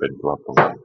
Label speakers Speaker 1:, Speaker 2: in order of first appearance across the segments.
Speaker 1: wetu hapo ndani.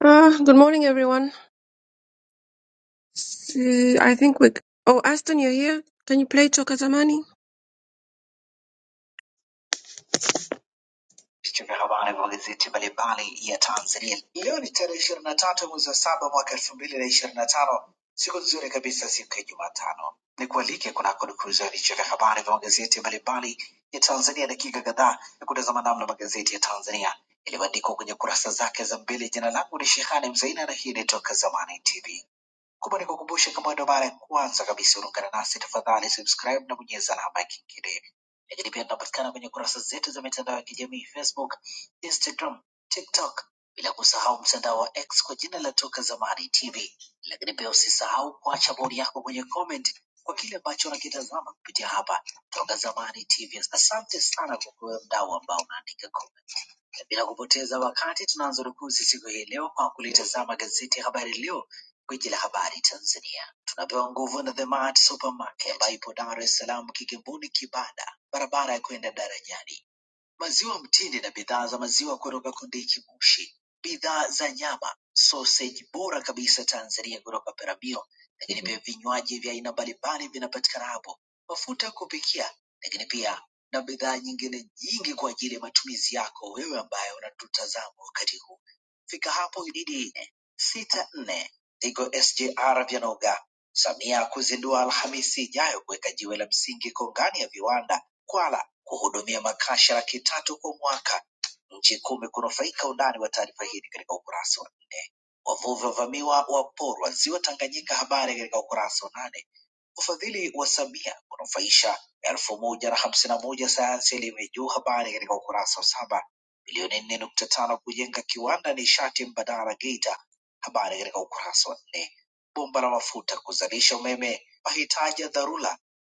Speaker 2: Uh, good morning, everyone. S- uh, I think we. c- Oh, Aston, you're here. Can you play Chokazamani?
Speaker 3: Vichwa vya habari vya magazeti mbalimbali ya Tanzania leo ni tarehe ishirini na tatu mwezi wa saba mwaka elfu mbili na ishirini na tano siku nzuri kabisa, siku ya Jumatano. Ni kualike kunako dukuza vichwa vya habari vya magazeti mbalimbali ya Tanzania, dakika kadhaa ya kutazama namna magazeti ya Tanzania yaliyoandikwa kwenye kurasa zake za mbele. Jina langu ni Shehani Mzaina na hii ni Toka Zamani TV. Kumbuka nikukumbushe kama ndo mara ya kwanza kabisa unaungana nasi, tafadhali subscribe na bonyeza alama ya kengele. Lakini pia tunapatikana kwenye kurasa zetu za mitandao ya kijamii Facebook, Instagram, TikTok, bila kusahau mtandao wa X kwa jina la Toka Zamani TV. Lakini pia usisahau kuacha bodi yako kwenye comment kwa kile ambacho unakitazama kupitia hapa Toka Zamani TV. Asante sana kwa kuwe mdau ambao unaandika comment. Bila kupoteza wakati, tunaanza rukuzi siku hii leo kwa kulitazama gazeti ya Habari Leo, gwiji la habari Tanzania. Tunapewa nguvu na The Mart Supermarket ambayo ipo Dar es Salaam, Kigamboni, Kibada, barabara ya kwenda darajani maziwa mtindi na bidhaa za maziwa kutoka Kondiki Moshi, bidhaa za nyama, soseji bora kabisa Tanzania kutoka Peramio, lakini pia vinywaji vya aina mbalimbali vinapatikana hapo, mafuta ya kupikia, lakini pia na bidhaa nyingine nyingi kwa ajili ya matumizi yako wewe ambaye unatutazama wakati huu. Fika hapo Ididi sita nne Tigo SGR Vyanoga. Samia kuzindua Alhamisi ijayo kuweka jiwe la msingi kongani ya viwanda Kwala kuhudumia makasha laki tatu kwa mwaka. Nchi kumi kunufaika. Undani wa taarifa hii ni katika ukurasa wa nne. Wavuvi wavamiwa waporwa ziwa Tanganyika, habari katika ukurasa wa nane. Ufadhili wa Samia kunufaisha elfu moja na hamsini na moja sayansi elimu ya juu, habari katika ukurasa wa saba. Milioni nne nukta tano kujenga kiwanda nishati mbadala Geita, habari katika ukurasa wa nne. Bomba la mafuta kuzalisha umeme mahitaji ya dharura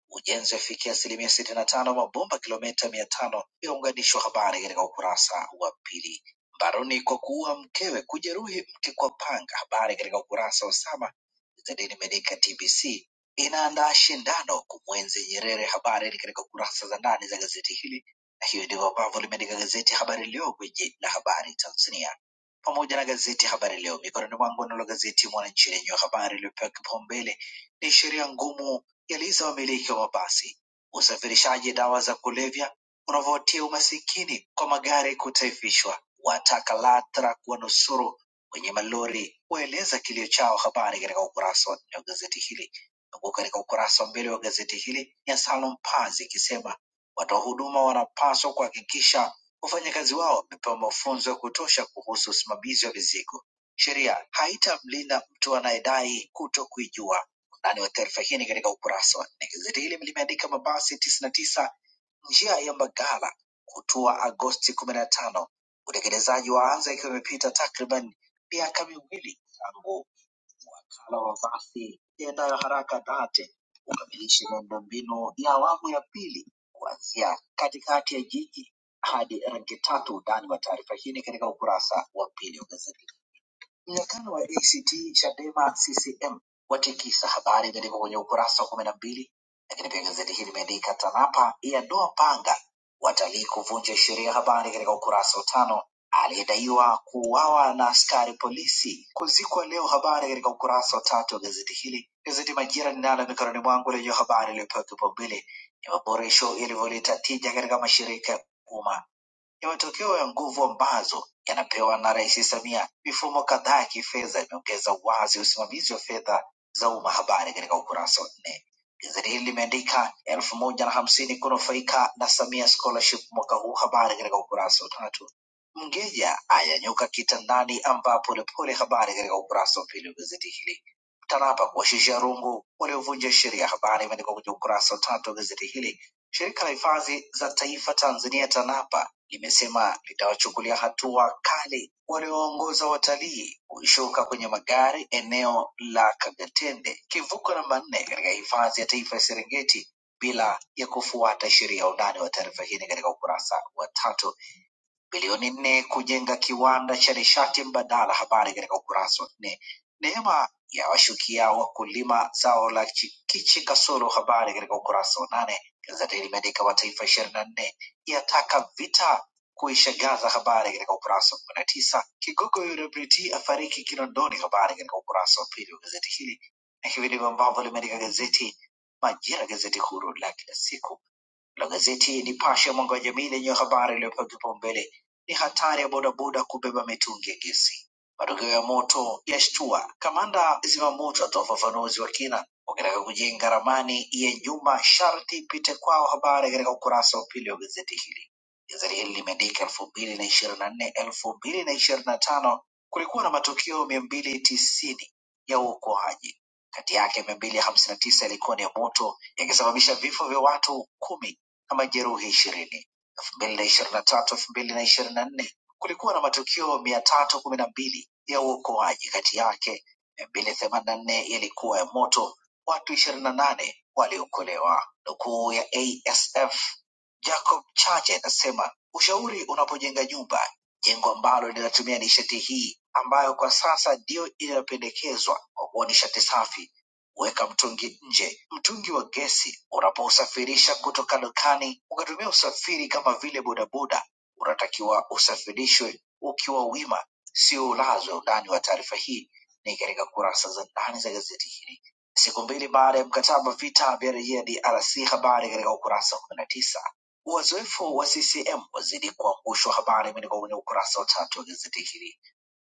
Speaker 3: Ujenzi wafikia asilimia sitini na tano mabomba kilomita mia tano yaunganishwa. Habari katika ukurasa wa pili. Mbaroni kwa kuua mkewe, kujeruhi mke kwa panga. Habari katika ukurasa wa saba. Zedini Medica TBC inaandaa shindano kumwenzi Nyerere. Habari ni katika kurasa za ndani za gazeti hili, na hiyo ndivyo ambavyo limeandika gazeti Habari Leo, gwiji la habari Tanzania pamoja na gazeti Habari Leo mikononi mwangu, nalo gazeti Mwananchi lenye habari iliyopewa kipaumbele ni sheria ngumu yaliza wamiliki wa mabasi usafirishaji dawa za kulevya unavyotia umasikini kwa magari kutaifishwa, wataka LATRA kuwanusuru wenye malori, waeleza kilio chao. Habari katika ukurasa wa nne wa gazeti hili, huku katika ukurasa wa mbele wa gazeti hili ni ya Salum Pazi ikisema watoa huduma wanapaswa kuhakikisha wafanyakazi wao wamepewa mafunzo ya kutosha kuhusu usimamizi wa mizigo. Sheria haitamlinda mtu anayedai kuto kuijua Undani wa taarifa hii ni katika ukurasa wa nne. Gazeti hili limeandika mabasi tisini na tisa njia ya Mbagala kutua Agosti kumi na tano. Utekelezaji waanza ikiwa imepita takriban miaka miwili tangu wakala wa basi iendayo haraka DART ukamilishe miundombinu ya awamu ya pili kuanzia katikati ya jiji hadi rangi tatu. Undani wa taarifa hii ni katika ukurasa wa pili wa gazeti. Mnyakano wa ACT Chadema CCM watikisa habari imeandikwa kwenye ukurasa wa kumi na mbili, lakini pia gazeti hili limeandika TANAPA yadoa panga watalii kuvunja sheria, habari katika ukurasa wa tano. Aliyedaiwa kuuawa na askari polisi kuzikwa leo, habari katika ukurasa wa tatu wa gazeti hili. Gazeti Majira ninalo mikononi mwangu lenye habari iliyopewa kipaumbele ni maboresho yalivyoleta tija katika mashirika ya umma ni matokeo ya nguvu ambazo yanapewa na Rais Samia. Mifumo kadhaa ya kifedha imeongeza wazi usimamizi wa fedha za umma. Habari katika ukurasa wa nne. Gazeti hili limeandika elfu moja na hamsini kunufaika na Samia scholarship mwaka huu. Habari katika ukurasa wa tatu. Mgeja ayanyuka kitandani ambaa polepole. Habari katika ukurasa wa pili wa gazeti hili. TANAPA kuwashusha rungu waliovunja sheria. Habari imeandikwa kwenye ukurasa wa tatu wa gazeti hili Shirika la Hifadhi za Taifa Tanzania TANAPA limesema litawachukulia hatua kali walioongoza watalii kushuka kwenye magari eneo la Kagatende, kivuko namba nne katika Hifadhi ya Taifa ya Serengeti bila ya kufuata sheria. Undani wa taarifa hii ni katika ukurasa wa tatu bilioni nne kujenga kiwanda cha nishati mbadala. Habari katika ukurasa wa nne. Neema ya washukia wakulima zao la chikichi kasoro. Habari katika ukurasa wa nane. Gazeti limeandika mataifa ishirini na nne yataka vita kuisha Gaza. Habari katika ukurasa wa kumi na tisa. Kigogo UWT afariki Kinondoni. Habari katika ukurasa wa pili wa gazeti hili, na hivi ndivyo ambavyo limeandika gazeti Majira, gazeti huru la kila siku la gazeti Nipashe ya mwanga wa jamii lenye habari iliyopewa kipaumbele ni hatari ya bodaboda kubeba mitungi ya gesi. Matokeo ya moto yashtua, kamanda zimamoto atoa ufafanuzi wa kina. Ukitaka kujenga ramani ya nyumba sharti ipite kwao, habari katika ukurasa wa pili wa gazeti hili. Gazeti hili limeandika elfu mbili na ishirini na nne elfu mbili na ishirini na tano kulikuwa na matukio mia mbili tisini ya uokoaji, kati yake mia mbili hamsini na tisa yalikuwa ni ya moto yakisababisha vifo vya watu kumi na majeruhi ishirini. elfu mbili na ishirini na tatu elfu mbili na ishirini na nne kulikuwa na matukio mia tatu kumi na mbili ya uokoaji, kati yake mia mbili themanini na nne yalikuwa ya moto, watu ishirini na nane waliokolewa. Nukuu ya ASF Jacob Chache inasema ushauri unapojenga nyumba, jengo ambalo linatumia nishati hii ambayo kwa sasa ndiyo inayopendekezwa kwa kuwa nishati safi Weka mtungi nje. Mtungi wa gesi unapousafirisha kutoka dukani ukatumia usafiri kama vile bodaboda, unatakiwa usafirishwe ukiwa wima, sio ulazwe. Undani wa taarifa hii ni katika kurasa za ndani za gazeti hili. Siku mbili baada ya mkataba vita vya rejea DRC, habari katika ukurasa wa kumi na tisa. Wazoefu wa CCM wazidi kuangushwa, habari imeandikwa kwenye ukurasa wa tatu wa gazeti hili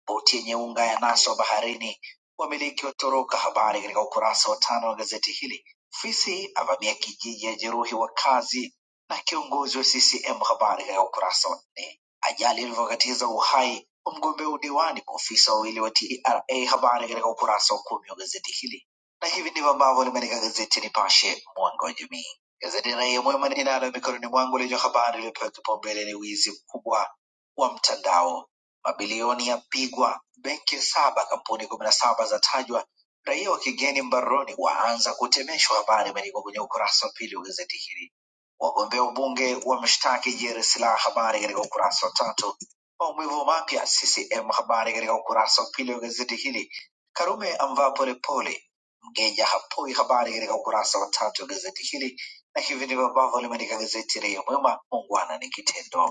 Speaker 3: boti yenye unga ya naswa baharini. Wamiliki watoroka, habari katika ukurasa wa tano wa gazeti hili. Fisi avamia kijiji ajeruhi wakazi na kiongozi wa CCM, habari katika ukurasa wa nne. Ajali ilivyokatiza uhai wa mgombea udiwani, maofisa wawili wa TRA, habari katika ukurasa wa kumi wa gazeti hili. Na hivi ndivyo ambavyo limeandika gazeti Nipashe, mwanga wa jamii. Gazeti Raia Mwema ninalo mikononi mwangu lenye habari iliyopewa kipaumbele ni wizi mkubwa wa mtandao Mabilioni yapigwa benki saba, kampuni kumi na saba zatajwa, raia wa kigeni mbaroni waanza kutemeshwa. Habari imeandikwa kwenye ukurasa wa pili wa gazeti hili. Wagombea ubunge wamshtaki Jerry Silaa, habari katika ukurasa wa tatu. Maumivu mapya CCM, habari katika ukurasa wa pili wa gazeti hili. Karume amvaa polepole, Mgeja hapoi, habari katika ukurasa wa tatu wa gazeti hili, na hivi ndivyo ambavyo limeandika gazeti Raia Mwema, muungwana ni kitendo.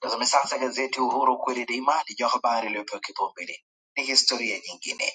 Speaker 3: Tazame sasa gazeti Uhuru kweli daima, lijua habari iliyopewa kipaumbele ni historia nyingine.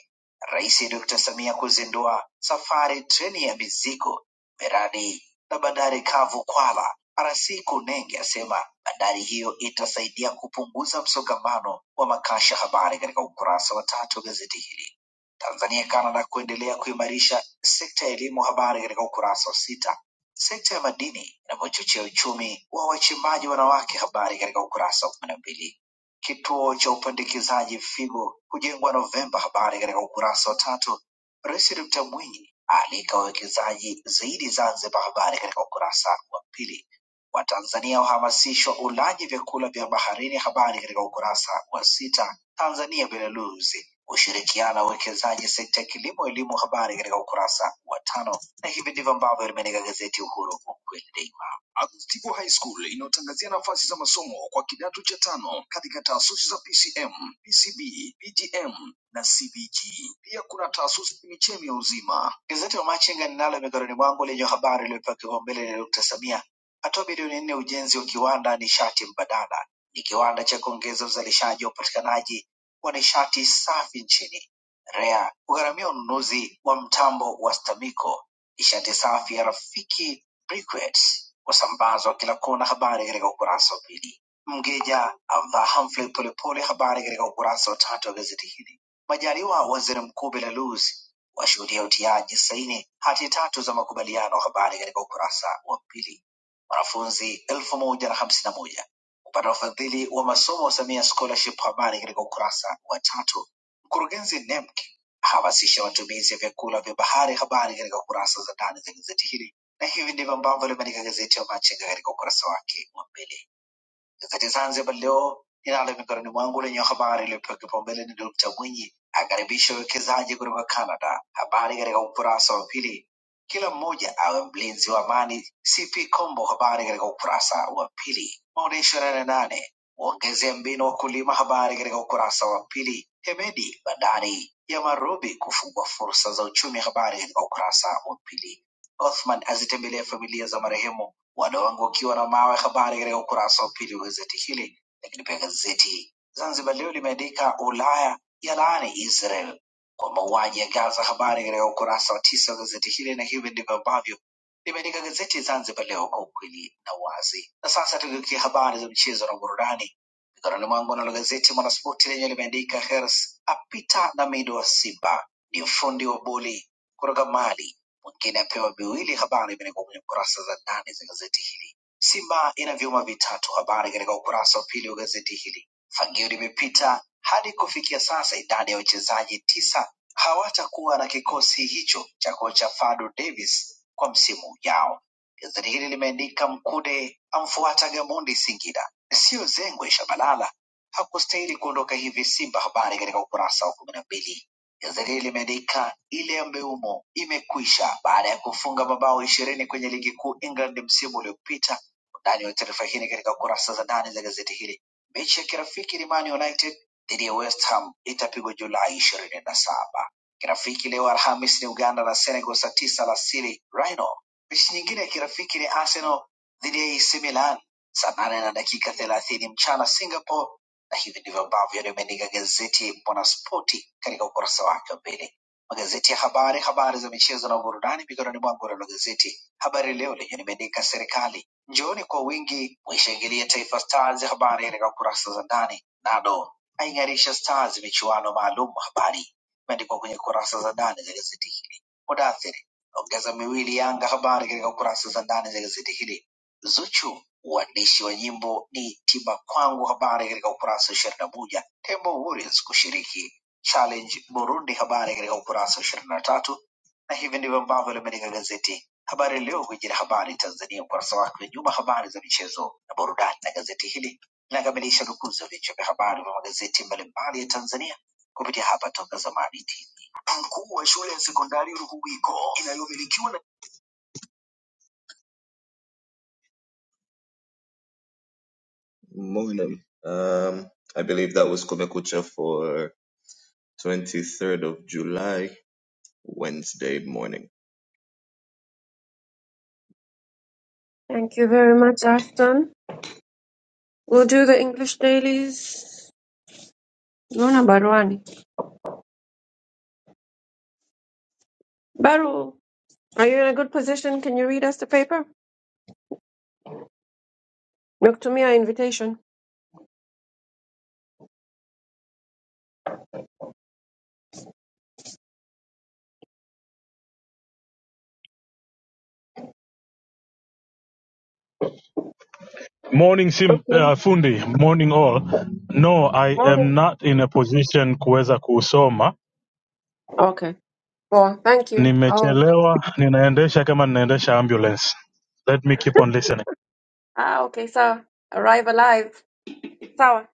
Speaker 3: Rais Dr. Samia kuzindua safari treni ya mizigo miradi na bandari kavu Kwala. RC Kunenge asema bandari hiyo itasaidia kupunguza msongamano wa makasha. Habari katika ukurasa wa tatu wa gazeti hili. Tanzania Canada kuendelea kuimarisha sekta ya elimu. Habari katika ukurasa wa sita. Sekta ya madini inavyochochea uchumi wa wachimbaji wanawake, habari katika ukurasa wa kumi na mbili. Kituo cha upandikizaji figo kujengwa Novemba, habari katika ukurasa wa tatu. Rais Dr. Mwinyi aalika wawekezaji zaidi Zanzibar, habari katika ukurasa wa pili. Watanzania wahamasishwa ulaji vyakula vya baharini, habari katika ukurasa wa sita. Tanzania Belarusi ushirikiano wa uwekezaji sekta ya kilimo, elimu, habari katika ukurasa wa tano. Na hivi ndivyo ambavyo limeandika gazeti Uhuru kwa kweli daima. Agustigo High School inayotangazia nafasi za masomo kwa kidato cha tano katika taasisi za PCM, PCB, PGM na CBG. Pia kuna taasisi ya chemichemi ya uzima. Gazeti la Machinga ninalo mikononi mwangu lenye habari iliyopewa kipaumbele ni Dr. Samia atoa bilioni nne ujenzi wa kiwanda nishati mbadala. Ni kiwanda cha kuongeza uzalishaji wa upatikanaji wa nishati safi nchini. REA kugharamia ununuzi wa mtambo wa STAMICO Nishati safi ya Rafiki Briquettes wasambazwa kila kona. Habari katika ukurasa wa pili. Mgeja amvaa Humphrey Polepole, habari katika ukurasa wa tatu wa gazeti hili. Majaliwa waziri mkuu Belarus washuhudia utiaji saini hati tatu za makubaliano, habari katika ukurasa wa pili. Wanafunzi elfu moja na hamsini na moja kupata ufadhili wa masomo Samia Scholarship, habari katika ukurasa wa tatu. Mkurugenzi NEMC hamasisha matumizi ya vyakula vya bahari. Habari katika kurasa za ndani za gazeti hili, na hivi ndivyo ambavyo limeandika gazeti ya Machinga katika ukurasa wake wa mbele. Gazeti Zanzibar Leo ninalo mikononi mwangu lenye habari iliyopewa kipaumbele ni Dr. Mwinyi akaribisha uwekezaji kutoka Canada. Habari katika ukurasa wa pili. Kila mmoja awe mlinzi wa amani. CP Kombo, habari katika ukurasa wa pili. Maonyesho nane nane waongezea mbinu wakulima, habari katika ukurasa wa pili. Hemedi, bandari ya Marobi kufungua fursa za uchumi, habari katika ukurasa wa pili. Othman azitembelia familia za marehemu Wadongo ukiwa na mawe ya habari katika ukurasa wa pili wa gazeti hili, lakini pia gazeti Zanzibar Leo limeandika Ulaya yalaani Israel kwa mauaji ya Gaza, habari katika ukurasa wa tisa wa gazeti hili, na hivi ndivyo ambavyo limeandika gazeti Zanzibar Leo kwa ukweli na uwazi. Na sasa tugeukia habari za michezo na burudani mikononi mwangu, nalo gazeti Mwanaspoti lenye limeandika Hers apita na mido wa Simba, ni fundi wa boli kutoka Mali mwingine apewa miwili. Habari imeandikwa kwenye kurasa za ndani za gazeti hili. Simba ina vyuma vitatu, habari katika ukurasa wa pili wa gazeti hili. Fagio limepita hadi kufikia sasa, idadi ya wachezaji tisa hawatakuwa na kikosi hicho cha kocha Fadu Davis kwa msimu ujao. Gazeti hili limeandika Mkude amfuata Gamondi Singida, sio zengwe Shabalala hakustahili kuondoka hivi Simba. Habari katika ukurasa wa kumi na mbili Gazeti hili limeandika ile ya Mbeumo imekwisha baada ya kufunga mabao ishirini kwenye ligi kuu England msimu uliopita. Undani wa taarifa hii ni katika kurasa za ndani za gazeti hili. Mechi ya kirafiki ni Man United dhidi ya West Ham itapigwa Julai ishirini na saba. Kirafiki leo Alhamis ni Uganda na Senegal saa tisa alasiri Rhino. Mechi nyingine ya kirafiki ni Arsenal dhidi ya AC Milan saa nane na dakika thelathini mchana Singapore na hivi ndivyo ambavyo limeandika gazeti Mwanaspoti katika ukurasa wake wa mbele. Magazeti ya habari, habari za michezo na burudani mikononi mwangu. Nalo gazeti Habari Leo lenye limeandika serikali njooni kwa wingi, mwishangilia Taifa Stars, habari katika kurasa za ndani. Nado aing'arisha Stars michuano maalum, habari imeandikwa kwenye kurasa za ndani za gazeti hili. Mudathiri ongeza miwili Yanga, habari katika kurasa za ndani za gazeti hili. Zuchu uandishi wa nyimbo ni tiba kwangu habari katika ukurasa wa ishirini na moja Tembo Warriors kushiriki challenge Burundi habari katika ukurasa wa ishirini na tatu na hivi ndivyo ambavyo limeandika gazeti Habari Leo, gwiji la habari Tanzania, ukurasa wake wa nyuma, habari za michezo na burudani. Na gazeti hili linakamilisha dukuzi ya vichwa vya habari vya magazeti mbalimbali ya Tanzania kupitia hapa Toka Zamani TV. Mkuu wa shule ya sekondari Ruhuwiko inayomilikiwa na Morning. Um, I believe that was Kumekucha for 23rd of July, Wednesday morning.
Speaker 2: Thank you very much, Aston. We'll do the English dailies. Luna Barwani. Baru, are you in a good position? Can you read us the paper? Look to me, Noctumia invitation.
Speaker 4: Morning sim,
Speaker 2: Okay.
Speaker 4: uh, fundi, morning all. No, I
Speaker 2: Morning.
Speaker 4: am not in a position kuweza kusoma.
Speaker 2: Okay. Well, thank you. Oh.
Speaker 4: Nimechelewa, ninaendesha kama ninaendesha ambulance. Let me keep on listening.
Speaker 2: Ah, okay. So arrive alive. Sawa.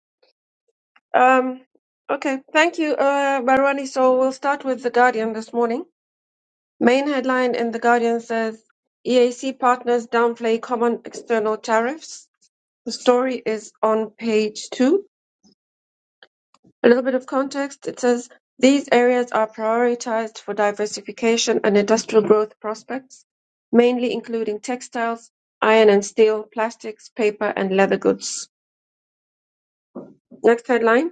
Speaker 2: Um. Okay. Thank you, uh, Barwani. So we'll start with the Guardian this morning. Main headline in The Guardian says EAC partners downplay common external tariffs. The story is on page two. A little bit of context. It says these areas are prioritized for diversification and industrial growth prospects, mainly including textiles, iron and steel, plastics, paper, and leather goods. Next headline.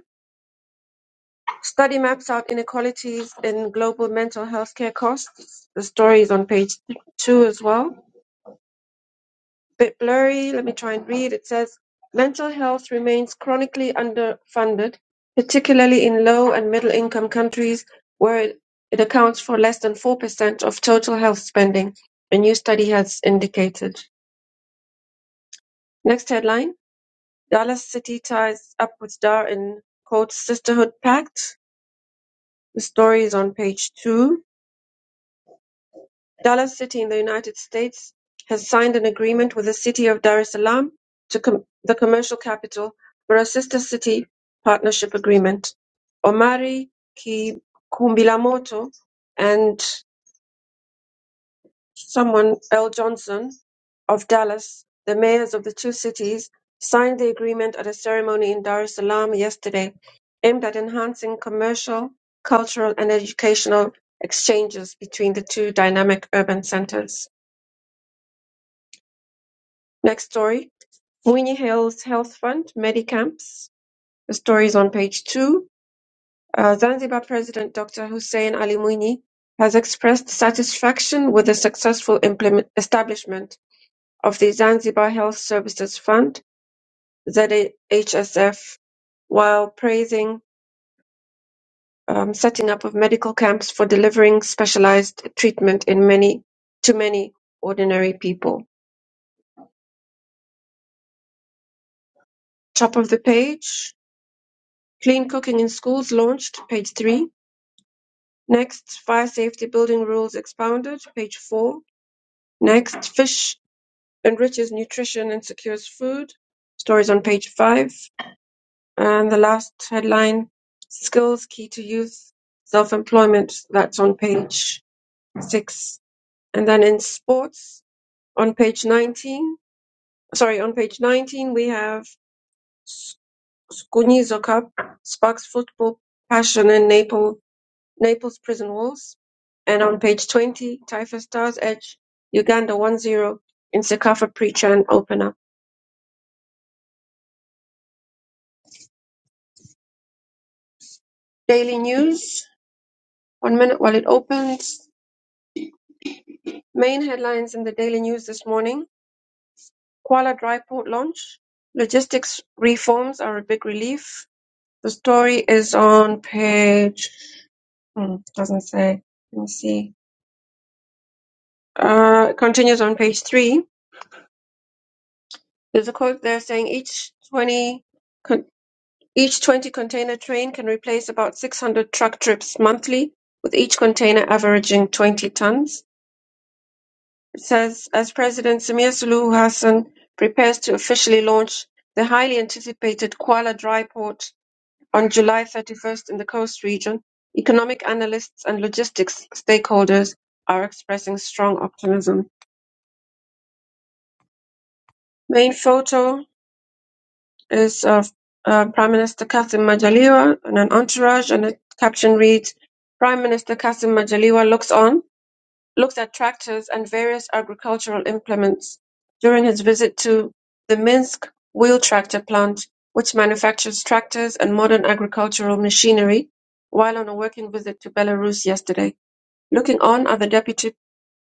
Speaker 2: Study maps out inequalities in global mental health care costs. The story is on page two as well. bit blurry. Let me try and read. It says mental health remains chronically underfunded, particularly in low and middle income countries where it, accounts for less than 4% of total health spending, a new study has indicated. Next headline Dallas City ties up with Dar in quote Sisterhood Pact. The story is on page two. Dallas City in the United States has signed an agreement with the city of Dar es Salaam to com- the commercial capital for a sister city partnership agreement. Omari Ki- Kumbilamoto and someone, L. Johnson of Dallas, the mayors of the two cities, signed the agreement at a ceremony in Dar es Salaam yesterday aimed at enhancing commercial, cultural, and educational exchanges between the two dynamic urban centers. Next story. Winnie Hill's Health Fund, Medicamps. The story is on page two. Uh, Zanzibar President Dr. Hussein Ali Mwinyi has expressed satisfaction with the successful implement- establishment of the Zanzibar Health Services Fund, ZHSF, while praising um, setting up of medical camps for delivering specialized treatment in many to many ordinary people. Top of the page, Clean Cooking in Schools launched, page three. Next, fire safety building rules expounded, page four. Next, fish enriches nutrition and secures food, stories on page five. And the last headline, skills key to youth self-employment, that's on page six. And then in sports, on page 19, sorry, on page 19, we have Gunizo Cup, sparks football passion in Naples Naples prison walls. And on page 20, Taifa Stars Edge, Uganda one zero in Sekafa pre Chan opener. Daily News, one minute while it opens. Main headlines in the Daily News this morning Kuala Dry Port launch. Logistics reforms are a big relief. The story is on page, hmm, doesn't say. Let me see. Uh, it continues on page three. There's a quote there saying each 20 Each 20-container train can replace about 600 truck trips monthly, with each container averaging 20 tons. It says, as President Samir Suluhu Hassan prepares to officially launch the highly anticipated Kuala Dry Port on July 31st in the coast region, economic analysts and logistics stakeholders are expressing strong optimism. Main photo is of uh, Prime Minister Kassim Majaliwa and an entourage, and the caption reads, "Prime Minister Kassim Majaliwa looks on, looks at tractors and various agricultural implements during his visit to the Minsk wheel tractor plant, which manufactures tractors and modern agricultural machinery, while on a working visit to Belarus yesterday. Looking on are the Deputy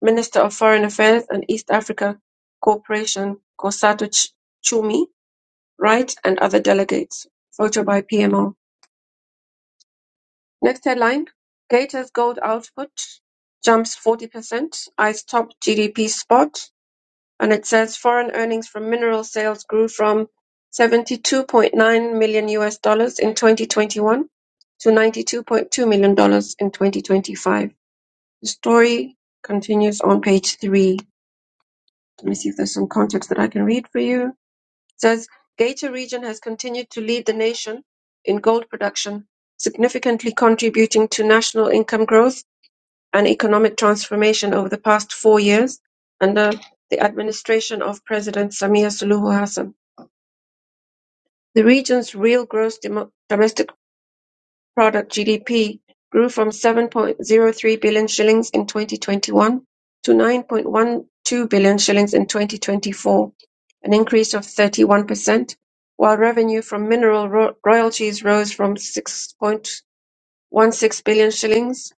Speaker 2: Minister of Foreign Affairs and East Africa Cooperation, Kosato Ch- Chumi, Wright and other delegates. Photo by PMO. Next headline Gators gold output jumps 40%, eyes top GDP spot. And it says foreign earnings from mineral sales grew from 72.9 million US dollars in 2021 to 92.2 million dollars in 2025. The story continues on page three. Let me see if there's some context that I can read for you. says Gator region has continued to lead the nation in gold production, significantly contributing to national income growth and economic transformation over the past four years under the administration of President Samia Suluhu Hassan. The region's real gross demo- domestic Product (GDP) grew from seven point zero three billion shillings in 2021 to 9.12 billion shillings in 2024, an increase of 31%, while revenue from mineral ro- royalties rose from 6.16 billion shillings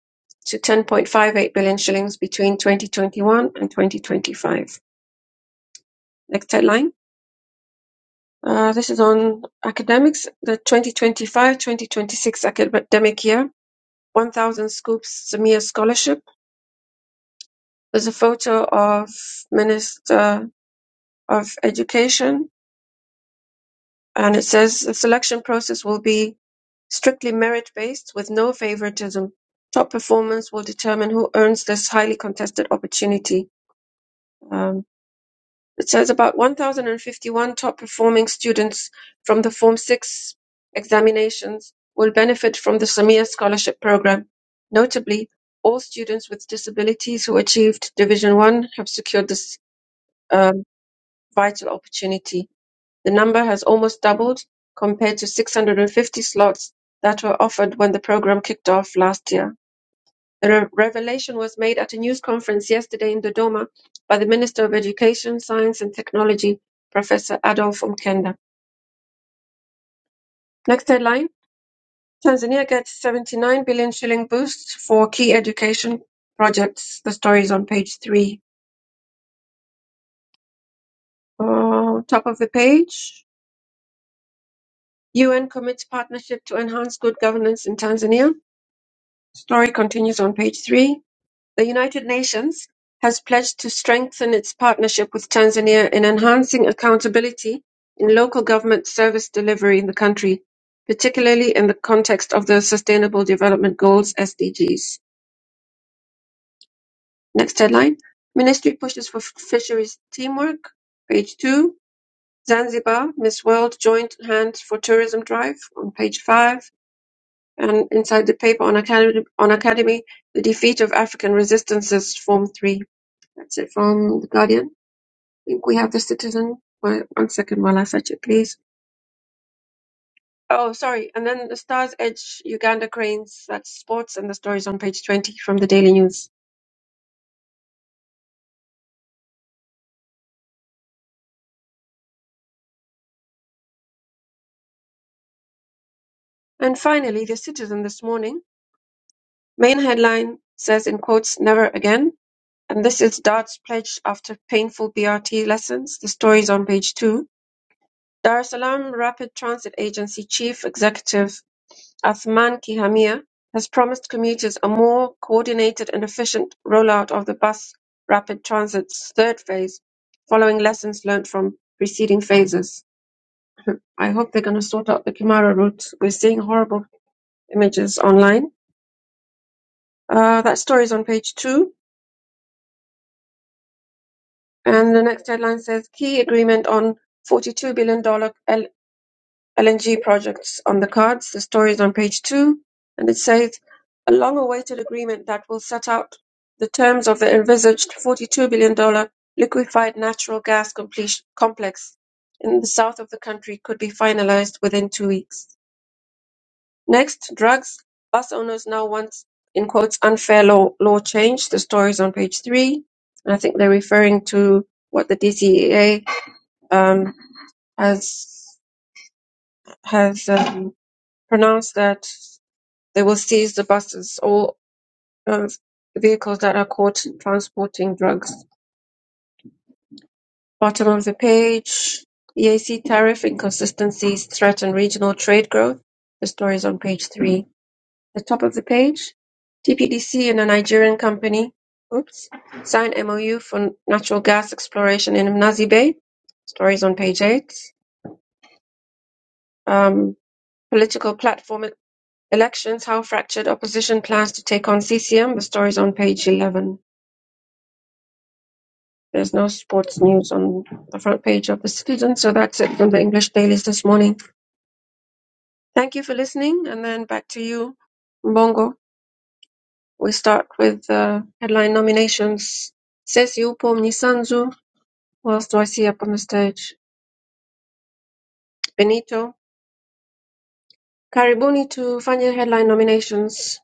Speaker 2: to 10.58 billion shillings between 2021 and 2025. Next headline. Uh, This is on academics. The 2025-2026 academic year One Thousand Scoops Zamir Scholarship. There's a photo of Minister of Education, and it says the selection process will be strictly merit-based with no favoritism. Top performance will determine who earns this highly contested opportunity. Um, It says about 1,051 top performing students from the Form 6 examinations will benefit from the Samia Scholarship Program. Notably, all students with disabilities who achieved Division 1 have secured this um, vital opportunity. The number has almost doubled compared to 650 slots that were offered when the program kicked off last year. The re- revelation was made at a news conference yesterday in Dodoma by the Minister of Education, Science and Technology, Professor Adolf Mkenda. Next headline Tanzania gets 79 billion shilling boost for key education projects. The story is on page three. Uh, top of the page UN commits partnership to enhance good governance in Tanzania. Story continues on page three. The United Nations has pledged to strengthen its partnership with Tanzania in enhancing accountability in local government service delivery in the country, particularly in the context of the Sustainable Development Goals (SDGs). Next headline: Ministry pushes for fisheries teamwork. Page two. Zanzibar Miss World joint hands for tourism drive on page five. And inside the paper on academy, on academy, the defeat of African resistances, form three. That's it from the Guardian. think we have the citizen. Wait, one second while I search it, please. Oh, sorry. And then the Stars Edge Uganda Cranes, that's sports, and the stories on page 20 from the Daily News. And finally, the citizen this morning. Main headline says, in quotes, never again. And this is Dart's pledge after painful BRT lessons. The stories on page two. Dar es Salaam Rapid Transit Agency Chief Executive Athman Kihamia has promised commuters a more coordinated and efficient rollout of the bus rapid transit's third phase, following lessons learned from preceding phases. I hope they're going to sort out the Kumara route. We're seeing horrible images online. Uh, that story is on page two. And the next headline says key agreement on $42 billion dollars LNG projects on the cards. The story is on page two, and it says a long awaited agreement that will set out the terms of the envisaged $42 billion dollars liquefied natural gas completion complex in the south of the country could be finalized within two weeks. Next, drugs. Bus owners now want, in quotes, unfair law, law change. The story is on page three. And I think they're referring to what the DCEA um, has, has um, pronounced that They will seize the buses, or uh, vehicles that are caught transporting drugs. Bottom of the page, EAC tariff inconsistencies threaten regional trade growth. The story is on page three. The top of the page, TPDC and a Nigerian company, oops, sign MOU for natural gas exploration in Mnazi Bay. Story is on page eight. Um, political platform elections, how fractured opposition plans to take on CCM. The story is on page 11 There's no sports news on the front page of the Citizen. So that's it from the English dailies this morning. Thank you for listening. And then back to you, Mbongo. We start with uh, headline nominations. Sesi upo Mnyisanzu. Who else do I see up on the stage? Benito. Karibuni to Fanya headline nominations.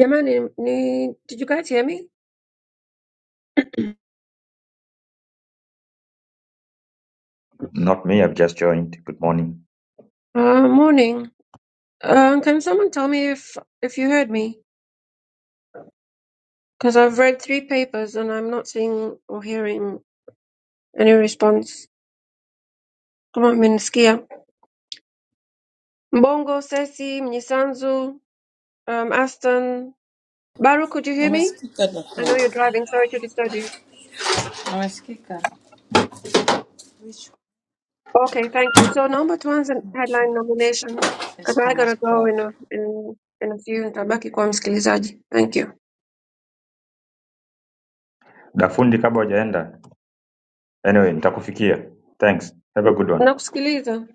Speaker 2: Jamani, ni, did you guys hear me?
Speaker 5: Not me, I've just joined. Good morning.
Speaker 2: Uh, morning. Um, can someone tell me if if you heard me? Because I've read three papers and I'm not seeing or hearing Any response? Kama mmenisikia. Mbongo, Sesi, Mnyisanzu, um, Aston. Baru, could you hear me?
Speaker 6: Umesikika
Speaker 2: I
Speaker 6: Rahma?
Speaker 2: know you're driving. Sorry to disturb you.
Speaker 6: Umesikika
Speaker 2: Okay, thank you. So number tuanze headline nominations because
Speaker 6: Esco
Speaker 2: I gotta go
Speaker 6: Masclub?
Speaker 2: in a, in, in a few. Nitabaki kuwa msikilizaji. Thank you.
Speaker 5: Dafundi kabla hujaenda. Anyway, nitakufikia. Thanks. Have a good one.
Speaker 2: Nakusikiliza.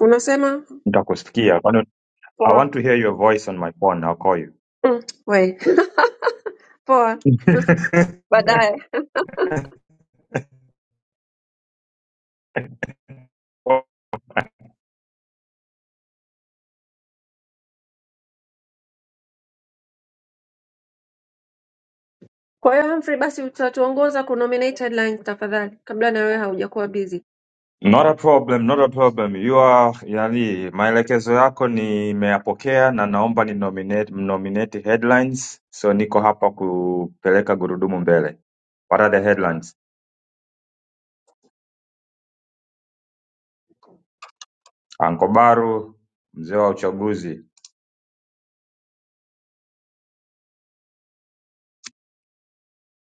Speaker 2: Unasema
Speaker 5: Nitakusikia. Kwani- I
Speaker 2: poa.
Speaker 5: want to hear your voice on my phone. I'll call you.
Speaker 2: Mm, we poa. Baadaye. Kwa hiyo Humphrey, basi utatuongoza kunominate headlines tafadhali, kabla na wewe haujakuwa busy.
Speaker 5: Not a problem, not a problem. You are yani, maelekezo yako nimeyapokea na naomba ni nominate, nominate headlines. So niko hapa kupeleka gurudumu mbele. What are the headlines? Ankobaru, mzee wa uchaguzi.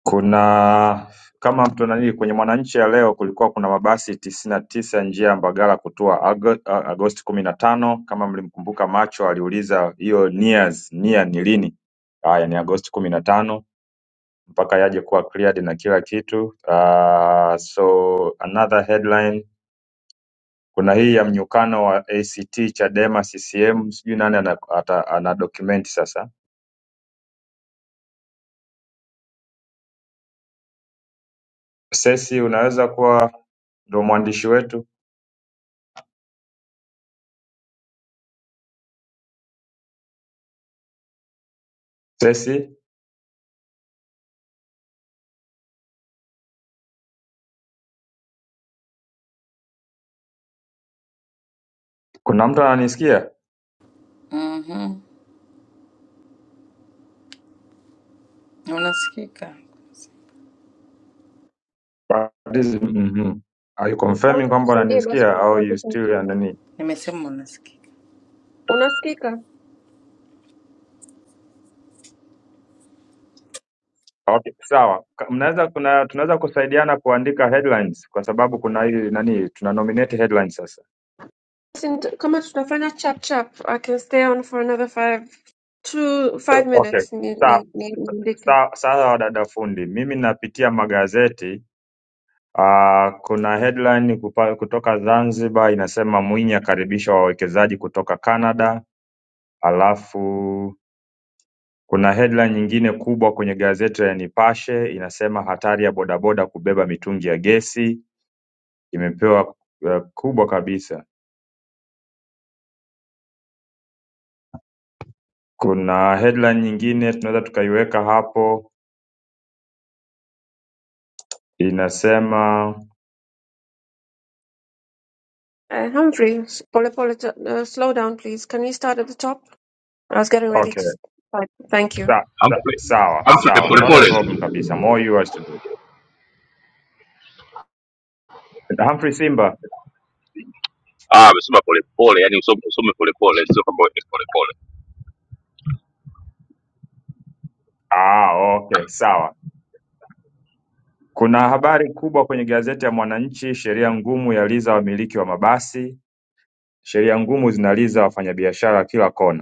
Speaker 5: kuna kama mtu nani kwenye Mwananchi ya leo kulikuwa kuna mabasi tisini na tisa ya njia ya Mbagala kutua Ago- A- Agosti kumi na tano. Kama mlimkumbuka Macho aliuliza hiyo nias nia ni lini? Haya, ni Agosti kumi na tano mpaka yaje kuwa cleared na kila kitu. Uh, so another headline kuna hii ya mnyukano wa ACT Chadema CCM, sijui nani ana, ata, ana document sasa. Sesi, unaweza kuwa ndo mwandishi wetu Sesi? Kuna mtu ananisikia?
Speaker 6: Mhm, unasikika.
Speaker 5: That is, mhm. Are you confirming
Speaker 2: Mwanzo
Speaker 5: kwamba
Speaker 2: tusaidie basi
Speaker 5: unanisikia
Speaker 2: ku-
Speaker 5: au you
Speaker 2: kuandika.
Speaker 5: still ya nani?
Speaker 6: Nimesema unasikika.
Speaker 2: Una skika.
Speaker 5: Okay, sawa. Ka- Mnaweza kuna tunaweza kusaidiana kuandika headlines kwa sababu kuna hii nani tuna nominate headlines sasa.
Speaker 2: Listen, Come on, tunafanya chap chap. I can stay on for another five, two,
Speaker 5: Eh,
Speaker 2: five
Speaker 5: Okay.
Speaker 2: minutes. Ni-
Speaker 5: Sawa.
Speaker 2: ni- ni- niandike.
Speaker 5: Sawa, sawa wadada fundi. Mimi napitia magazeti. Uh, kuna headline kupa, kutoka Zanzibar inasema Mwinyi akaribisha wawekezaji kutoka Canada, alafu Kuna headline nyingine kubwa kwenye gazeti la Nipashe inasema hatari ya bodaboda kubeba mitungi ya gesi imepewa eh, kubwa kabisa. Kuna headline nyingine tunaweza tukaiweka hapo inasema
Speaker 2: Uh, Humphrey, s- pole pole, uh, slow down please. Can you start at the top? I was getting ready
Speaker 5: okay,
Speaker 2: to start. Thank you.
Speaker 5: sa, sa,
Speaker 1: Humphrey
Speaker 5: sawa
Speaker 1: Humphrey
Speaker 5: sawa, not a
Speaker 1: polepole.
Speaker 5: problem kabisa, more yours to do. Humphrey Simba,
Speaker 1: Ah, amesema polepole, yani usome usome polepole, sio kwamba wewe polepole.
Speaker 5: ah, okay, sawa. Kuna habari kubwa kwenye gazeti ya Mwananchi, sheria ngumu yaliza wamiliki wa mabasi. Sheria ngumu zinaliza wafanyabiashara kila kona.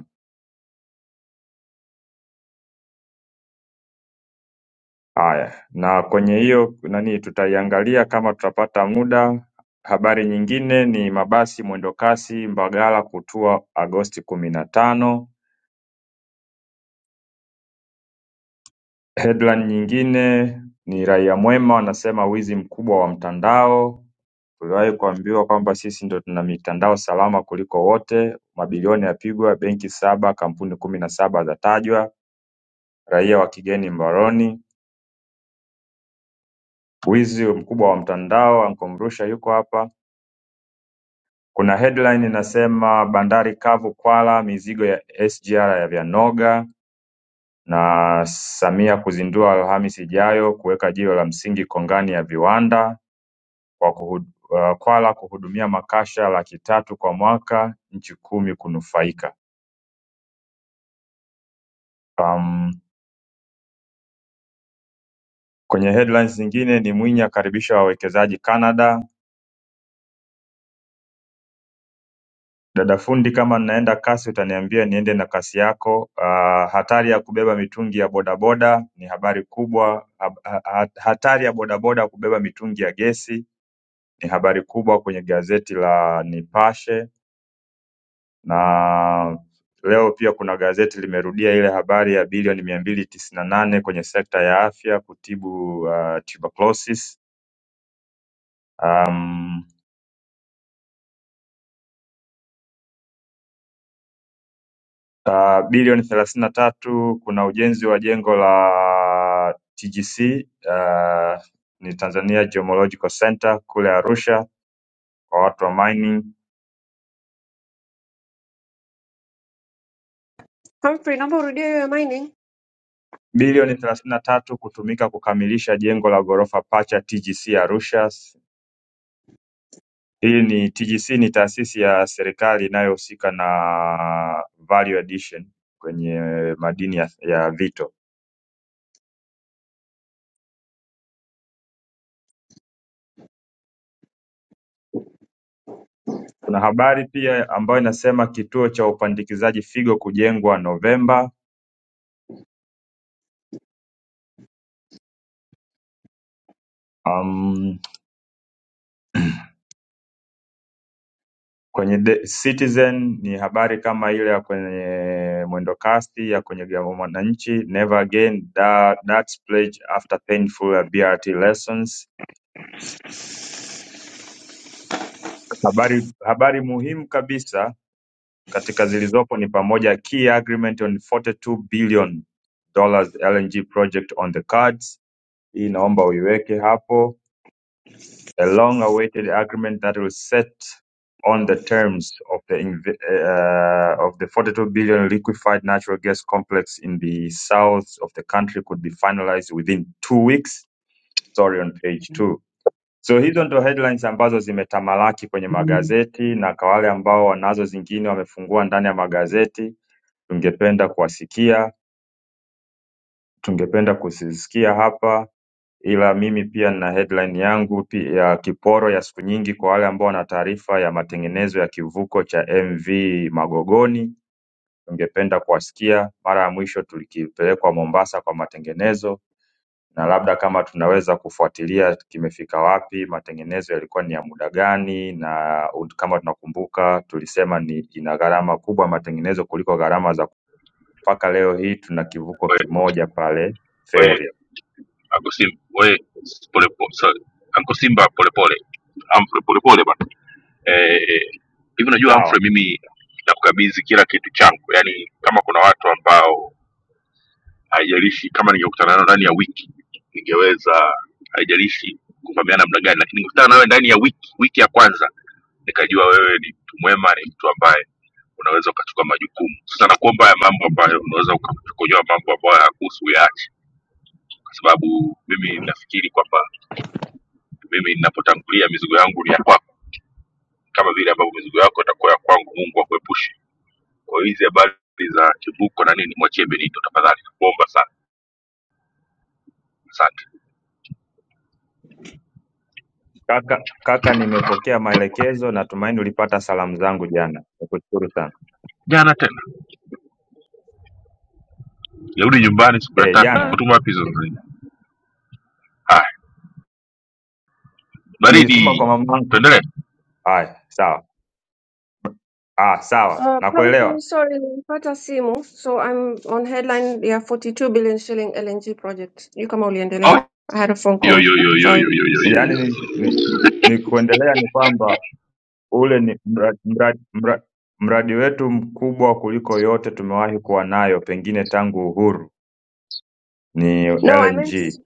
Speaker 5: haya na kwenye hiyo nani tutaiangalia kama tutapata muda habari nyingine ni mabasi mwendokasi mbagala kutua agosti kumi na tano headline nyingine ni raia mwema wanasema wizi mkubwa wa mtandao tuliwahi kuambiwa kwamba sisi ndo tuna mitandao salama kuliko wote mabilioni yapigwa benki saba kampuni kumi na saba zatajwa raia wa kigeni mbaroni wizi mkubwa wa mtandao ankomrusha yuko hapa Kuna headline inasema bandari kavu Kwala mizigo ya SGR ya vyanoga na Samia kuzindua Alhamisi ijayo kuweka jiwe la msingi kongani ya viwanda kwa kuhu, uh, Kwala kuhudumia makasha laki tatu kwa mwaka nchi kumi kunufaika. Um, kwenye headlines zingine ni Mwinyi akaribisha wawekezaji Canada Dada fundi kama naenda kasi utaniambia niende na kasi yako. Ah, hatari ya kubeba mitungi ya bodaboda ni habari kubwa. Ha- ha- ha- Hatari ya bodaboda kubeba mitungi ya gesi ni habari kubwa kwenye gazeti la Nipashe na leo pia kuna gazeti limerudia ile habari ya bilioni mia mbili tisini na nane kwenye sekta ya afya kutibu ah, tuberculosis. Um, Ah, bilioni thelathini na tatu kuna ujenzi wa jengo la TGC ah, ni Tanzania Geological Center kule Arusha kwa watu wa mining.
Speaker 2: Humphrey, Number urudie mining.
Speaker 5: Bilioni thelathini na tatu kutumika kukamilisha jengo la ghorofa pacha TGC Arusha. Hii ni TGC ni taasisi ya serikali inayohusika na value addition kwenye madini ya, ya vito. Kuna habari pia ambayo inasema kituo cha upandikizaji figo kujengwa Novemba. kwenye The Citizen ni habari kama ile ya kwenye mwendokasi ya kwenye vya Mwananchi, Never Again, Da- That's Pledge After Painful BRT Lessons. Habari habari muhimu kabisa katika zilizopo ni pamoja key agreement on 42 billion dollars LNG project on the cards. Hii naomba uiweke hapo a long-awaited agreement that will set on the terms of the inv- uh, of the 42 billion liquefied natural gas complex in the south of the country could be finalized within two weeks. Story on page two. So hizo ndo headlines ambazo zimetamalaki kwenye magazeti, na kwa wale ambao wanazo zingine wamefungua ndani ya magazeti, tungependa kuwasikia, tungependa kuzisikia hapa ila mimi pia nina headline yangu pi- ya kiporo ya siku nyingi kwa wale ambao wana taarifa ya matengenezo ya kivuko cha MV Magogoni. Tungependa kuwasikia. Mara ya mwisho tulikipelekwa Mombasa kwa matengenezo, na labda kama tunaweza kufuatilia kimefika wapi, matengenezo yalikuwa ni ya muda gani, na ut- kama tunakumbuka tulisema ni ina gharama kubwa matengenezo kuliko gharama za mpaka leo hii tuna kivuko
Speaker 1: Wewe
Speaker 5: kimoja pale
Speaker 1: wewe
Speaker 5: feri.
Speaker 1: Uncle Simba, wewe polepole. Sorry. Uncle Simba polepole. Humphrey polepole bana. Eh, hivi unajua
Speaker 5: Sawa.
Speaker 1: Humphrey, mimi nakukabidhi kila kitu changu. Yaani kama kuna watu ambao haijalishi kama ningekutana nayo ndani ya wiki ningeweza haijalishi kuvamiana namna gani lakini nikutana nawe ndani ya wiki wiki ya kwanza nikajua wewe ni mtu mwema ni mtu ambaye unaweza ukachukua majukumu sasa nakuomba haya mambo ambayo unaweza ukakojoa mambo ambayo hayakuhusu uyaache kwa sababu mimi nafikiri kwamba mimi ninapotangulia mizigo yangu ni ya kwako kama vile ambavyo mizigo yako itakuwa ya kwangu mungu akuepushe kwa hiyo hizi habari za kivuko na nini mwachie benito tafadhali nakuomba sana asante
Speaker 5: Kaka, kaka nimepokea maelekezo natumaini ulipata salamu zangu jana. Nikushukuru sana.
Speaker 1: jana tena Nirudi nyumbani siku ya
Speaker 5: Eh,
Speaker 1: tatu,
Speaker 2: Ah, uh,
Speaker 5: jana
Speaker 1: umetuma wapi hizo zingine? Haya,
Speaker 5: nilituma
Speaker 1: baridi,
Speaker 5: kwa mamanko.
Speaker 1: tuendelee.
Speaker 5: Haya, sawa. Ah, sawa.
Speaker 2: uh, Humphrey,
Speaker 5: Nakuelewa.
Speaker 2: sorry, nilipata simu. So I'm on headline Yeah, 42 billion shilling LNG project. You kama
Speaker 1: Oh,
Speaker 2: uliendelea. I had a phone
Speaker 1: yo,
Speaker 2: call.
Speaker 1: yo, yo, yo,
Speaker 2: Sorry.
Speaker 1: yo, yo, yo, yo,
Speaker 5: Yaani ni,
Speaker 1: yo.
Speaker 5: ni, ni kuendelea ni kwamba ule ni mradi, mradi, mradi, mradi wetu mkubwa kuliko yote tumewahi kuwa nayo pengine tangu uhuru ni
Speaker 2: No, I meant
Speaker 5: LNG.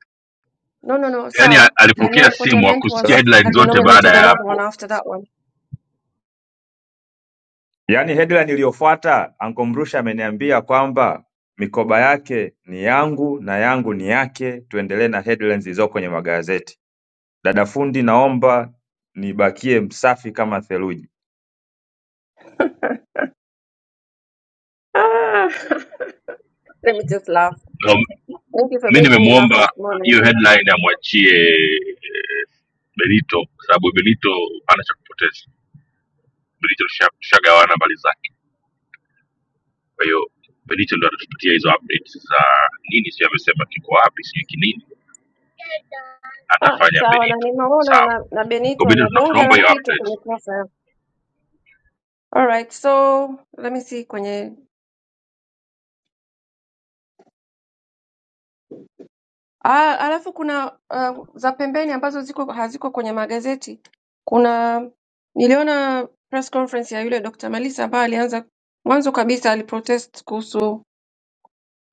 Speaker 2: No, no, no,
Speaker 1: Yaani
Speaker 2: sawa.
Speaker 1: a-
Speaker 2: I
Speaker 1: alipokea
Speaker 2: meant what I
Speaker 1: simu
Speaker 2: meant
Speaker 1: akusikia
Speaker 2: was
Speaker 1: headline
Speaker 2: have you
Speaker 1: zote baada
Speaker 2: nominated
Speaker 1: ya
Speaker 2: another one
Speaker 1: hapo.
Speaker 2: after that one?
Speaker 5: yaani headline iliyofuata Uncle Mrusha ameniambia kwamba mikoba yake ni yangu na yangu ni yake tuendelee na headlines zilizoko kwenye magazeti dada fundi naomba nibakie msafi kama theluji
Speaker 2: Ah, let me just laugh.
Speaker 1: Um,
Speaker 2: Thank you for
Speaker 1: mi
Speaker 2: making me laugh this
Speaker 1: nimemwomba
Speaker 2: morning.
Speaker 1: hiyo headline amwachie eh, Benito kwa sababu Benito ana cha kupoteza. Benito tusha- tushagawana mbali zake, kwa hiyo Benito ndo atatupatia hizo updates za nini, sio amesema kiko wapi, sijui kinini
Speaker 2: Ah,
Speaker 1: atafanya
Speaker 2: sawa na
Speaker 1: Benito.
Speaker 2: nimeona
Speaker 1: Sawa,
Speaker 2: na, na
Speaker 1: kwa
Speaker 2: Benito
Speaker 1: Benito
Speaker 2: na
Speaker 1: tuna-
Speaker 2: bonge
Speaker 1: tunaomba
Speaker 2: la
Speaker 1: hiyo
Speaker 2: kitu
Speaker 1: update
Speaker 2: tumekosa. All right, so let me see kwenye ah, alafu kuna uh, za pembeni ambazo ziko haziko kwenye magazeti. Kuna niliona press conference ya yule Dr. Malisa ambaye alianza mwanzo kabisa aliprotest kuhusu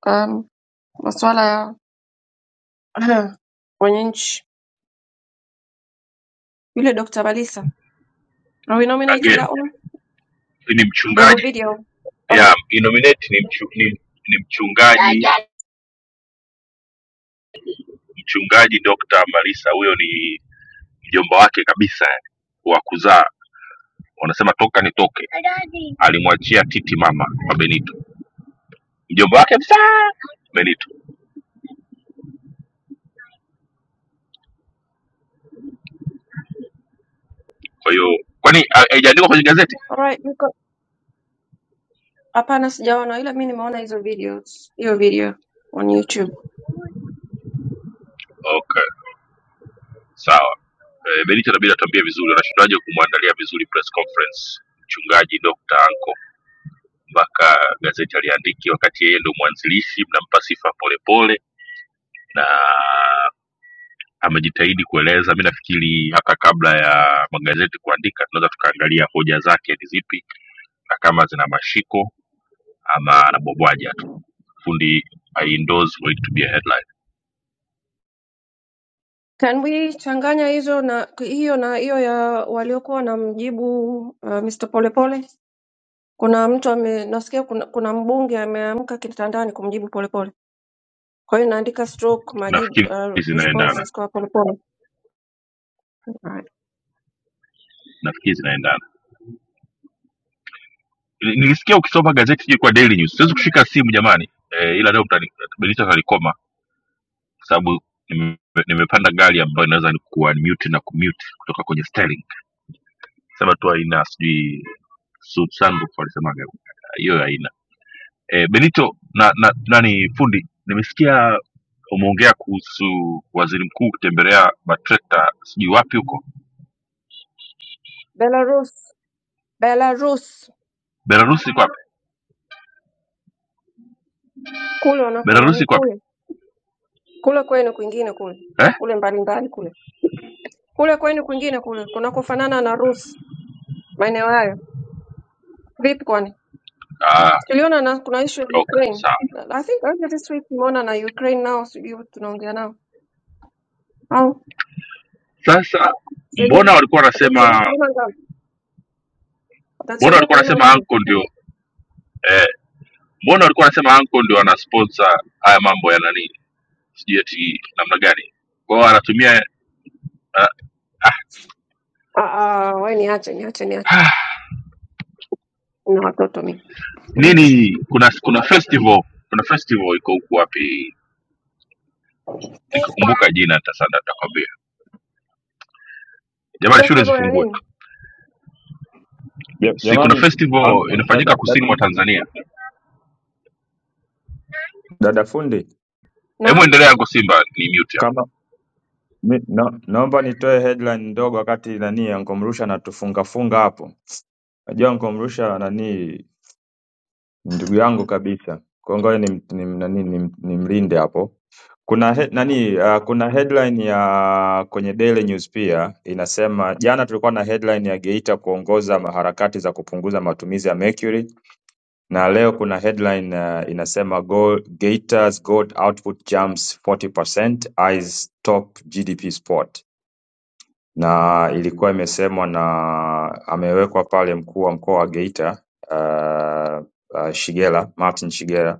Speaker 2: um, masuala ya Aha, Wananchi, yule Dr. Balisa. are we nominating
Speaker 1: again
Speaker 2: that one?
Speaker 1: ni
Speaker 2: There a
Speaker 1: mchungaji
Speaker 2: video on
Speaker 1: yeah, inominate ni, mchu, ni, ni mchungaji mchungaji Dr. Malisa, huyo ni mjomba wake kabisa yani, wa kuzaa, wanasema toka nitoke. Alimwachia titi mama wa Benito, mjomba wake kabisa Benito. Kwa hiyo kwani ha- haijaandikwa kwenye gazeti?
Speaker 2: all right, we've got hapana sijaona ila mi nimeona hizo videos hiyo video on YouTube.
Speaker 1: Okay, sawa. E, Benito inabidi atuambie vizuri, anashindaje kumwandalia vizuri press conference mchungaji Dr. Anko mpaka gazeti aliandiki, wakati yeye ndo mwanzilishi, mnampa sifa polepole na amejitahidi kueleza. Mi nafikiri hata kabla ya magazeti kuandika, tunaweza tukaangalia hoja zake ni zipi na kama zina mashiko ama anabwabwaja tu. Fundi I endorse for it to be a headline.
Speaker 2: Can we changanya hizo na hiyo na hiyo ya waliokuwa wanamjibu uh, Mr. Polepole? Kuna mtu ame nasikia kuna, kuna mbunge ameamka kitandani kumjibu Polepole. Kwa hiyo naandika stroke majibu
Speaker 1: Nafikiri
Speaker 2: uh,
Speaker 1: zinaendana,
Speaker 2: responses kwa Polepole. Alright.
Speaker 1: nafikiri zinaendana. Ni- Nilisikia ukisoma gazeti hii kwa Daily News, siwezi kushika simu jamani e, ila leo mtanibadilisha kalikoma kwa sababu nime- nimepanda gari ambayo inaweza ni kuunmute na kumute kutoka kwenye steering, sema tu haina sijui Su- Sandbox walisema hiyo haina. E, Benito na, na nani fundi, nimesikia umeongea kuhusu waziri mkuu kutembelea matrekta sijui wapi huko
Speaker 2: Belarus, Belarus
Speaker 1: Belarusi, iko wapi?
Speaker 2: kule wanako
Speaker 1: Belarusi
Speaker 2: nani
Speaker 1: iko wapi
Speaker 2: kule kule kwenu kwingine kule
Speaker 1: eh?
Speaker 2: kule mbalimbali kule kule kwenu kwingine kule kunakofanana na Rus maeneo hayo vipi? Kwani
Speaker 1: Ah,
Speaker 2: tuliona na kuna issue ya
Speaker 1: okay,
Speaker 2: Ukraine.
Speaker 1: sawa.
Speaker 2: Na- I think earlier this week tumeona na Ukraine nao, sijui tunaongea nao au
Speaker 1: Sasa mbona
Speaker 2: sijui
Speaker 1: walikuwa
Speaker 2: watatusaidia
Speaker 1: wanasema
Speaker 2: kulima ngano,
Speaker 1: mbona
Speaker 2: watatusaidia
Speaker 1: walikuwa
Speaker 2: kulima
Speaker 1: wanasema
Speaker 2: ngano.
Speaker 1: anko ndio eh, mbona walikuwa wanasema anko ndio ana sponsor haya mambo ya nani sijui eti namna gani kwao anatumia uh,
Speaker 2: Ah, ah, wewe niache niache niache, na watoto mimi niache.
Speaker 1: nini kuna kuna festival kuna festival iko huku wapi nikikumbuka jina sasa nitakwambia jamani shule
Speaker 2: Festival ya
Speaker 1: zifungue
Speaker 2: nini?
Speaker 5: Ja-
Speaker 1: si kuna
Speaker 5: jamani
Speaker 1: festival
Speaker 5: uncle, dada,
Speaker 1: inafanyika
Speaker 5: dada,
Speaker 1: kusini mwa tanzania
Speaker 5: dada fundi
Speaker 1: hebu
Speaker 2: Naam,
Speaker 1: endelea yangu simba ni mute hapo
Speaker 5: kama mi, na, naomba nitoe headline ndogo wakati nani Uncle Mrusha anatufunga funga hapo najua Uncle Mrusha nani ndugu yangu kabisa kwa hiyo ngoja nim, nim, nani, nim, nimlinde hapo Kuna he nani, ah, kuna headline ya kwenye Daily News pia inasema, jana tulikuwa na headline ya Geita kuongoza harakati za kupunguza matumizi ya mercury, na leo kuna headline ah, inasema Go, Geita's gold output jumps 40% eyes top GDP spot, na ilikuwa imesemwa na amewekwa pale mkuu wa mkoa wa Geita ah, ah, Shigela Martin Shigela,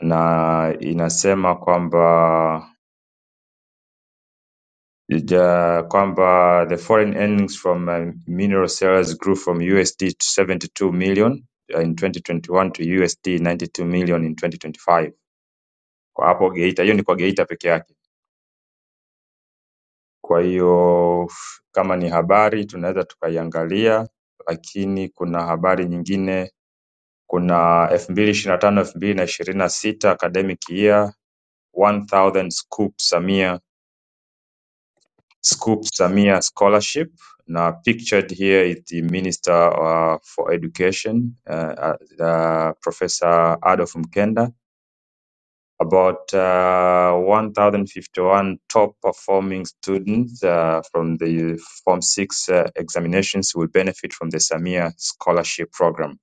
Speaker 5: na inasema kwamba ya kwamba the foreign earnings from uh, mineral sales grew from USD 72 million uh, in 2021 to USD 92 million in 2025 kwa hapo Geita. Hiyo ni kwa Geita peke yake. Kwa hiyo f- kama ni habari tunaweza tukaiangalia, lakini kuna habari nyingine, kuna 2025 2026 academic year 1000 scoop Samia Scoop Samia Scholarship. Now, pictured here is the Minister uh, for Education, uh, uh, uh, Professor Adolf Mkenda. About uh, 1,051 top performing students uh, from the Form 6 uh, examinations will benefit from the Samia Scholarship Program.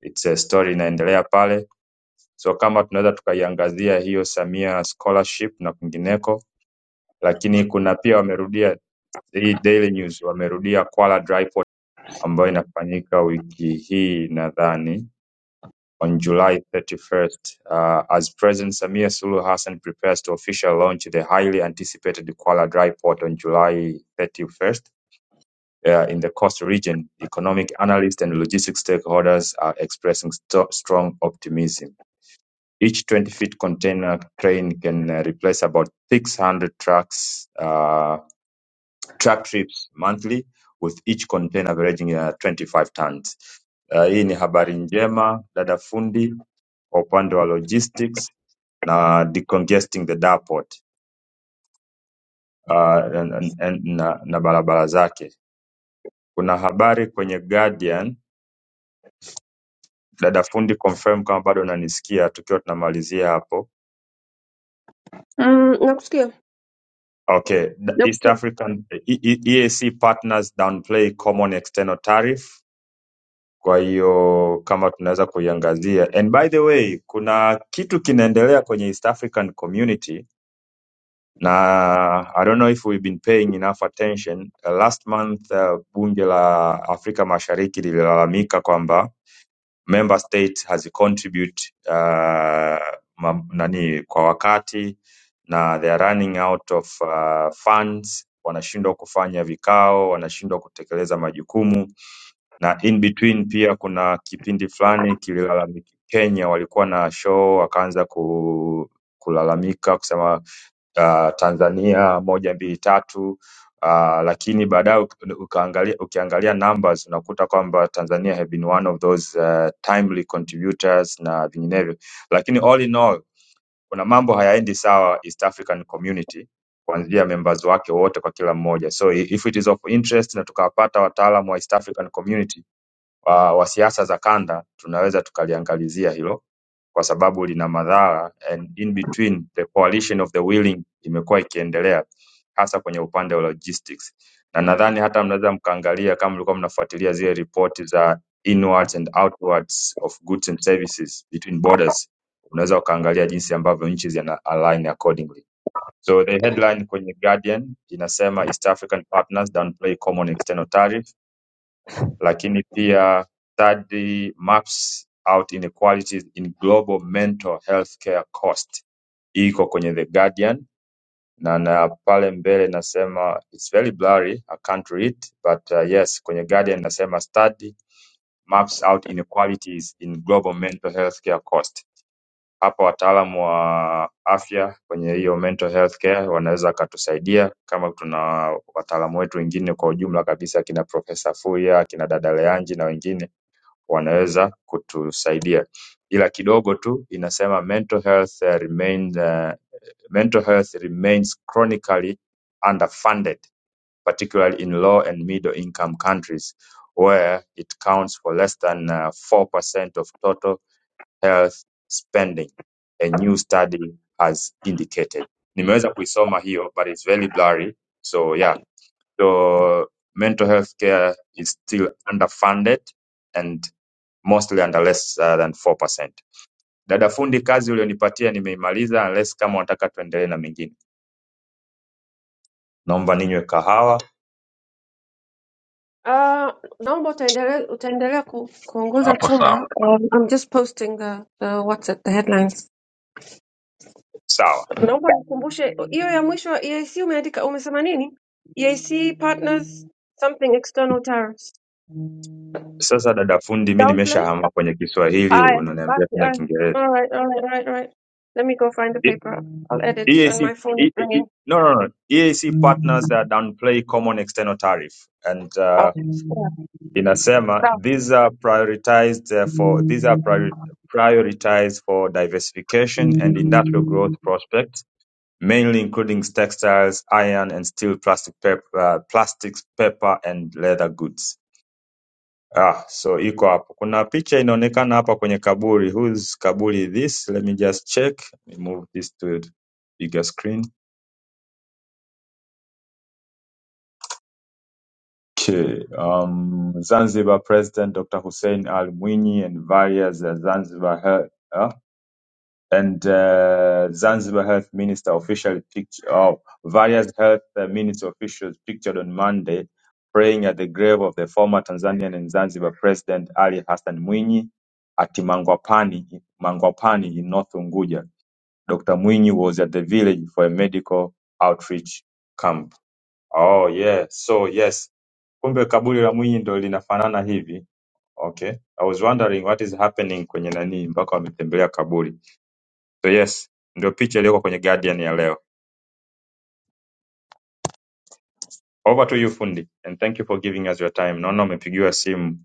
Speaker 5: It's a story inaendelea pale, so kama tunaweza tukaiangazia hiyo Samia Scholarship na kwingineko, lakini kuna pia wamerudia hii Daily News wamerudia Kwala Dry Port ambayo inafanyika wiki hii nadhani on July 31st uh, as President Samia Suluhu Hassan prepares to officially launch the highly anticipated Kwala Dry Port on July 31st uh, in the coast region, economic analysts and logistics stakeholders are expressing sto- strong optimism. Each 20 feet container train can uh, replace about 600 trucks uh, truck trips monthly with each container averaging uh, 25 tons. Uh, hii ni habari njema dada fundi kwa upande wa logistics na decongesting the depot uh, and, and, and, na, na barabara zake. Kuna habari kwenye Guardian, dada fundi confirm kama bado unanisikia tukiwa tunamalizia hapo.
Speaker 2: mm, nakusikia
Speaker 5: Okay, the East
Speaker 2: nakusikia.
Speaker 5: African E- E- EAC partners downplay common external tariff Kwa hiyo kama tunaweza kuiangazia. And by the way, kuna kitu kinaendelea kwenye East African community na I don't know if we've been paying enough attention. Uh, Last month uh, bunge la Afrika Mashariki lililalamika kwamba member state hazicontribute uh, ma- nani kwa wakati na they are running out of uh, funds, wanashindwa kufanya vikao, wanashindwa kutekeleza majukumu na in between pia kuna kipindi fulani kililalamika Kenya walikuwa na show wakaanza ku, kulalamika kusema uh, Tanzania moja mbili tatu uh, lakini baadaye uka- ukaangalia ukiangalia numbers unakuta kwamba Tanzania have been one of those uh, timely contributors na vinginevyo, lakini all in all kuna mambo hayaendi sawa East African community kuanzia members wake wote kwa kila mmoja, so i- if it is of interest na tukawapata wataalamu wa East African community wa wa siasa za kanda tunaweza tukaliangalizia hilo kwa sababu lina madhara and in between the coalition of the willing imekuwa ikiendelea hasa kwenye upande wa logistics na nadhani hata mnaweza mkaangalia kama mlikuwa mnafuatilia zile ripoti za inwards and outwards of goods and services between borders unaweza ukaangalia jinsi ambavyo nchi zina align accordingly so the headline kwenye guardian inasema east african partners downplay common external tariff lakini pia study maps out inequalities in global mental health care cost iko kwenye The Guardian na na pale mbele nasema it's very blurry I can't read but uh, yes kwenye Guardian nasema study maps out inequalities in global mental health care cost. Hapa wataalamu wa afya kwenye hiyo mental health care wanaweza wakatusaidia, kama tuna wataalamu wetu wengine kwa ujumla kabisa, kina Profesa Fuya, kina Dada Leanji na wengine wanaweza kutusaidia ila kidogo tu inasema mental health eh, remains eh, mental health remains chronically underfunded particularly in low and middle income countries where it counts for less than uh, 4% of total health spending a new study has indicated nimeweza kuisoma hiyo but it's very blurry so yeah so mental health care is still underfunded and. mostly under less uh, than 4%. Dada fundi, kazi ulionipatia nimeimaliza, unless kama unataka tuendelee na mengine. Naomba ninywe kahawa.
Speaker 2: Uh, naomba utaendelea utaendelea ku, kuongoza
Speaker 1: hapo
Speaker 2: chumba.
Speaker 1: sawa
Speaker 2: Um, I'm just posting the, the what's it, the headlines.
Speaker 5: Sawa.
Speaker 2: Naomba nikumbushe hiyo ya mwisho EAC umeandika umesema nini? EAC partners something external tariffs.
Speaker 5: Sasa dada fundi, mi
Speaker 2: Downplay?
Speaker 5: nimeshahama kwenye Kiswahili,
Speaker 2: Aye.
Speaker 5: unaniambia
Speaker 2: basi
Speaker 5: tena
Speaker 2: haya.
Speaker 5: Kiingereza.
Speaker 2: All right, all right, all right, all right. Let me go find the
Speaker 5: E-
Speaker 2: paper. I'll edit and
Speaker 5: EAC
Speaker 2: my phone is
Speaker 5: E- E- E-
Speaker 2: ringing.
Speaker 5: no, no, no. EAC partners that downplay common external tariff and uh,
Speaker 2: Okay. Yeah.
Speaker 5: inasema
Speaker 2: Sawa.
Speaker 5: these are prioritized uh, for these are priori prioritized for diversification and industrial growth prospects mainly including textiles, iron and steel, plastic paper, uh, plastics, paper and leather goods. Ah, so iko hapo. Kuna picha inaonekana hapa kwenye kaburi. Whose kaburi is this? Let me just check. Let me move this to the bigger screen. Okay. Um, Zanzibar President Dr. Hussein Al Mwinyi and various uh, Zanzibar and uh, Zanzibar Health Minister officially picture of various health minister officials pictured on Monday praying at the grave of the former Tanzanian and Zanzibar President Ali Hassan Mwinyi at Mangwapani, Mangwapani in North Unguja. Dr. Mwinyi was at the village for a medical outreach camp. Oh yeah, so yes, kumbe kaburi la Mwinyi ndo linafanana hivi. Okay, I was wondering what is happening kwenye nani mpaka wametembelea kaburi. So yes, ndio picha iliyoko kwenye Guardian ya leo. Over to you fundi and thank you for giving us your time. Naona umepigiwa simu,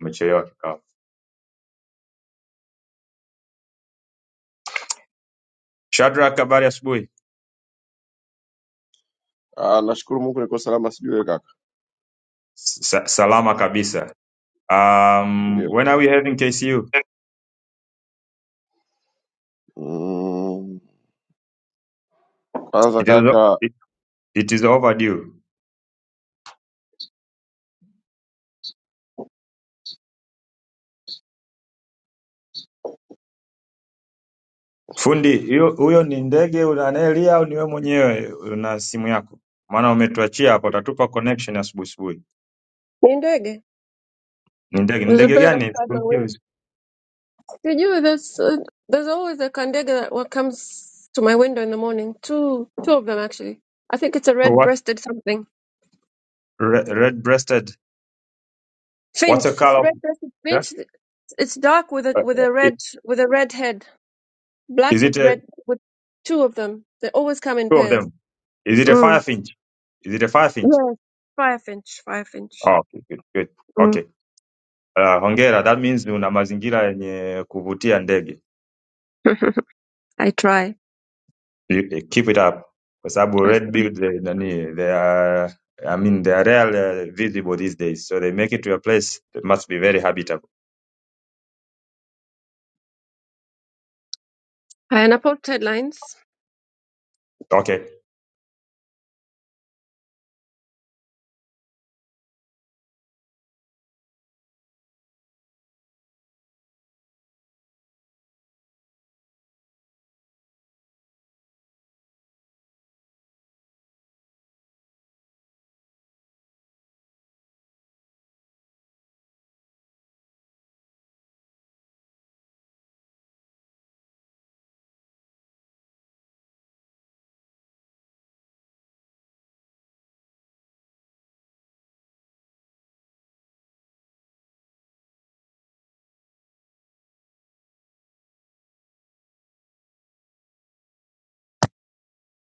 Speaker 5: umechelewa kikao. Shadrack, habari asubuhi.
Speaker 7: Ah, nashukuru Mungu niko salama, sijui wewe kaka.
Speaker 5: Sa salama kabisa. Um,
Speaker 7: Ndio.
Speaker 5: when are we having KCU?
Speaker 7: Mm, kwanza
Speaker 5: It is,
Speaker 7: kaka,
Speaker 5: it, it is overdue. Fundi, hiyo- huyo ni ndege ule anayelia au ni wewe mwenyewe una simu yako? Maana umetuachia hapo, utatupa connection asubuhi asubuhi.
Speaker 2: Ni ndege.
Speaker 5: Ni ndege ni
Speaker 2: There's a
Speaker 5: ndege
Speaker 2: bird
Speaker 5: gani?
Speaker 2: outside my window.
Speaker 5: Confused.
Speaker 2: Did you? There's uh, there's always a kandega that wa- comes to my window in the morning. Two two of them actually. I think it's a
Speaker 5: What
Speaker 2: red-breasted something
Speaker 5: red breasted? What's
Speaker 2: finch.
Speaker 5: the color of
Speaker 2: Red-breasted
Speaker 5: yeah?
Speaker 2: finch. It's dark with a
Speaker 5: Uh,
Speaker 2: with a
Speaker 5: uh,
Speaker 2: red with a red head. Black
Speaker 5: Is it
Speaker 2: with
Speaker 5: a
Speaker 2: red with two of them. They always come in
Speaker 5: Two of
Speaker 2: pairs.
Speaker 5: them. Is it a
Speaker 2: Mm.
Speaker 5: firefinch? Is it a firefinch?
Speaker 2: Yes. Fire finch. Fire finch.
Speaker 5: Oh, okay, good, good.
Speaker 2: Mm.
Speaker 5: Okay. Uh, hongera, that means una mazingira yenye kuvutia ndege.
Speaker 2: I try.
Speaker 5: You- eh, Keep it up. Kwa sababu red
Speaker 2: Awesome.
Speaker 5: bill they, nani, they are I mean they are rarely visible these days. So they make it to a place that must be very habitable.
Speaker 2: And I post headlines.
Speaker 5: Okay.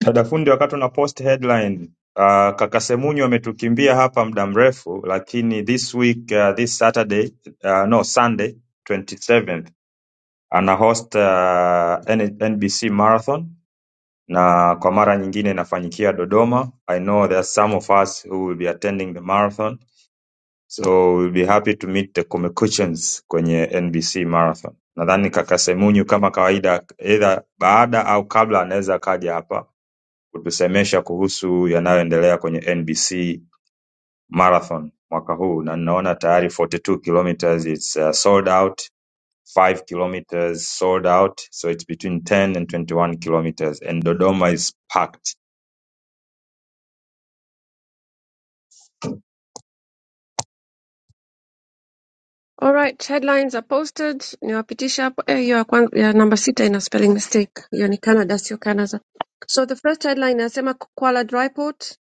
Speaker 5: Dada fundi wakati una post headline Uh, kaka Semunyo ametukimbia hapa muda mrefu lakini this week uh, this Saturday uh, no Sunday 27th Anahost uh, N- NBC Marathon na kwa mara nyingine inafanyikia Dodoma. I know there are some of us who will be attending the marathon so we'll be happy to meet the Kumekuchans kwenye NBC Marathon. Nadhani kaka Semunyu kama kawaida, either baada au kabla, anaweza akaja hapa kutusemesha kuhusu yanayoendelea kwenye NBC Marathon mwaka huu, na ninaona tayari 42 kilometers it's uh, sold out five kilometers sold out, so it's between 10 and 21 kilometers, and Dodoma is packed.
Speaker 2: Alright, headlines are posted. Niwapitisha hapo. Eh, hiyo ya kwan- ya namba sita ina spelling mistake. Hiyo ni Canada, sio Canada. So the first headline inasema Kuala Dry Port.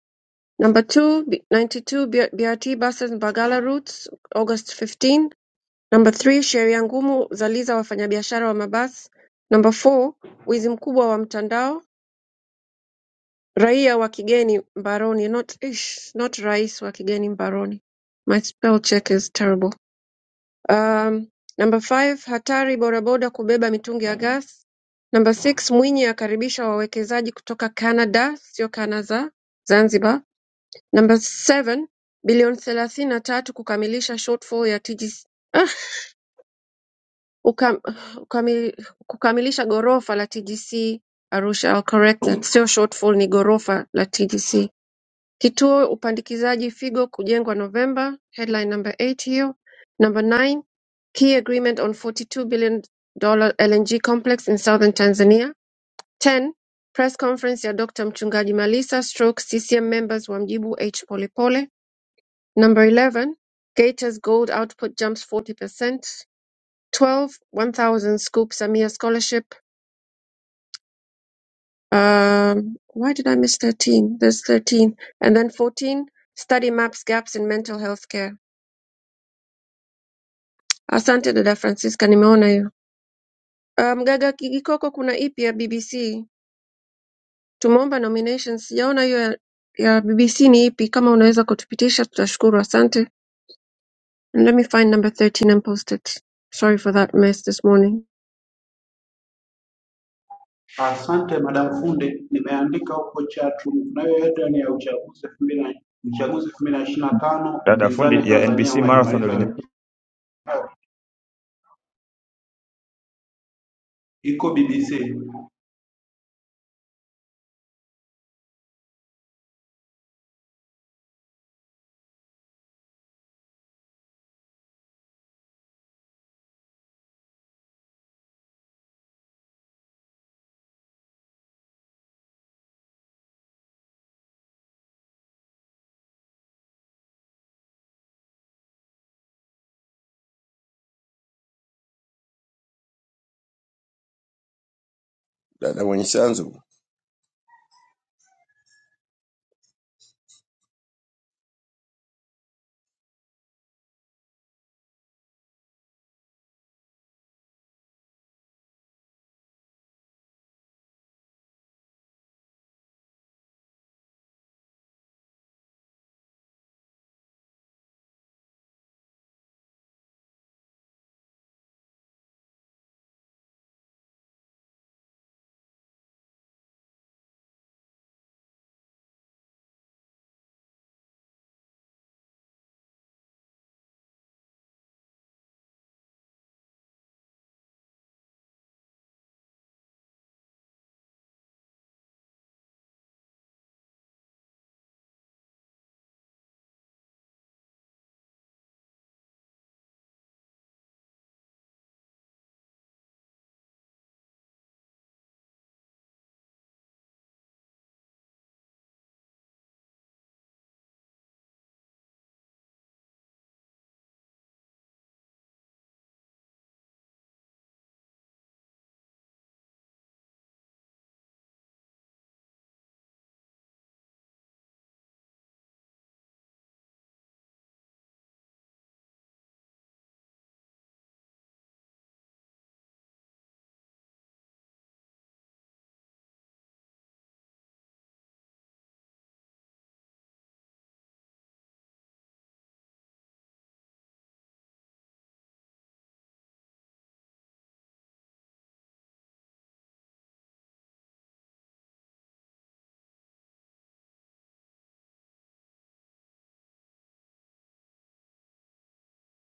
Speaker 2: Number two, B- 92 B- BRT buses Mbagala routes, August 15. Number three, sheria ngumu zaliza wafanyabiashara wa mabasi. Number four, wizi mkubwa wa mtandao, raia wa kigeni mbaroni. Not, ish, not rais wa kigeni mbaroni. My spell check is terrible. Um, number five, hatari bodaboda kubeba mitungi ya gas. Number six, Mwinyi akaribisha wawekezaji kutoka Canada, sio kana za Zanzibar. Number seven, bilioni thelathini na tatu kukamilisha shortfall ya TGC, ah, ukam, ukami, kukamilisha gorofa la TGC Arusha. I'll correct that, sio shortfall, ni gorofa la TGC. Kituo Upandikizaji Figo kujengwa November headline number eight hiyo number nine Key agreement on $42 billion LNG complex in southern Tanzania. 10. Press conference ya Dr. Mchungaji Malisa stroke CCM members wamjibu H Polepole. Number 11. Gators gold output jumps 40%. twelve one thousand 1000 scoop Samia scholarship. Um, why did I miss 13? There's 13. And then 14. Study maps gaps in mental health care. Asante dada Francisca, nimeona hiyo. Ah, Mgaga Kigikoko, kuna ipi ya BBC? Tumeomba nominations, sijaona hiyo ya, ya BBC ni ipi. Kama unaweza kutupitisha tutashukuru, asante. And let me find number 13 and post it. Sorry for that mess this morning.
Speaker 8: Asante Madam Funde, nimeandika huko chatroom. Kunayo headline ya uchaguzi elfu mbili na uchaguzi elfu mbili na ishirini na tano
Speaker 5: Dada
Speaker 8: upinzani
Speaker 5: fundi ya
Speaker 8: Tanzania
Speaker 5: NBC Marathon
Speaker 8: unajimaliza
Speaker 5: ulinifikia
Speaker 8: wenyewe, iko BBC.
Speaker 7: dada mwenye chanzo.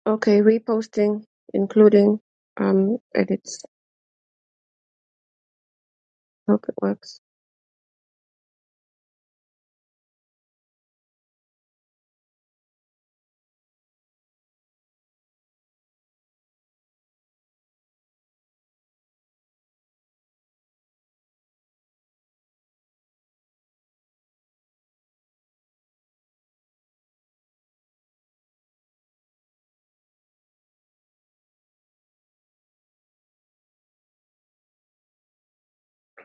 Speaker 2: Okay, reposting including um, edits. Hope it works.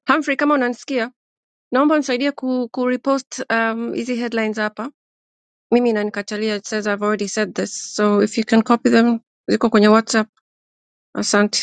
Speaker 2: Humphrey, kama unanisikia, naomba nisaidie ku, ku repost um, hizi headlines hapa. Mimi inanikatalia, it says I've already said this. So if you can copy them, ziko kwenye WhatsApp. Asante.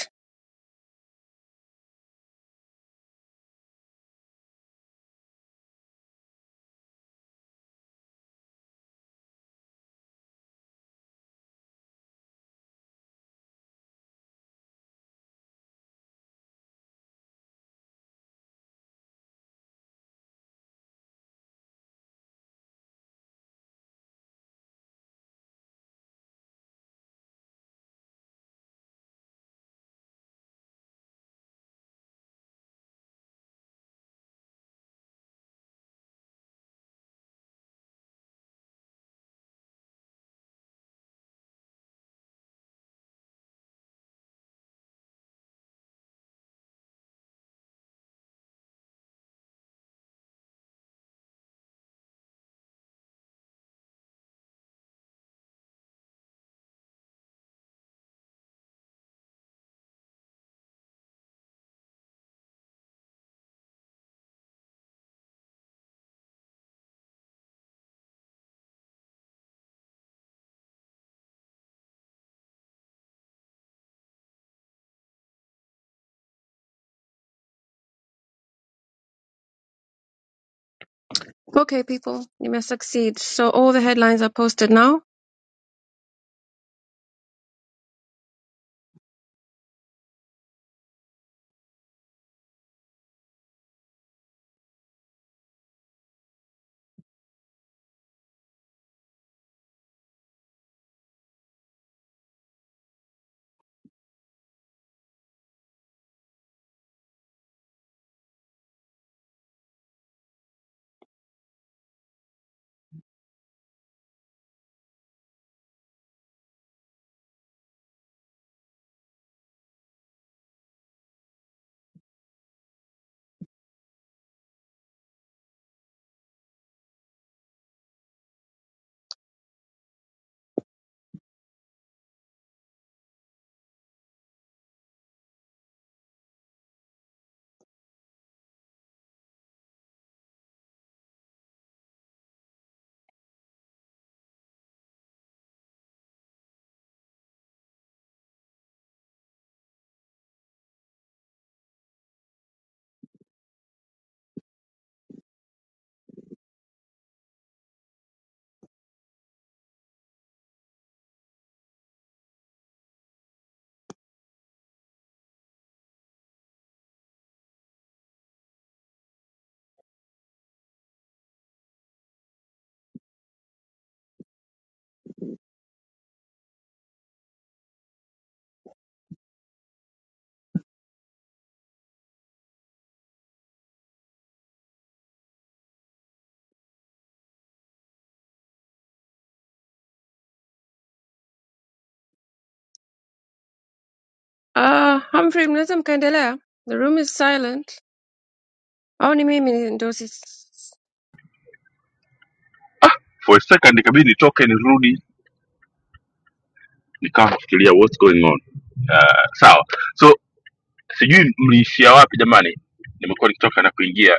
Speaker 2: Okay, people, you may succeed. So all the headlines are posted now. Uh, Humphrey, mnaweza mkaendelea? The room is silent. Au ni mimi ndio si...
Speaker 1: ah, for a second ikabidi nitoke nirudi nikawa nafikiria what's going on uh, sawa so sijui mliishia wapi jamani nimekuwa nikitoka na kuingia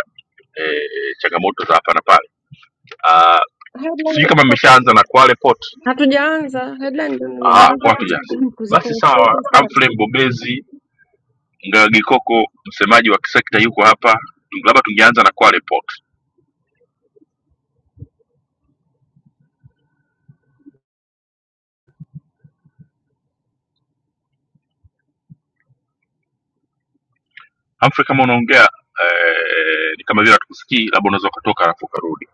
Speaker 1: eh, changamoto za hapa na pale uh, sijui
Speaker 2: Headline
Speaker 1: kama
Speaker 2: iko
Speaker 1: mmeshaanza
Speaker 2: posted.
Speaker 1: na kwale port
Speaker 2: Hatujaanza. Headline ndio
Speaker 1: Ah,
Speaker 2: nimemaliza
Speaker 1: watu
Speaker 2: kuzi-
Speaker 1: jasi. Basi
Speaker 2: kuzipost
Speaker 1: sawa,
Speaker 2: sasa.
Speaker 1: Humphrey Mbobezi, Ngawa Gikoko, msemaji wa kisekta yuko hapa. Labda tungeanza na Kwale Port. Humphrey, kama unaongea eh, ni kama vile hatukusikii, labda unaweza ukatoka alafu ukarudi.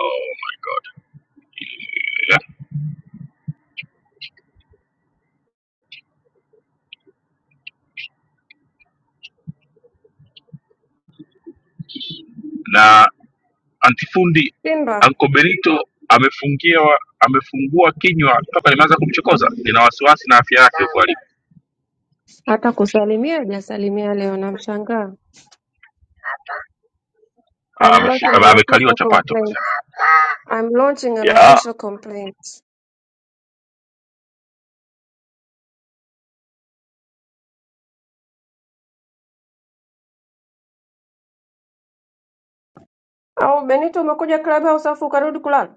Speaker 1: Oh my god. Yeah. Na antifundi
Speaker 2: Simba
Speaker 1: Anko Benito amefungiwa amefungua kinywa toka nimeanza kumchokoza. Nina wasiwasi na afya yake huko alipo.
Speaker 2: hata kusalimia hajasalimia leo, namshangaa.
Speaker 1: Ah,
Speaker 2: I'm lodging
Speaker 1: ameshika
Speaker 2: an
Speaker 1: amekaliwa
Speaker 2: official
Speaker 1: chapati
Speaker 2: complaint.
Speaker 1: wanasema.
Speaker 2: I'm launching an
Speaker 1: Yeah.
Speaker 2: official complaint. Au Benito umekuja club house afu ukarudi kulala.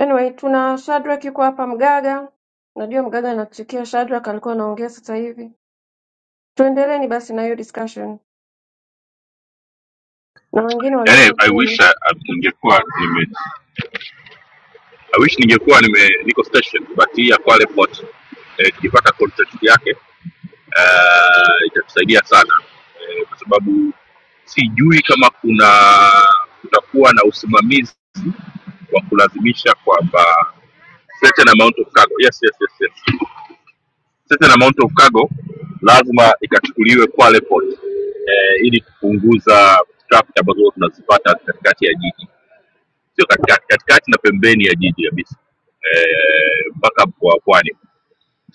Speaker 2: Anyway, tuna Shadrack yuko hapa Mgaga. Najua Mgaga anatuchukia Shadrack alikuwa anaongea sasa hivi. Tuendeleeni basi na hiyo discussion na wengine
Speaker 1: Yaani
Speaker 2: waliopo
Speaker 1: I wish
Speaker 2: chini.
Speaker 1: ah, ningekuwa nime I wish ningekuwa nime niko station but hii ya Kwale Port eh, tukipata contract yake eh, itatusaidia sana eh, kwa sababu sijui kama kuna kutakuwa na usimamizi wa kulazimisha kwamba certain amount of cargo yes, yes, yes, yes. certain amount of cargo lazima ikachukuliwe Kwale Port eh, ili kupunguza traffic ambazo huwa tunazipata katikati ya jiji sio katikati katikati na pembeni ya jiji kabisa eh, mpaka kwa pwani kwa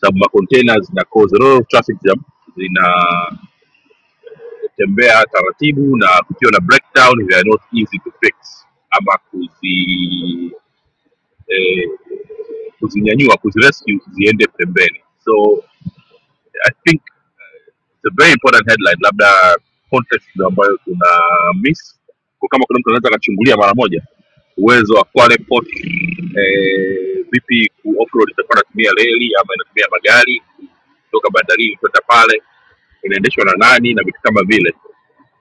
Speaker 1: sababu makontena zina cause a lot of traffic jam zinatembea taratibu na kukiwa na breakdown they are not easy to fix ama kuzi eh, kuzinyanyua kuzirescue ziende pembeni so i think It's a very important headline, labda context ndio ambayo tuna miss kwa kama kuna mtu anaweza akachungulia mara moja uwezo wa Kwale Port eh, vipi ku offroad itakuwa inatumia reli ama inatumia magari kutoka bandarini kwenda pale, inaendeshwa na nani na vitu kama vile,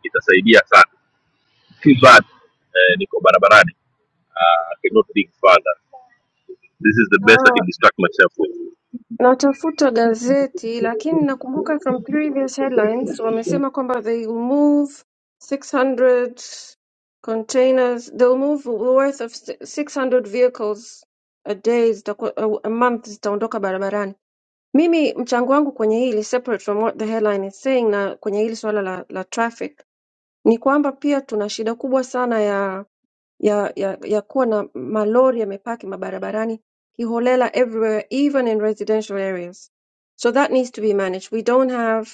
Speaker 1: itasaidia sana. Too bad eh, niko barabarani uh, I cannot think further. This is the best I can distract myself with.
Speaker 2: Natafuta gazeti lakini nakumbuka from previous headlines wamesema kwamba they will move 600 containers they will move worth of 600 vehicles a day zitakuwa, a a month zitaondoka barabarani. Mimi mchango wangu kwenye hili separate from what the headline is saying na kwenye hili swala la, la traffic ni kwamba pia tuna shida kubwa sana ya, ya, ya kuwa na malori yamepaki mabarabarani kiholela everywhere even in residential areas so that needs to be managed we don't have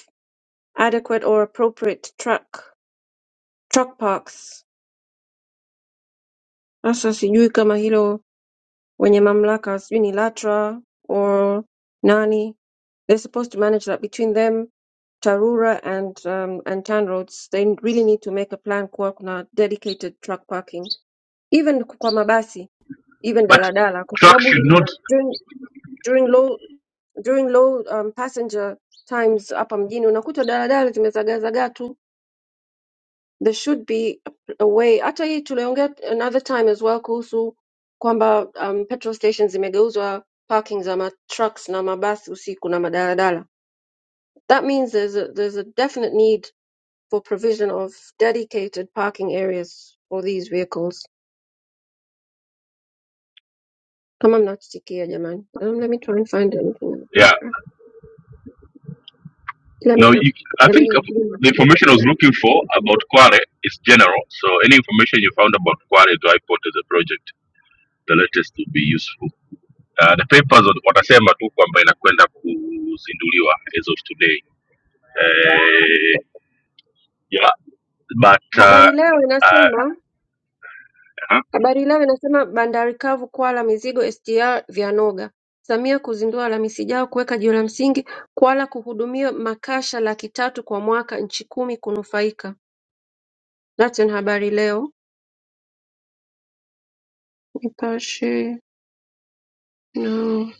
Speaker 2: adequate or appropriate truck truck parks sasa sijui kama hilo wenye mamlaka sijui ni latra or nani they're supposed to manage that between them tarura and um, and tanroads they really need to make a plan kuwa kuna dedicated truck parking even kwa mabasi even
Speaker 1: But
Speaker 2: daladala kwa
Speaker 1: truck
Speaker 2: sababu
Speaker 1: should not
Speaker 2: during low during low um, passenger times hapa mjini unakuta daladala zimezagazagaa tu there should be a way hata hii tuliongea another time as well kuhusu kwamba um, petrol stations zimegeuzwa parking za matrucks na mabasi usiku na madaladala that means there's a, there's a definite need for provision of dedicated parking areas for these vehicles kama mnatutikia jamani um, let me try and find anything in the
Speaker 1: yeah
Speaker 2: paper Let jamani
Speaker 1: No,
Speaker 2: na-
Speaker 1: you, I think the
Speaker 2: jamani
Speaker 1: information I was looking for about Quare is general. So any information you found about Quare to iPort as a project, the latest would be useful. Uh, the papers wat- watasema tu kwamba inakwenda kuzinduliwa as of today. Uh, yeah, but uh,
Speaker 2: Habari Leo
Speaker 1: uh,
Speaker 2: inasema
Speaker 1: huh?
Speaker 2: Habari Leo inasema bandari kavu kwaa la mizigo SGR vyanoga. Samia kuzindua Alhamisi ijayo kuweka jiwe la msingi Kwala kuhudumia makasha laki tatu kwa mwaka nchi kumi kunufaika. That's in Habari Leo. Nipashe. No.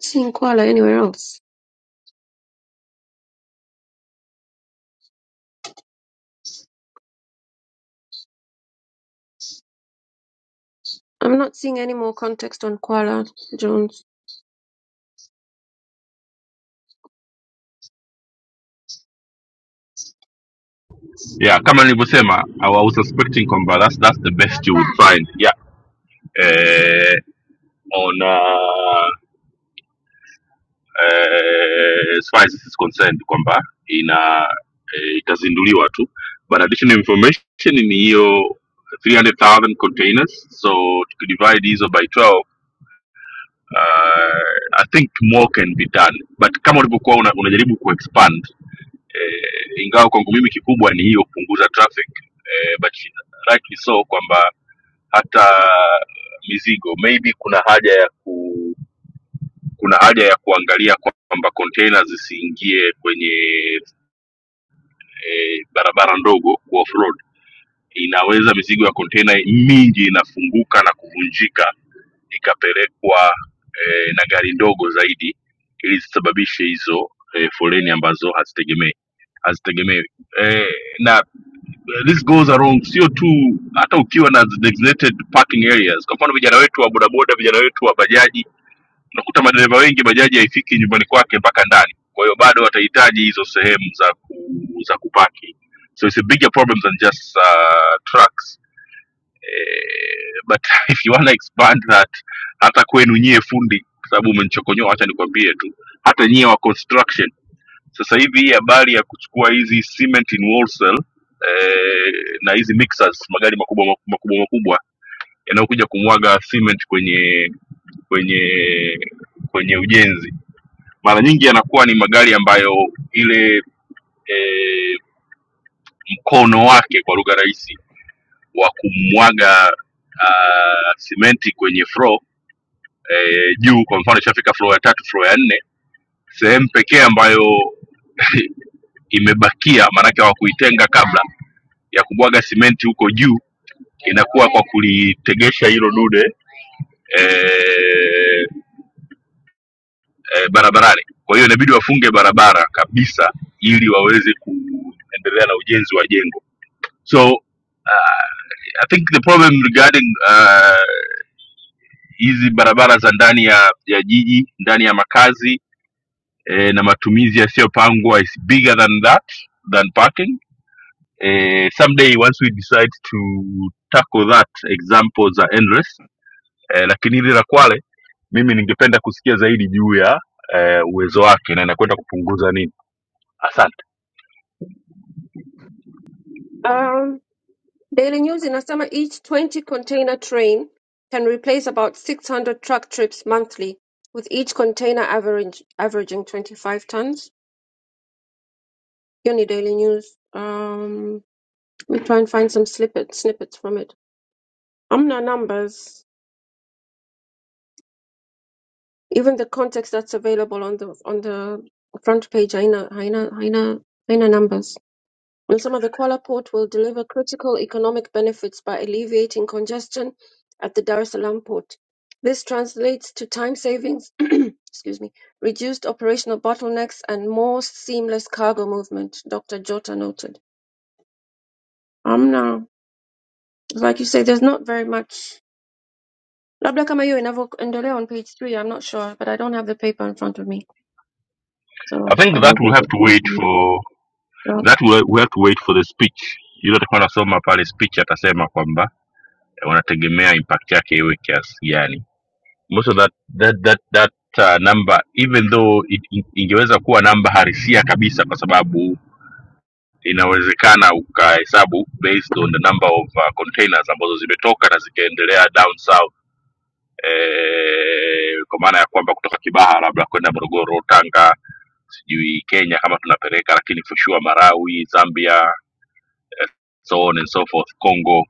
Speaker 2: Seeing Kwala anywhere else. I'm not seeing any more context on Kwala Jones.
Speaker 1: yeah, kama nilivyosema, I was suspecting kwamba that's, that's the best you would find. Yeah, uh, on uh, eh, as far as this is concerned kwamba ina eh, itazinduliwa tu but additional information ni hiyo 300000 containers so tukidivide hizo by 12 uh, i think more can be done but kama ulivyokuwa una, unajaribu kuexpand eh, ingawa kwangu mimi kikubwa ni hiyo kupunguza traffic eh, but rightly so kwamba hata mizigo maybe kuna haja ya ku kuna haja ya kuangalia kwamba container zisiingie kwenye eh, barabara ndogo off road inaweza mizigo ya container mingi inafunguka na kuvunjika ikapelekwa eh, na gari ndogo zaidi ili zisababishe hizo eh, foleni ambazo hazitegemei hazitegemewi eh, na this goes along sio tu hata ukiwa na designated parking areas kwa mfano vijana wetu wa bodaboda vijana wetu wa bajaji unakuta madereva wengi bajaji haifiki nyumbani kwake mpaka ndani kwa hiyo bado watahitaji hizo sehemu za ku, za kupaki so it's a bigger problem than just uh, trucks eh, but if you wanna expand that hata kwenu nyie fundi kwa sababu umenichokonyoa wacha nikwambie tu hata nyie wa construction sasa hivi hii habari ya kuchukua hizi cement in wholesale eh, na hizi mixers magari makubwa makubwa makubwa yanayokuja kumwaga cement kwenye kwenye kwenye ujenzi mara nyingi yanakuwa ni magari ambayo ile e, mkono wake kwa lugha rahisi wa kumwaga ah, simenti kwenye floor e, juu kwa mfano ishafika floor ya tatu floor ya nne sehemu pekee ambayo imebakia maanake hawakuitenga kabla ya kumwaga simenti huko juu inakuwa kwa kulitegesha hilo dude eh, eh, barabarani. Kwa hiyo inabidi wafunge barabara kabisa ili waweze kuendelea na ujenzi wa jengo. So I think the problem regarding uh, hizi uh, barabara za ndani ya, ya jiji ndani ya makazi eh, na matumizi yasiyopangwa is bigger than that than parking. Eh, someday once we decide to tackle that example za endless eh, lakini hili la Kwale mimi ningependa kusikia zaidi juu ya eh, uwezo wake na inakwenda kupunguza nini. Asante.
Speaker 2: Um. Daily News inasema each 20 container train can replace about 600 truck trips monthly with each container average, averaging 25 tons. Hiyo ni Daily News. Um, let me try and find some snippet, snippets from it. Amna numbers, even the context that's available on the on the front page haina haina haina haina numbers. In summer, the Kuala Port will deliver critical economic benefits by alleviating congestion at the Dar es Salaam port. This translates to time savings, excuse me, reduced operational bottlenecks, and more seamless cargo movement, Dr. Jota noted. Amna, like you say, there's not very much. Labda kama hiyo inavyoendelea on page three, I'm not sure, but I don't have the paper in front of me,
Speaker 1: I
Speaker 2: so I
Speaker 1: think that
Speaker 2: don't
Speaker 1: will
Speaker 2: think we
Speaker 1: have to wait
Speaker 2: can.
Speaker 1: for
Speaker 2: Yeah,
Speaker 1: that will we have to wait for the speech. Yule atakuwa anasoma pale speech atasema kwamba eh, wanategemea impact yake iwe kiasi gani. Most of that that that that uh, number even though it, it, ingeweza kuwa namba halisia kabisa kwa sababu inawezekana ukahesabu based on the number of uh, containers ambazo zimetoka na zikaendelea down south eh, kwa maana ya kwamba kutoka Kibaha labda kwenda Morogoro, Tanga sijui kenya kama tunapeleka lakini for sure marawi zambia eh, so on and so forth congo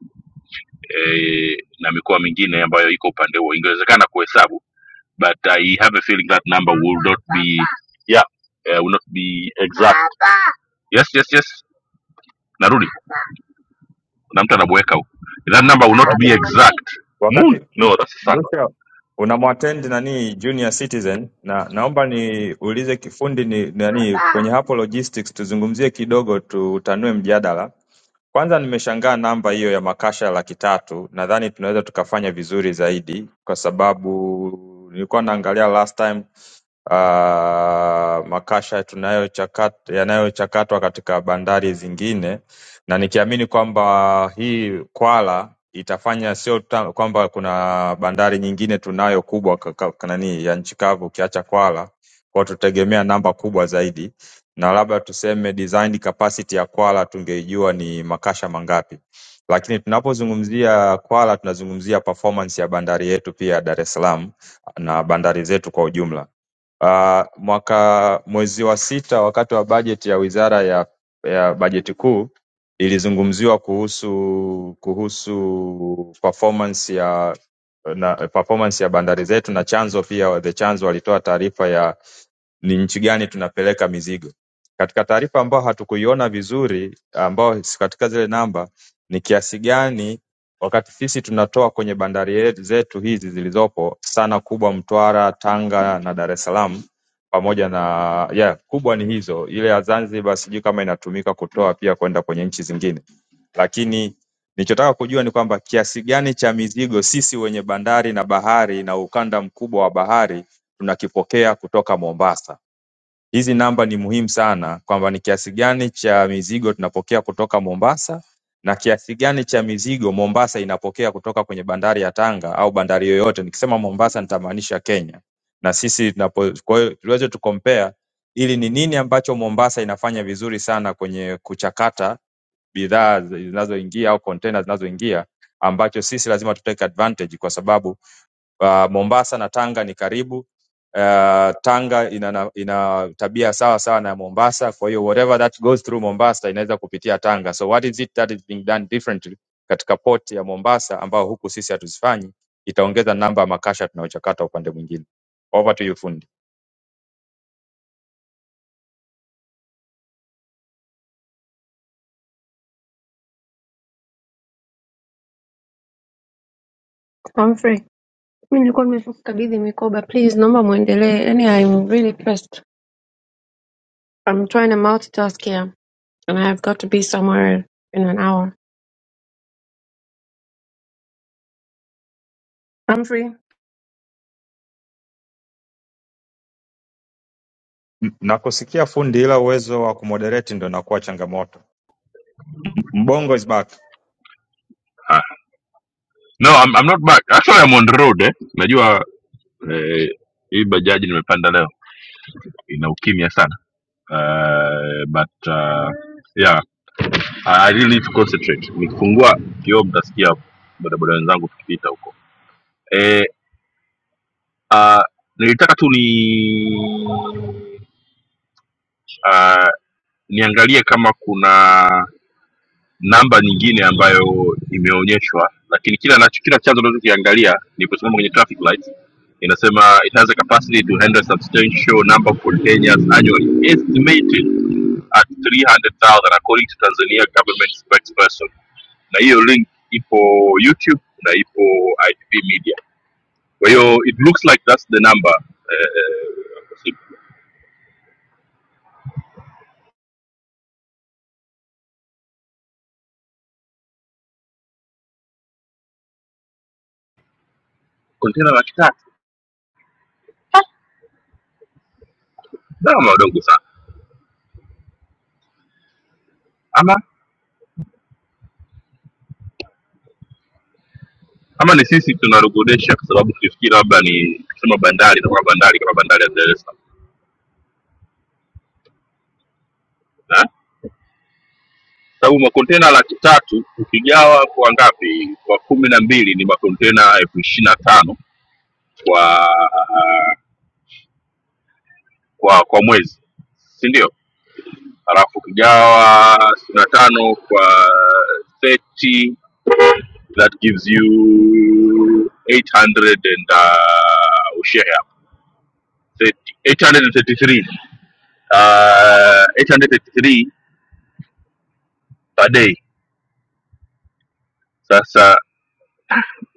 Speaker 1: eh, na mikoa mingine ambayo iko upande huo ingewezekana kuhesabu but i have a feeling that number will not be yeah eh, will not be exact yes yes yes narudi na mtu anabweka huko that number will not
Speaker 5: okay.
Speaker 1: be exact moon
Speaker 5: Wakati
Speaker 1: no that's the sun
Speaker 5: Mrusha unamwattend nani junior citizen, na naomba niulize kifundi ni nani kwenye hapo logistics, tuzungumzie kidogo, tutanue mjadala. Kwanza nimeshangaa namba hiyo ya makasha laki tatu. Nadhani tunaweza tukafanya vizuri zaidi, kwa sababu nilikuwa naangalia last time ah, makasha tunayochakata yanayochakatwa katika bandari zingine, na nikiamini kwamba hii Kwala itafanya sio ta- kwamba kuna bandari nyingine tunayo kubwa ka- ka- ka- nani ya nchi kavu ukiacha Kwala, kwa tutegemea namba kubwa zaidi, na labda tuseme design capacity ya Kwala tungeijua ni makasha mangapi, lakini tunapozungumzia Kwala tunazungumzia performance ya bandari yetu pia ya Dar es Salaam na bandari zetu kwa ujumla Uh, Mwaka mwezi wa sita wakati wa bajeti ya Wizara ya ya Bajeti Kuu ilizungumziwa kuhusu kuhusu performance ya na performance ya bandari zetu na chanzo pia the chanzo walitoa taarifa ya ni nchi gani tunapeleka mizigo. Katika taarifa ambayo hatukuiona vizuri, ambayo si katika zile namba, ni kiasi gani wakati sisi tunatoa kwenye bandari yetu- zetu hizi zilizopo sana kubwa Mtwara, Tanga na Dar es Salaam pamoja na yeah, kubwa ni hizo. Ile ya Zanzibar sijui kama inatumika kutoa pia kwenda kwenye nchi zingine, lakini nilichotaka kujua ni kwamba kiasi gani cha mizigo sisi wenye bandari na bahari na ukanda mkubwa wa bahari tunakipokea kutoka Mombasa Hizi namba ni muhimu sana kwamba ni kiasi gani cha mizigo tunapokea kutoka Mombasa na kiasi gani cha mizigo Mombasa inapokea kutoka kwenye bandari ya Tanga au bandari yoyote. Nikisema Mombasa nitamaanisha Kenya. Na sisi tunapo kwa hiyo tuweze tucompare ili ni nini ambacho Mombasa inafanya vizuri sana kwenye kuchakata bidhaa zinazoingia au container zinazoingia ambacho sisi lazima tutake advantage kwa sababu Uh, Mombasa na Tanga ni karibu. Uh, Tanga ina, na- ina tabia sawa sawa na Mombasa, kwa hiyo whatever that goes through Mombasa inaweza kupitia Tanga. So what is it that is being done differently katika port ya Mombasa ambao huku sisi hatuzifanyi? Itaongeza namba ya makasha tunayochakata upande mwingine. Over to you fundi.
Speaker 2: I'm free. Mi nilikuwa nimekabidhi mikoba, please naomba muendelee. Yaani I'm really pressed. I'm trying to multitask here, and I've got to be somewhere in an hour. Humphrey,
Speaker 5: M- Nakusikia fundi, ila uwezo wa kumoderate ndo inakuwa changamoto. Mbongo is back.
Speaker 1: Ah. no I'm, i'm not back actually i'm on the road eh najua eh, hii bajaji nimepanda leo ina ukimya sana uh, but uh, yeah I I really need to concentrate. Nikifungua kioo mtasikia bodaboda wenzangu tukipita huko eh uh, nilitaka tu ni uh, niangalie kama kuna namba nyingine ambayo imeonyeshwa, lakini kila nacho kila chanzo nachokiangalia ni kusimama kwenye traffic light inasema it has a capacity to handle substantial number of containers annually estimated at 300,000 according to Tanzania government spokesperson na hiyo link ipo youtube na ipo itv media kwa hiyo it looks like that's the number eh, kontena laki tatu Ah, gharama wadogo sana ama ama ni sisi tunalogodesha kwa sababu tulifikiri labda ni kusema bandari na kwa bandari kama bandari ya dar es salaam Eh? sababu makontena laki tatu ukigawa kwa ngapi kwa kumi na mbili ni makontena elfu ishiri na tano kwa kwa kwa mwezi si ndio halafu ukigawa sitini na tano kwa 30 that gives you 800 and uh, ushare hapo 30 833 uh, 833 per day sasa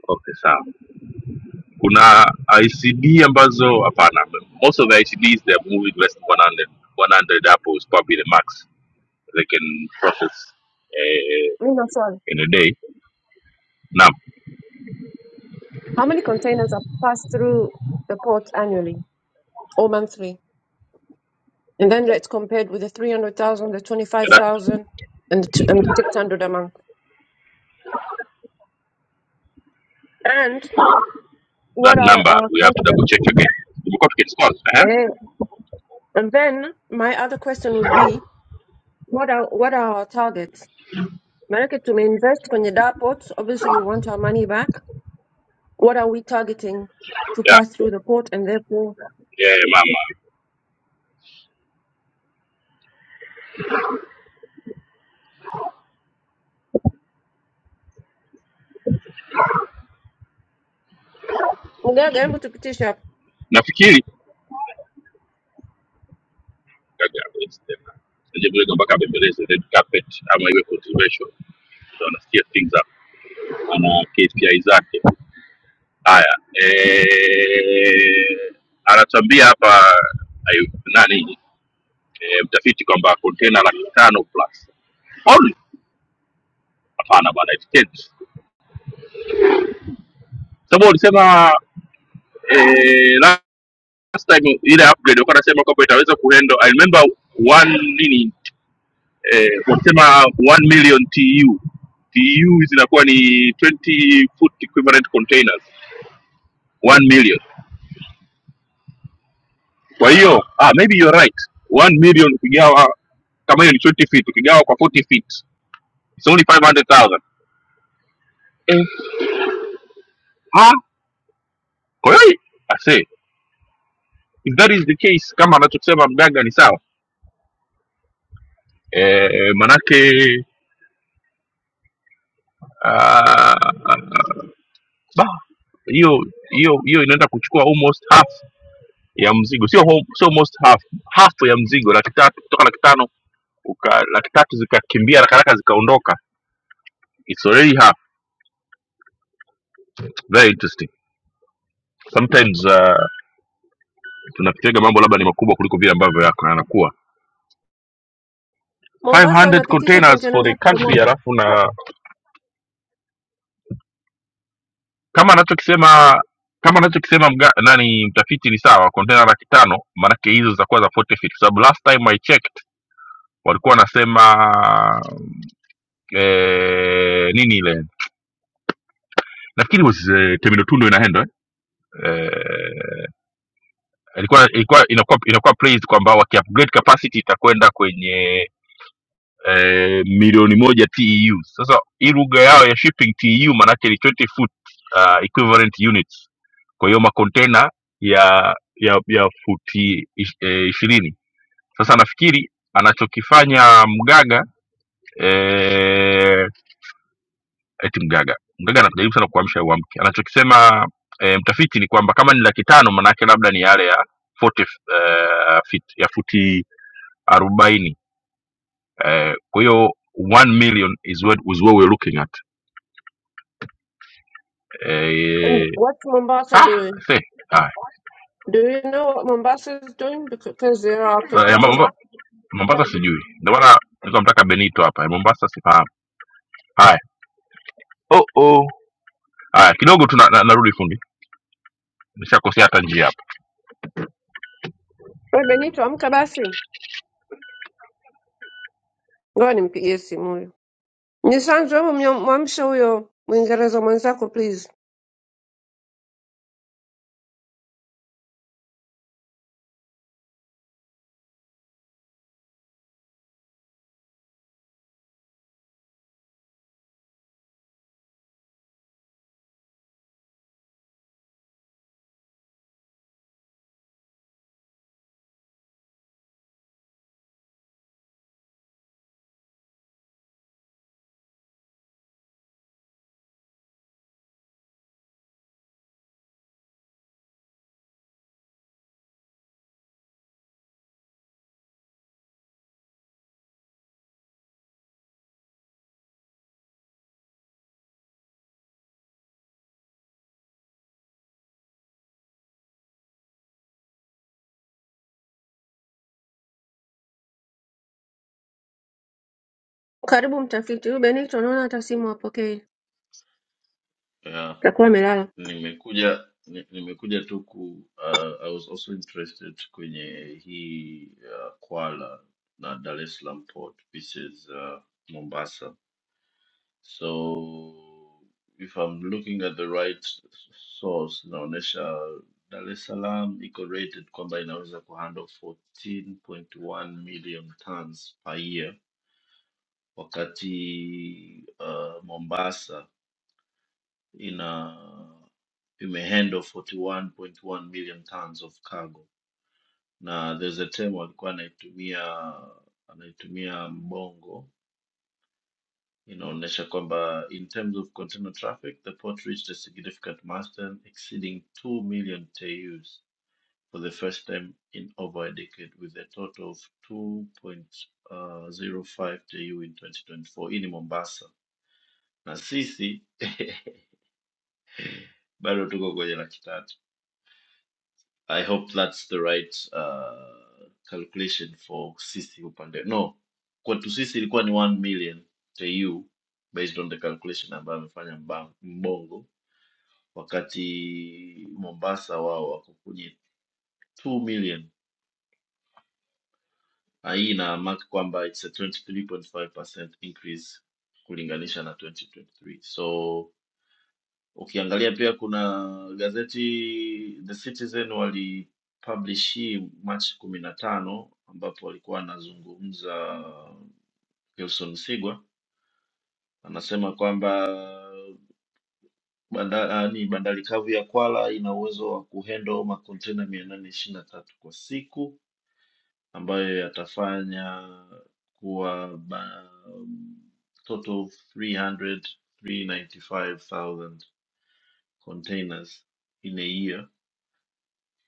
Speaker 1: okay sawa kuna icd ambazo hapana most of the icds they are moving less than 100 100 hapo is probably the max they can process uh,
Speaker 2: Lina, sorry.
Speaker 1: in a day naam
Speaker 2: How many containers are passed through the port annually or monthly? And then it's compared with the 300,000, the 25,000, and the two- and the 600 a month. And
Speaker 1: that
Speaker 2: what are
Speaker 1: number
Speaker 2: our
Speaker 1: we have to double
Speaker 2: prospects?
Speaker 1: check again tumekuwa tukidiscuss eh
Speaker 2: Eh, And then my other question would be, what are what are our targets? Maanake tumeinvest kwenye DAR ports. Obviously, you want our money back. What are we targeting to
Speaker 1: yeah
Speaker 2: pass through the port and therefore
Speaker 1: yeah mama
Speaker 2: Mgaga, hebu tupitishe
Speaker 1: nafikiri kaga it's the nje vile mpaka abembeleze red carpet ama iwe controversial utaona steer things up ana KPI zake haya eh anatuambia hapa ayu- nani eh, mtafiti kwamba container laki tano plus Only. hapana bwana it depends. sababu ulisema eh, last time ile upgrade walikuwa wanasema kwamba itaweza kuhandle I remember one nini eh, wanasema 1 million TEU TEU hizi zinakuwa ni 20 foot equivalent containers 1 million kwa hiyo ah, maybe you're right 1 million ukigawa kama hiyo ni 20 feet ukigawa kwa 40 feet it's only 500,000 eh, Ah, kwa hiyo I say if that is the case kama anachosema mganga ni sawa eh, eh, manake ah Bah, hiyo hiyo hiyo inaenda kuchukua almost half ya mzigo sio hom- sio almost half half ya mzigo laki tatu kutoka laki tano uka, laki tatu zikakimbia haraka haraka zikaondoka it's already half very interesting sometimes uh, tunafikiriga mambo labda ni makubwa kuliko vile ambavyo yako yanakuwa
Speaker 2: Mombasa
Speaker 1: 500
Speaker 2: wanapitisha
Speaker 1: containers
Speaker 2: kontena
Speaker 1: for the
Speaker 2: ngapi kwa
Speaker 1: country
Speaker 2: mwaka?
Speaker 1: alafu na kama anachokisema kama anachokisema mga- nani mtafiti ni sawa container laki tano maanake hizo zitakuwa za 40 feet kwa sababu last time i checked walikuwa wanasema eh, nini ile nafikiri was eh, terminal two ndo inaenda eh? Eh, ilikuwa ilikuwa inakuwa inakuwa praised kwamba wakiupgrade capacity itakwenda kwenye eh, milioni moja TEU. Sasa hii lugha yao ya shipping TEU maanake ni 20 foot uh, equivalent units, kwa hiyo makontena ya ya ya futi ish- eh, ishirini. Sasa nafikiri anachokifanya Mgaga eh, eti mgaga mgaga anajaribu sana kuamsha uamke anachokisema e, mtafiti ni kwamba kama ni laki tano maanaake labda ni yale ya 40 eh, feet ya futi arobaini eh, kwa hiyo 1 million is what, is what we're looking at
Speaker 2: And
Speaker 1: eh,
Speaker 2: What's Mombasa
Speaker 1: ah,
Speaker 2: doing?
Speaker 1: see, ah,
Speaker 2: Do you know what Mombasa is doing? Because they are our
Speaker 1: so, ya Momba-
Speaker 2: competitor.
Speaker 1: mombasa sijui ndio maana nilikuwa nataka benito hapa ya mombasa sifahamu haya oh, oh. haya kidogo tu na, na, narudi fundi nishakosea hata njia
Speaker 2: We Benito, amka basi. Ngoja nimpigie simu huyo. Nisanzu, hebu mnyo- mwamshe huyo Mwingereza mwenzako please. Karibu mtafiti. Huyu Benito naona hata simu hapokei.
Speaker 9: Yeah,
Speaker 2: Atakuwa amelala.
Speaker 9: nimekuja ni- nimekuja tu ku uh, I was also interested kwenye hii uh, Kwala na Dar es Salaam port versus uh, Mombasa. So if I'm looking at the right source inaonyesha Dar es Salaam iko rated kwamba inaweza kuhandle 14.1 million tons per year wakati uh, Mombasa in uh, imehandle 41.1 million tons of cargo na there's a term walikuwa anaitumia anaitumia mbongo inaonyesha kwamba in terms of container traffic the port reached a significant milestone exceeding 2 million TEUs for the first time in over a decade with a total of 2.05 TEU in 2024 hii ni Mombasa na sisi bado tuko kwenye laki tatu I hope that's the right uh, calculation for sisi upande. No, kwetu sisi ilikuwa ni 1 million TEU based on the calculation ambayo amefanya mba- Mbongo, wakati Mombasa wao wako kwenye 2 million, na hii ina mark kwamba it's a 23.5% increase kulinganisha na 2023. So Ukiangalia pia kuna gazeti The Citizen walipublish hii Machi kumi na tano ambapo walikuwa wanazungumza Wilson Msigwa anasema kwamba banda, ah, ni bandari kavu ya Kwala ina uwezo wa kuhandle makontena mia nane ishirini na tatu kwa siku ambayo yatafanya kuwa ba, total 300, containers in a year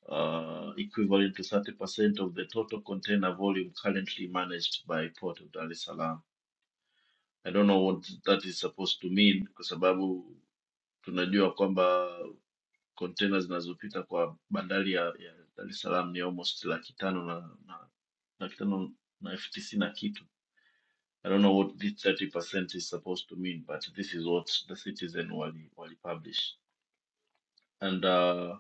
Speaker 9: uh, equivalent to 30% of the total container volume currently managed by Port of Dar es Salaam. I don't know what that is supposed to mean kwa sababu tunajua kwamba container zinazopita kwa bandari ya, ya Dar es Salaam ni almost laki tano na, na laki tano na elfu tisini na kitu. I don't know what this 30% is supposed to mean, but this is what the Citizen wali, wali publish. and. uh,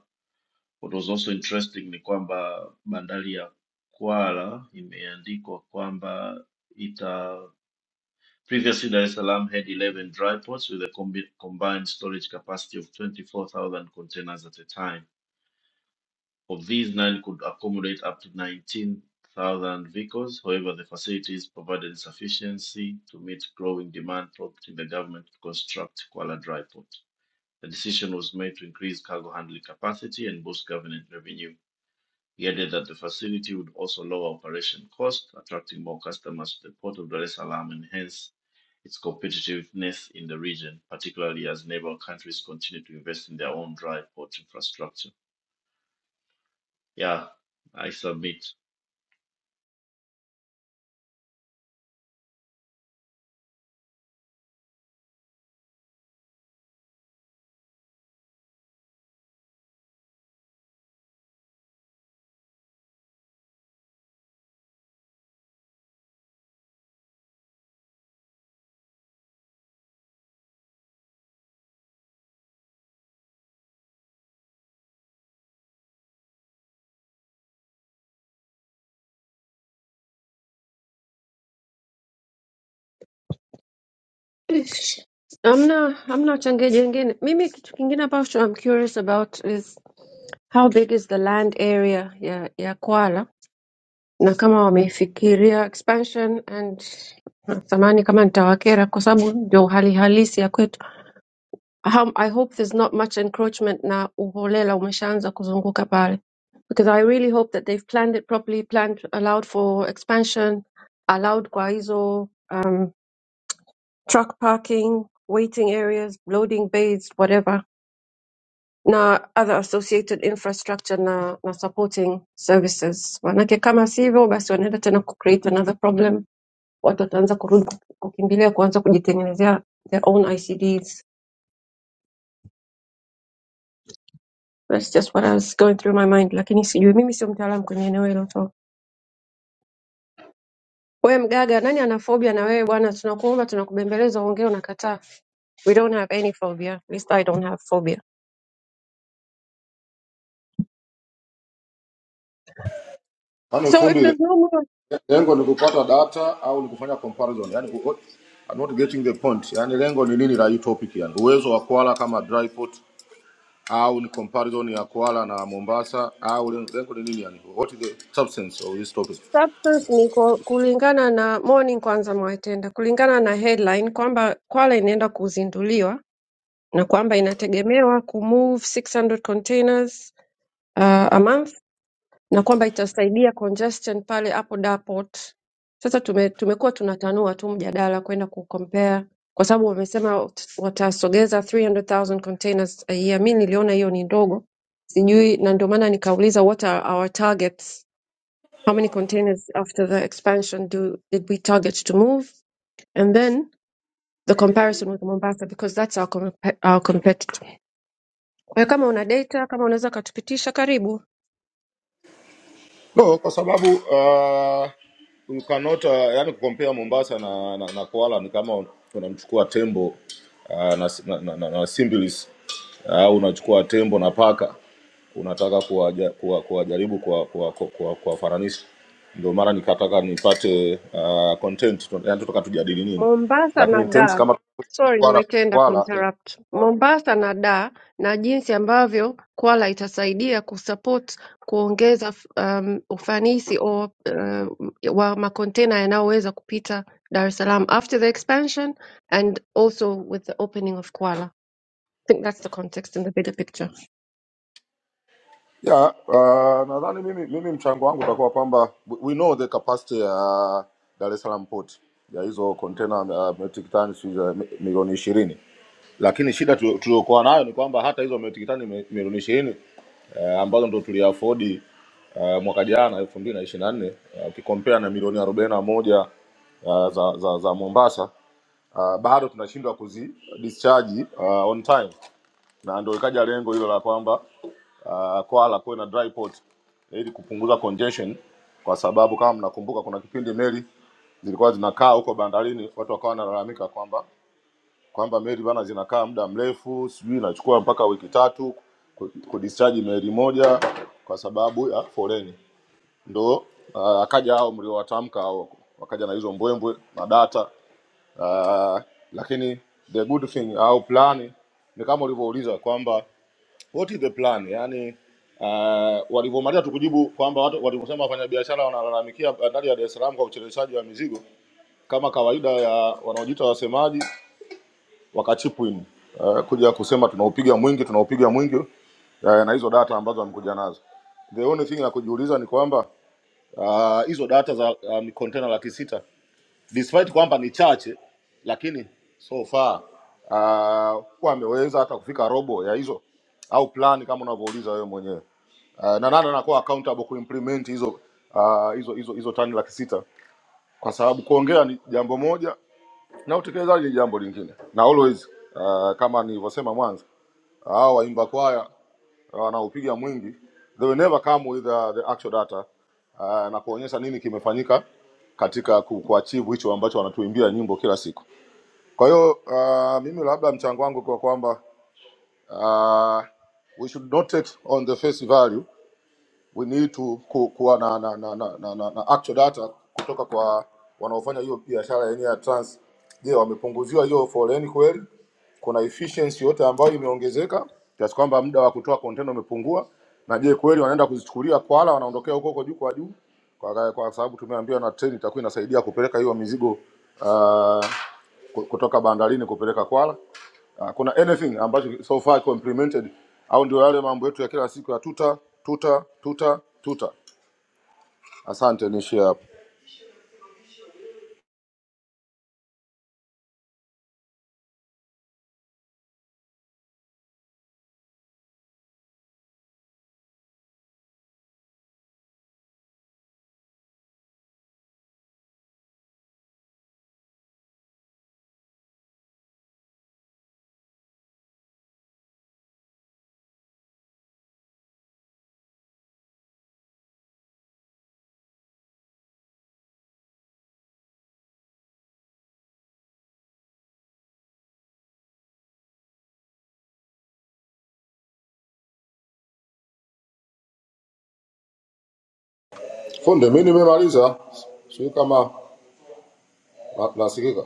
Speaker 9: What was also interesting ni kwamba bandari ya Kwala imeandikwa kwamba ita previously Dar es Salaam had 11 dry ports with a combi- combined storage capacity of 24,000 containers at a time. Of these, nine could accommodate up to 19,000 vehicles. However, the facilities provided insufficiency to meet growing demand, prompting the government to construct Kwala Dry Port. The decision was made to increase cargo handling capacity and boost government revenue he added that the facility would also lower operation costs, attracting more customers to the port of Dar es Salaam and hence its competitiveness in the region, particularly as neighbor countries continue to invest in their own dry port infrastructure. Yeah, I submit.
Speaker 2: Ish. Hamna hamna uchangiaji wengine. Mimi kitu kingine ambacho I'm curious about is how big is the land area ya ya Kwala? na kama wameifikiria expansion and natamani kama nitawakera kwa sababu ndio hali halisi ya kwetu Aham, i hope there's not much encroachment na uholela umeshaanza kuzunguka pale because i really hope that they've planned it properly planned allowed for expansion allowed kwa hizo um, truck parking waiting areas loading bays whatever na other associated infrastructure na, na supporting services manake kama sivyo basi wanaenda tena kucreate another problem watu wataanza kurudi kukimbilia kuanza kujitengenezea their own ICDs. That's just what I was going through my mind, lakini sijui, mimi sio mtaalamu kwenye eneo hilo. So wewe mgaga, nani ana phobia na wewe bwana? Tunakuomba, tunakubembeleza, ongea, unakataa. We don't have any phobia. At least I don't have phobia.
Speaker 10: Yaani
Speaker 2: So if
Speaker 10: fundi,
Speaker 2: there's no more
Speaker 10: lengo ni kupata data au ni kufanya comparison? Yani, I'm not getting the point. Yani lengo ni nini la hii topic? Yani uwezo wa Kwala kama dry port au ni comparison ya Kwala na Mombasa au lengo lengo ni nini? Yani what is the substance of this topic?
Speaker 2: substance ni ku- kulingana na morning kwanza mwaitenda, kulingana na headline kwamba Kwale inaenda kuzinduliwa na kwamba inategemewa kumove 600 containers uh, a month na kwamba itasaidia congestion pale hapo Darport. Sasa tume, tumekuwa tunatanua tu mjadala kwenda kucompare kwa sababu wamesema wat- watasogeza 300,000 containers a year. Mi niliona hiyo ni ndogo, sijui, na ndio maana nikauliza what are our targets, how many containers after the expansion do did we target to move and then the comparison with Mombasa because that's our, compa- our competitor. Kwa hiyo kama una data, kama unaweza ukatupitisha, karibu.
Speaker 10: no kwa sababu uh, ukanota yani kukompea mombasa na, na, na koala ni kama unamchukua tembo uh, na, na, na, na, na simbilis uh, au unachukua tembo na paka unataka kuwaja- kuwa- kuwajaribu kuwa- kuwa- kuwa- kuwa- kuwafananisha ndio mara nikataka nipate uh, content tu- yani tutaka tujadili nini
Speaker 2: Mombasa
Speaker 10: lakini
Speaker 2: na
Speaker 10: in terms
Speaker 2: Dar.
Speaker 10: kama
Speaker 2: Sorry,
Speaker 10: kwala
Speaker 2: Mwaitenda kuinterrupt.
Speaker 10: kwala
Speaker 2: Mombasa na Dar na jinsi ambavyo Kwala itasaidia kusupport kuongeza f- um, ufanisi o, uh, wa makontena yanayoweza kupita Dar es Salaam after the expansion and also with the opening of Kwala. I think that's the context in the bigger picture.
Speaker 10: Yeah, uh, nadhani mimi, mimi mchango wangu utakuwa kwamba we we know the capacity ya Dar es Salaam port ya hizo container uh, metric tons uh, milioni ishirini, lakini shida tu- tuliokuwa nayo ni kwamba hata hizo metric tani mi- milioni ishirini uh, ambazo ndo tuliafodi uh, mwaka jana elfu mbili na ishirini na nne ukikompea na milioni arobaini na moja uh, za, za, za Mombasa uh, bado tunashindwa kuzi discharge uh, on time na ndo ikaja lengo hilo la kwamba uh, Kwala kuwe na dry port ili kupunguza congestion, kwa sababu kama mnakumbuka kuna kipindi meli zilikuwa zinakaa huko bandarini, watu wakawa wanalalamika kwamba kwamba meli bana zinakaa muda mrefu, sijui inachukua mpaka wiki tatu ku- kudischarge meli moja kwa sababu ya foleni. Ndo uh, akaja hao mliowatamka hao, wakaja na hizo mbwembwe na data uh, lakini the good thing au plani ni kama ulivyouliza kwamba What is the plan? Yaani uh, walivyomaliza tukujibu kwamba watu walivyosema wafanyabiashara wanalalamikia bandari ya Dar es Salaam kwa ucheleweshaji wa mizigo kama kawaida ya wanaojiita wasemaji wakachipwin uh, kuja kusema tunaupiga mwingi tunaupiga mwingi uh, na hizo data ambazo wamekuja nazo. The only thing ya kujiuliza ni kwamba uh, hizo data za um, container laki sita despite kwamba ni chache, lakini so far uh, kuwa ameweza hata kufika robo ya hizo au plan kama unavyouliza wewe mwenyewe uh, na nani anakuwa accountable kuimplement hizo uh, hizo hizo hizo tani laki sita kwa sababu kuongea ni jambo moja na utekelezaji ni jambo lingine, na always uh, kama nilivyosema mwanzo, hao waimba kwaya wanaopiga mwingi they will never come with uh, the actual data uh, na kuonyesha nini kimefanyika katika ku- kuachieve hicho ambacho wanatuimbia nyimbo kila siku. Kwa hiyo uh, mimi labda mchango wangu kwa kwamba uh, we should not take on the face value we need to ku, kuwa na na, na, na, na, na na actual data kutoka kwa wanaofanya hiyo biashara yenyewe ya trans. Je, wamepunguziwa hiyo foleni kweli? Kuna efficiency yote ambayo imeongezeka kiasi kwamba muda wa kutoa container umepungua? Na je kweli wanaenda kuzichukulia Kwala, wanaondokea huko huko juu kwa juu, kwa, kwa sababu tumeambiwa na treni itakuwa inasaidia kupeleka hiyo mizigo uh, kutoka bandarini kupeleka Kwala. Ah, kuna anything ambacho so far iko implemented au ndio yale mambo yetu ya kila siku ya tuta tuta tuta tuta. Asante, niishie hapo fundi. Mi nimemaliza, sijui kama na- nasikika.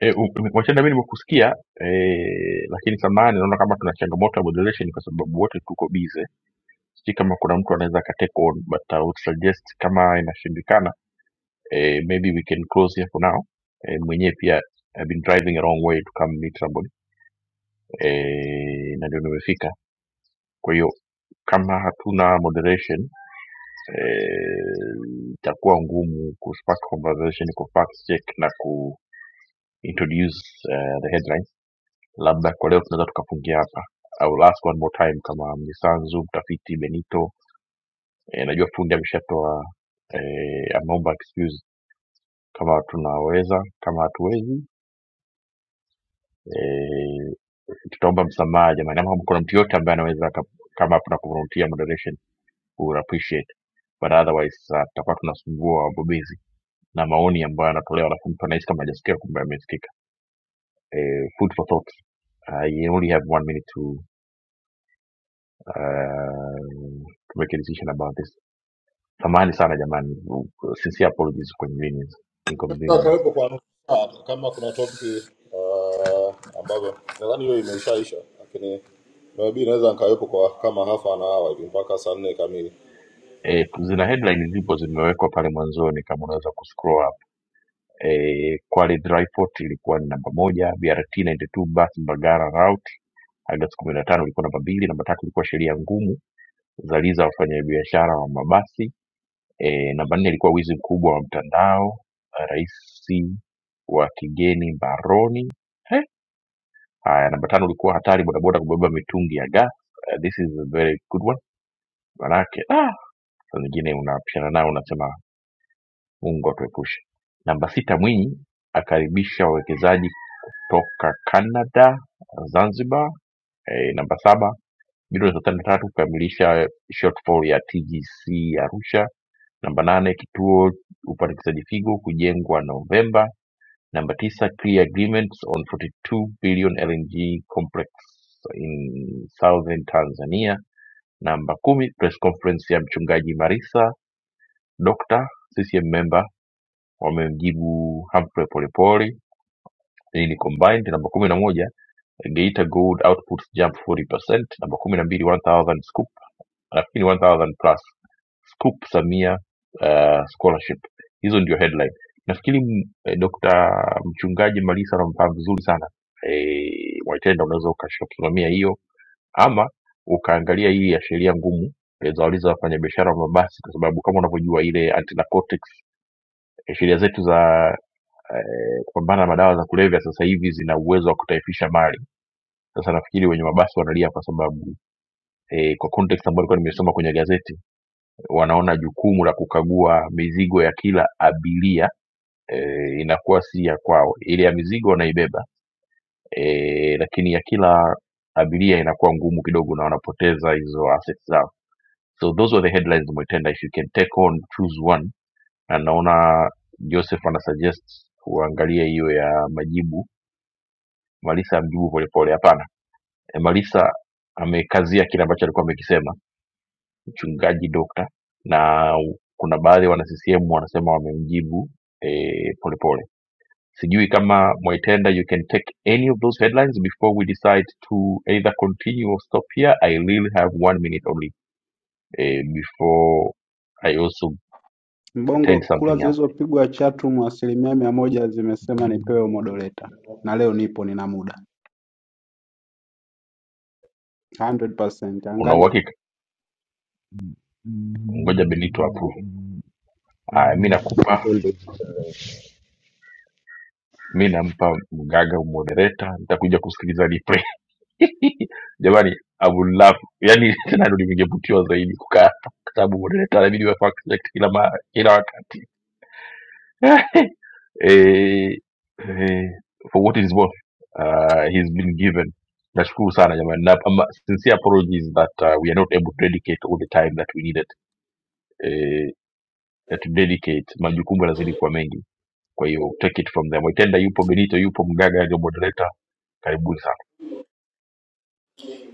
Speaker 1: E, Wachenda, mi nimekusikia e, lakini samahani, naona kama tuna changamoto ya moderation kwa sababu wote tuko busy. Si kama kuna mtu anaweza aka take on but I would suggest kama inashindikana e, maybe we can close here for now. E, mwenyewe pia I've been driving a long way to come meet somebody e, na ndio nimefika. Kwa hiyo kama hatuna moderation eh, itakuwa ngumu kuspark conversation ku fact check na ku introduce eh, the headlines labda kwa leo tunaweza tukafungia hapa au last one more time kama mnisanzu mtafiti benito e, najua fundi ameshatoa e, ameomba excuse kama tunaweza kama hatuwezi e, tutaomba msamaha jamani ama kama kuna mtu yote ambaye anaweza aka- kama hapo na kuvolunteer moderation we would appreciate but otherwise uh, tutakuwa tunasumbua wabobezi na maoni ambayo yanatolewa alafu mtu anahisi kama hajasikia kumbe amesikika eh, food for thought uh, you only have one minute to uh, tumekirithisha na Baptist. Samahani sana jamani, sisi apologies for inconvenience.
Speaker 10: Nataka
Speaker 1: inconvenience.
Speaker 10: Karibu kwa nusu saa, tu, kama kuna topic uh, ambazo nadhani hiyo imeshaisha, lakini maybe naweza nikawepo kwa kama half an hour hivi mpaka saa nne kamili.
Speaker 1: E, zina headline zipo zimewekwa pale mwanzoni kama unaweza kuscroll up. E, Kwale dry port ilikuwa ni namba moja, BRT 92 bus Mbagala route Agosti kumi na tano ilikuwa namba mbili, namba tatu ilikuwa sheria ngumu zaliza wafanyabiashara wa mabasi e, namba nne ilikuwa wizi mkubwa wa mtandao, rais wa kigeni baroni He, Haya, namba tano, ulikuwa hatari bodaboda kubeba mitungi ya gas. Uh, this is a very good one, manake ah, saa nyingine unapishana nao unasema Mungu atuepushe. Namba sita, Mwinyi akaribisha wawekezaji kutoka Canada, Zanzibar. Eh, namba saba, bilioni thelathini na tatu kukamilisha shortfall ya TGC Arusha. Namba nane, kituo upandikizaji figo kujengwa Novemba Number tisa, key agreements on 42 billion LNG complex in southern Tanzania. Namba kumi, press conference ya mchungaji Marisa Dr. CCM member wamemjibu Humphrey Polepole ni combined. Namba kumi na moja, Geita gold outputs jump 40%. Namba kumi na mbili, one thousand scoop nafikiri 1000 plus scoop samia uh, scholarship hizo ndio headline nafikiri m- eh, dr mchungaji malisa anamfahamu vizuri sana eh, mwaitenda unaweza ukasimamia hiyo ama ukaangalia hii ya sheria ngumu eh, za waliza wafanyabiashara wa mabasi kwa sababu kama unavyojua ile antinarcotics eh, sheria zetu za eh, kupambana na madawa za kulevya sasa hivi zina uwezo wa kutaifisha mali sasa nafikiri wenye mabasi wanalia kwa sababu eh, kwa context ambayo nilikuwa nimesoma kwenye gazeti wanaona jukumu la kukagua mizigo ya kila abiria eh, inakuwa si ya kwao. Ile ya mizigo wanaibeba eh, lakini ya kila abiria inakuwa ngumu kidogo na wanapoteza hizo assets zao. So those were the headlines Mwitenda, if you can take on choose one. Na naona Joseph ana suggest uangalie hiyo ya majibu. Malisa amjibu polepole, hapana. E, Malisa amekazia kile ambacho alikuwa amekisema mchungaji dokta na kuna baadhi ya wana CCM wanasema wamemjibu eh, Polepole. Sijui kama Mwaitenda, you can take any of those headlines before we decide to either continue or stop here. I really have one minute only eh, before I also attend
Speaker 8: Mbongo, kura
Speaker 1: something else.
Speaker 8: zilizopigwa chatroom asilimia mia moja zimesema
Speaker 11: Mwaitende,
Speaker 8: nipewe modoleta, na leo nipo, nina muda 100%.
Speaker 1: Una
Speaker 8: Angalia,
Speaker 1: uhakika? Ngoja Benito approve. Aya, mi
Speaker 11: Mwa-
Speaker 1: nakupa, mi nampa mgaga moderator, nitakuja kusikiliza replay. jamani I would love yani tena ndo ningevutiwa zaidi kukaa hapa kwa sababu moderator inabidi wawe perfect kila mara kila wakati eh, eh, for what it is worth uh, he's been given nashukuru sana jamani na ama, sincere apologies that uh, we are not able to dedicate all the time that we needed eh, that to dedicate majukumu yanazidi kuwa mengi kwa hiyo take it from them Itenda yupo Benito yupo Mgaga ndio moderator karibuni sana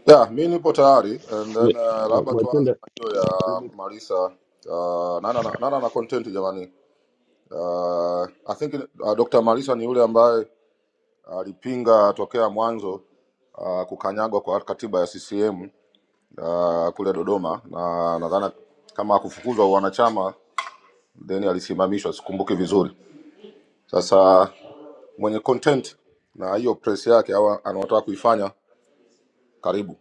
Speaker 10: Yeah, mi nipo tayari and then uh,
Speaker 11: Mwa-
Speaker 10: labda tuanze
Speaker 11: Mwaitende,
Speaker 10: na hiyo ya
Speaker 11: eme-
Speaker 10: Marisa uh, nana, na- nana na content jamani Uh, I think uh, Dr. Malisa ni yule ambaye alipinga tokea mwanzo uh, kukanyagwa kwa katiba ya CCM uh, kule Dodoma, na nadhani kama akufukuzwa wanachama then alisimamishwa, sikumbuki vizuri. Sasa mwenye content na hiyo press yake au anaotaka kuifanya, karibu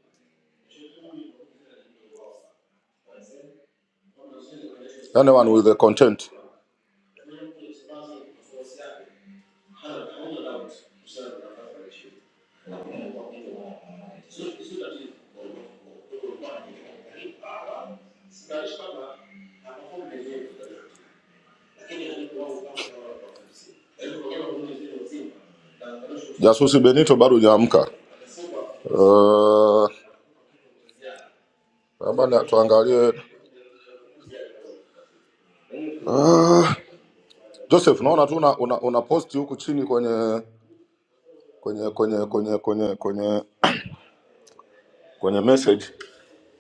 Speaker 10: anyone with the content. Jasusi Benito bado hujaamka. Uh, labda na- tuangalie Joseph, naona tu una, una, una post huku chini kwenye kwenye kwenye kwenye kwenye kwenye kwenye message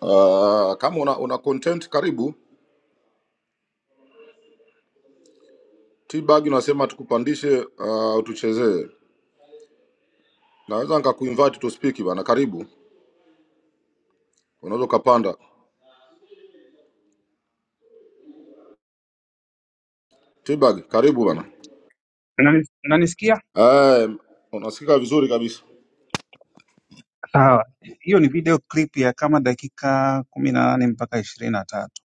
Speaker 10: uh, kama una, una content karibu tbag unasema tukupandishe uh, tuchezee naweza nikakuinvite to speak bana karibu unaweza ukapanda tbag karibu bana
Speaker 12: Unani- Unanisikia?
Speaker 10: um, unasikika vizuri kabisa
Speaker 12: Sawa. Hiyo ni video clip ya kama dakika kumi na nane mpaka ishirini na tatu.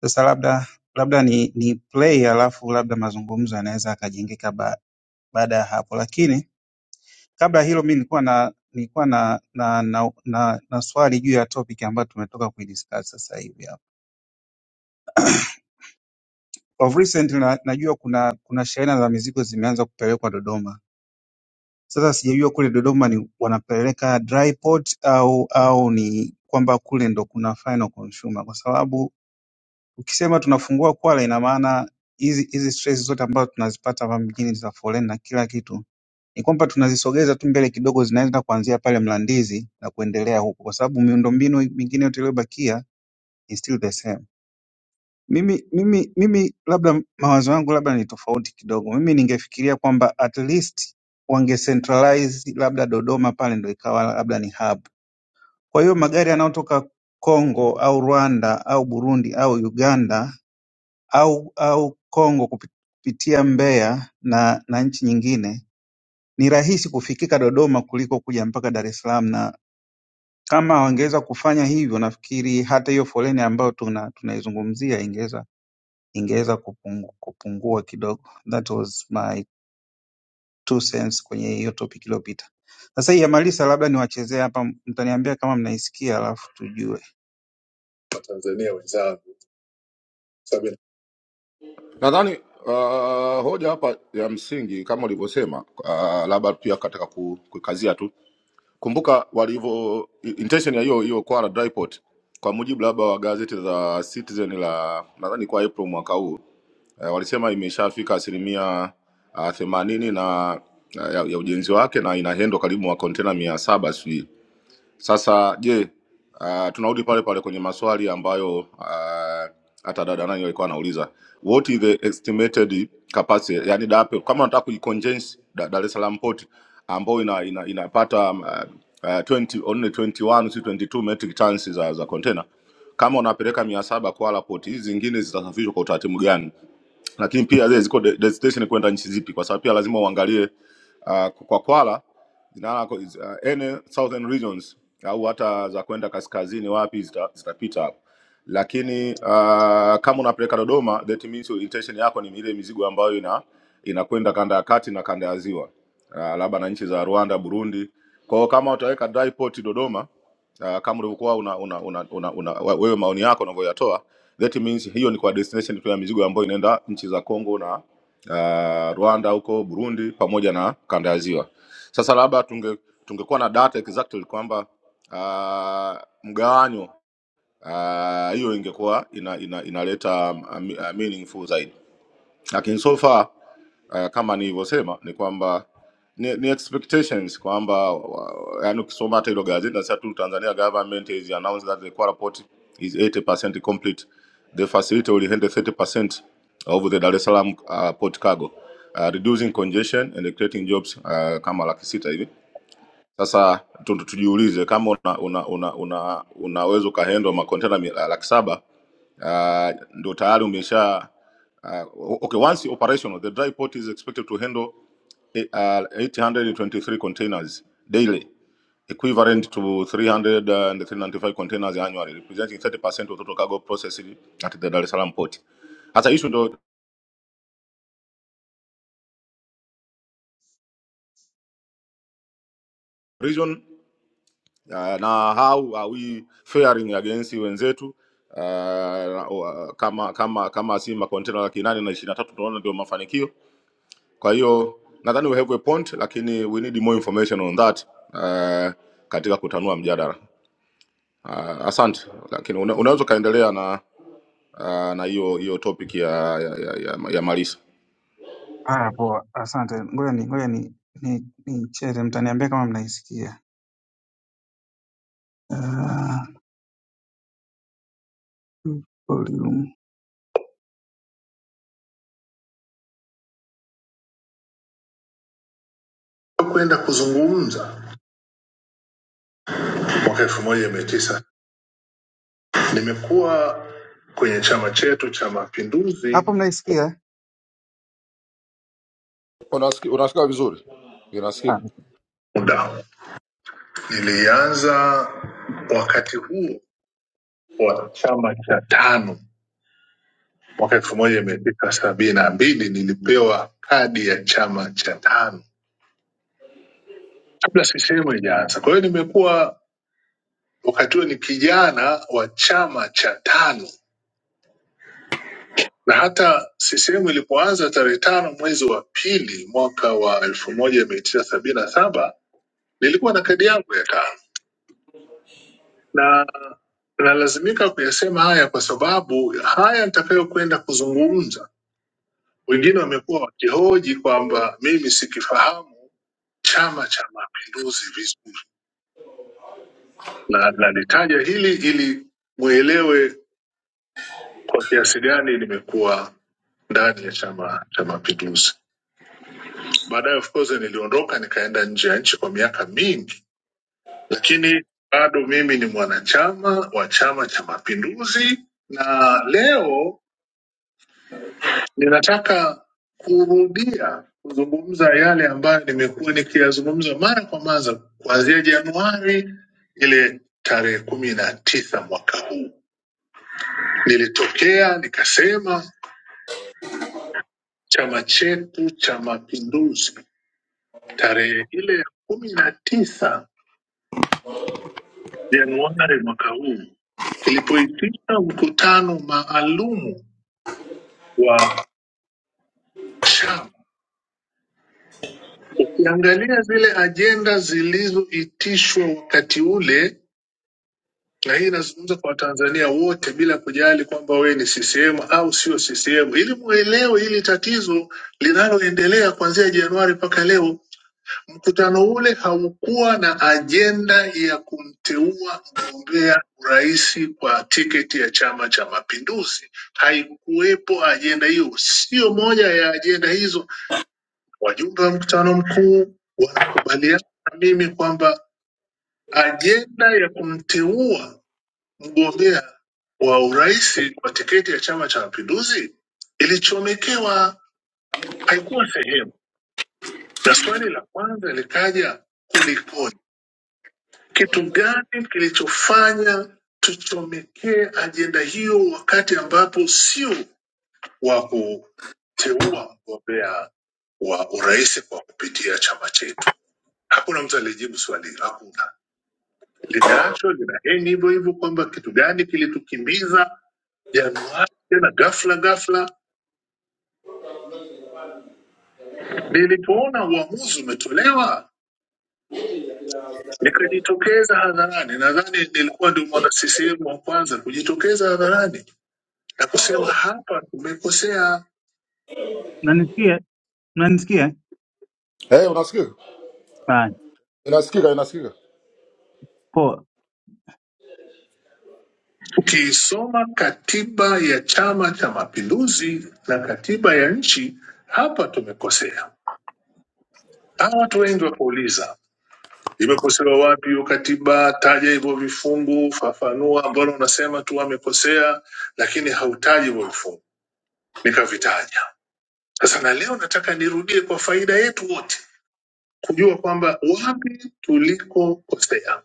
Speaker 12: Sasa labda labda ni, ni play alafu labda mazungumzo yanaweza yakajengeka ba, baada ya hapo, lakini kabla ya hilo mi nilikuwa na nilikuwa na na, na, na, na swali juu ya topic ambayo tumetoka kuidiscuss sasa hivi hapa. Of recent na, najua kuna kuna shehena za mizigo zimeanza kupelekwa Dodoma. Sasa sijajua kule Dodoma ni wanapeleka dry port au au ni kwamba kule ndo kuna final consumer, kwa sababu ukisema tunafungua Kwale, ina maana hizi hizi stress zote ambazo tunazipata hapa mjini za foleni na kila kitu ni kwamba tunazisogeza tu mbele kidogo, zinaenda kuanzia pale Mlandizi na kuendelea huko, kwa sababu miundombinu mingine yote iliyobakia is still the same. Mimi mimi mimi labda mawazo yangu labda ni tofauti kidogo. Mimi ningefikiria kwamba at least wangecentralize labda Dodoma pale ndo ikawa labda ni hub. Kwa hiyo magari yanayotoka Kongo au Rwanda au Burundi au Uganda au au Kongo kupi- kupitia Mbeya na na nchi nyingine ni rahisi kufikika Dodoma kuliko kuja mpaka Dar es Salaam, na kama wangeweza kufanya hivyo, nafikiri hata hiyo foleni ambayo tuna tunaizungumzia ingeweza ingeweza kupungu- kupungua kidogo. That was my two cents kwenye hiyo topic iliyopita. Sasa hii ya Malisa labda niwachezee hapa, mtaniambia kama mnaisikia alafu tujue. Watanzania wenzangu, sababu
Speaker 10: nadhani uh, hoja hapa ya msingi kama ulivyosema uh, labda pia kataka ku- kukazia tu kumbuka walivyo intention ya hiyo hiyo kwa la Dryport kwa mujibu labda wa gazeti la Citizen la nadhani kwa April mwaka huu eh, walisema imeshafika asilimia ah, themanini na ah, ya, ya ujenzi wake na inahendwa karibu wa kontena mia saba sijui sasa je, uh, tunarudi pale pale kwenye maswali ambayo ah, hata dada nani alikuwa anauliza, what is the estimated capacity, yani dape kama unataka kuicondense Da- Dar es Salaam port ambayo ina, ina, inapata um, ah, ah, 20 only 21 si 22 metric tons za za container kama unapeleka mia saba Kwala port, hizi zingine zitasafirishwa kwa utaratibu gani? Lakini pia zile ziko de- destination kwenda nchi zipi? Kwa sababu pia lazima uangalie uh, kwa Kwala zinawaka is- uh, ene southern regions au hata za kwenda kaskazini wapi zita- zitapita hapo lakini uh, kama unapeleka Dodoma that means your intention yako ni ile mizigo ambayo ina inakwenda kanda ya kati na kanda ya ziwa uh, labda na nchi za Rwanda, Burundi. Kwa hiyo kama utaweka dry port Dodoma uh, kama ulivyokuwa una, una, una, una, una, wewe maoni yako unavyoyatoa that means hiyo ni kwa destination tu ya mizigo ambayo inaenda nchi za Congo na uh, Rwanda huko Burundi pamoja na kanda ya ziwa sasa labda tunge tungekuwa na data exactly kwamba uh, mgawanyo ah, hiyo ingekuwa ina, ina, inaleta um, uh, meaningful zaidi, lakini so far uh, kama nilivyosema ni kwamba ni, ni expectations kwamba wa- yaani ukisoma hata hilo gazeti nasema tu Tanzania government has announced that the core report is 80% complete the facility will handle 30% of the Dar es Salaam uh, port cargo uh, reducing congestion and creating jobs uh, kama laki sita hivi sasa tu- tu- tujiulize kama una una una, una unaweza ukahendwa makontena mi- laki saba uh, ndio tayari umesha uh, okay, once operational the dry port is expected to handle eh, uh, 823 containers daily equivalent to 395 containers annually representing 30% of total cargo processed at the Dar es Salaam port. Hasa issue ndio region uh, na how are we faring against wenzetu uh, wa- kama kama kama si makontena laki nane na ishirini na tatu tunaona ndio mafanikio. Kwa hiyo nadhani we have a point, lakini we need more information on that uh, katika kutanua mjadala uh, asante, lakini una, unaweza ukaendelea na uh, na hiyo hiyo topic ya ya, ya, ya, ya Malisa.
Speaker 12: Ah, poa, asante. Ngoja ni ngoja ni ni nicheze, mtaniambia kama mnaisikia. Ah, volume. kwenda kuzungumza mwaka elfu moja mia tisa nimekuwa kwenye chama chetu cha Mapinduzi Hapo mnaisikia?
Speaker 10: Unasiki- unasikika vizuri?
Speaker 12: Ah,
Speaker 10: Inasikika
Speaker 12: muda Nilianza wakati huo wa chama cha tano mwaka elfu moja mia tisa sabini na mbili nilipewa kadi ya chama cha tano kabla sisehemu ijaanza. Kwa hiyo nimekuwa wakati huo ni kijana wa chama cha tano, na hata sisehemu ilipoanza tarehe tano mwezi wa pili mwaka wa elfu moja mia tisa sabini na saba nilikuwa na kadi yangu ya tano na nalazimika kuyasema haya kwa sababu haya nitakayokwenda kuzungumza Wengine wamekuwa wakihoji kwamba mimi sikifahamu Chama cha Mapinduzi vizuri, na nalitaja hili ili mwelewe kwa kiasi gani nimekuwa ndani ya Chama cha Mapinduzi. Baadaye of course niliondoka nikaenda nje ya nchi kwa miaka mingi, lakini bado mimi ni mwanachama wa Chama cha Mapinduzi na leo Ninataka kurudia kuzungumza yale ambayo nimekuwa nikiyazungumza mara kwa mara kuanzia Januari ile tarehe kumi na tisa mwaka huu. Nilitokea nikasema chama chetu cha Mapinduzi tarehe ile ya kumi na tisa Januari mwaka huu kilipoitisha mkutano maalumu wa chama. Ukiangalia zile ajenda zilizoitishwa wakati ule na hii inazungumza kwa Watanzania wote bila kujali kwamba wewe ni CCM au sio CCM, ili mwelewe hili tatizo linaloendelea kuanzia Januari mpaka leo. Mkutano ule haukuwa na ajenda ya kumteua mgombea urais kwa tiketi ya Chama cha Mapinduzi, haikuwepo ajenda hiyo, sio moja ya ajenda hizo. Wajumbe wa mkutano mkuu wanakubaliana na mimi kwamba ajenda ya kumteua mgombea wa urais kwa tiketi ya Chama cha Mapinduzi ilichomekewa, haikuwa sehemu. Na swali la kwanza likaja, kulikoni? Kitu gani kilichofanya tuchomekee ajenda hiyo, wakati ambapo sio wa kuteua mgombea wa urais kwa kupitia chama chetu? Hakuna mtu aliyejibu swali, hilo, hakuna. Limeachwa linaheni hivyo hivyo, kwamba kitu gani kilitukimbiza Januari tena ghafla ghafla Nilipoona uamuzi umetolewa nikajitokeza hadharani. Nadhani nilikuwa ndio mwana CCM wa kwanza kujitokeza hadharani na kusema hapa tumekosea. Mnanisikia? Mnanisikia?
Speaker 10: eh, hey, unasikika?
Speaker 12: Fine.
Speaker 10: Inasikika, inasikika.
Speaker 12: Poa. Ukiisoma katiba ya Chama cha Mapinduzi na katiba ya nchi, hapa tumekosea. Hawa watu wengi wakauliza, imekosewa wapi hiyo katiba? Taja hivyo vifungu, fafanua. Mbona unasema tu wamekosea, lakini hautaji hivyo vifungu? nikavitaja. Sasa na leo nataka nirudie kwa faida yetu wote kujua kwamba wapi tulikokosea.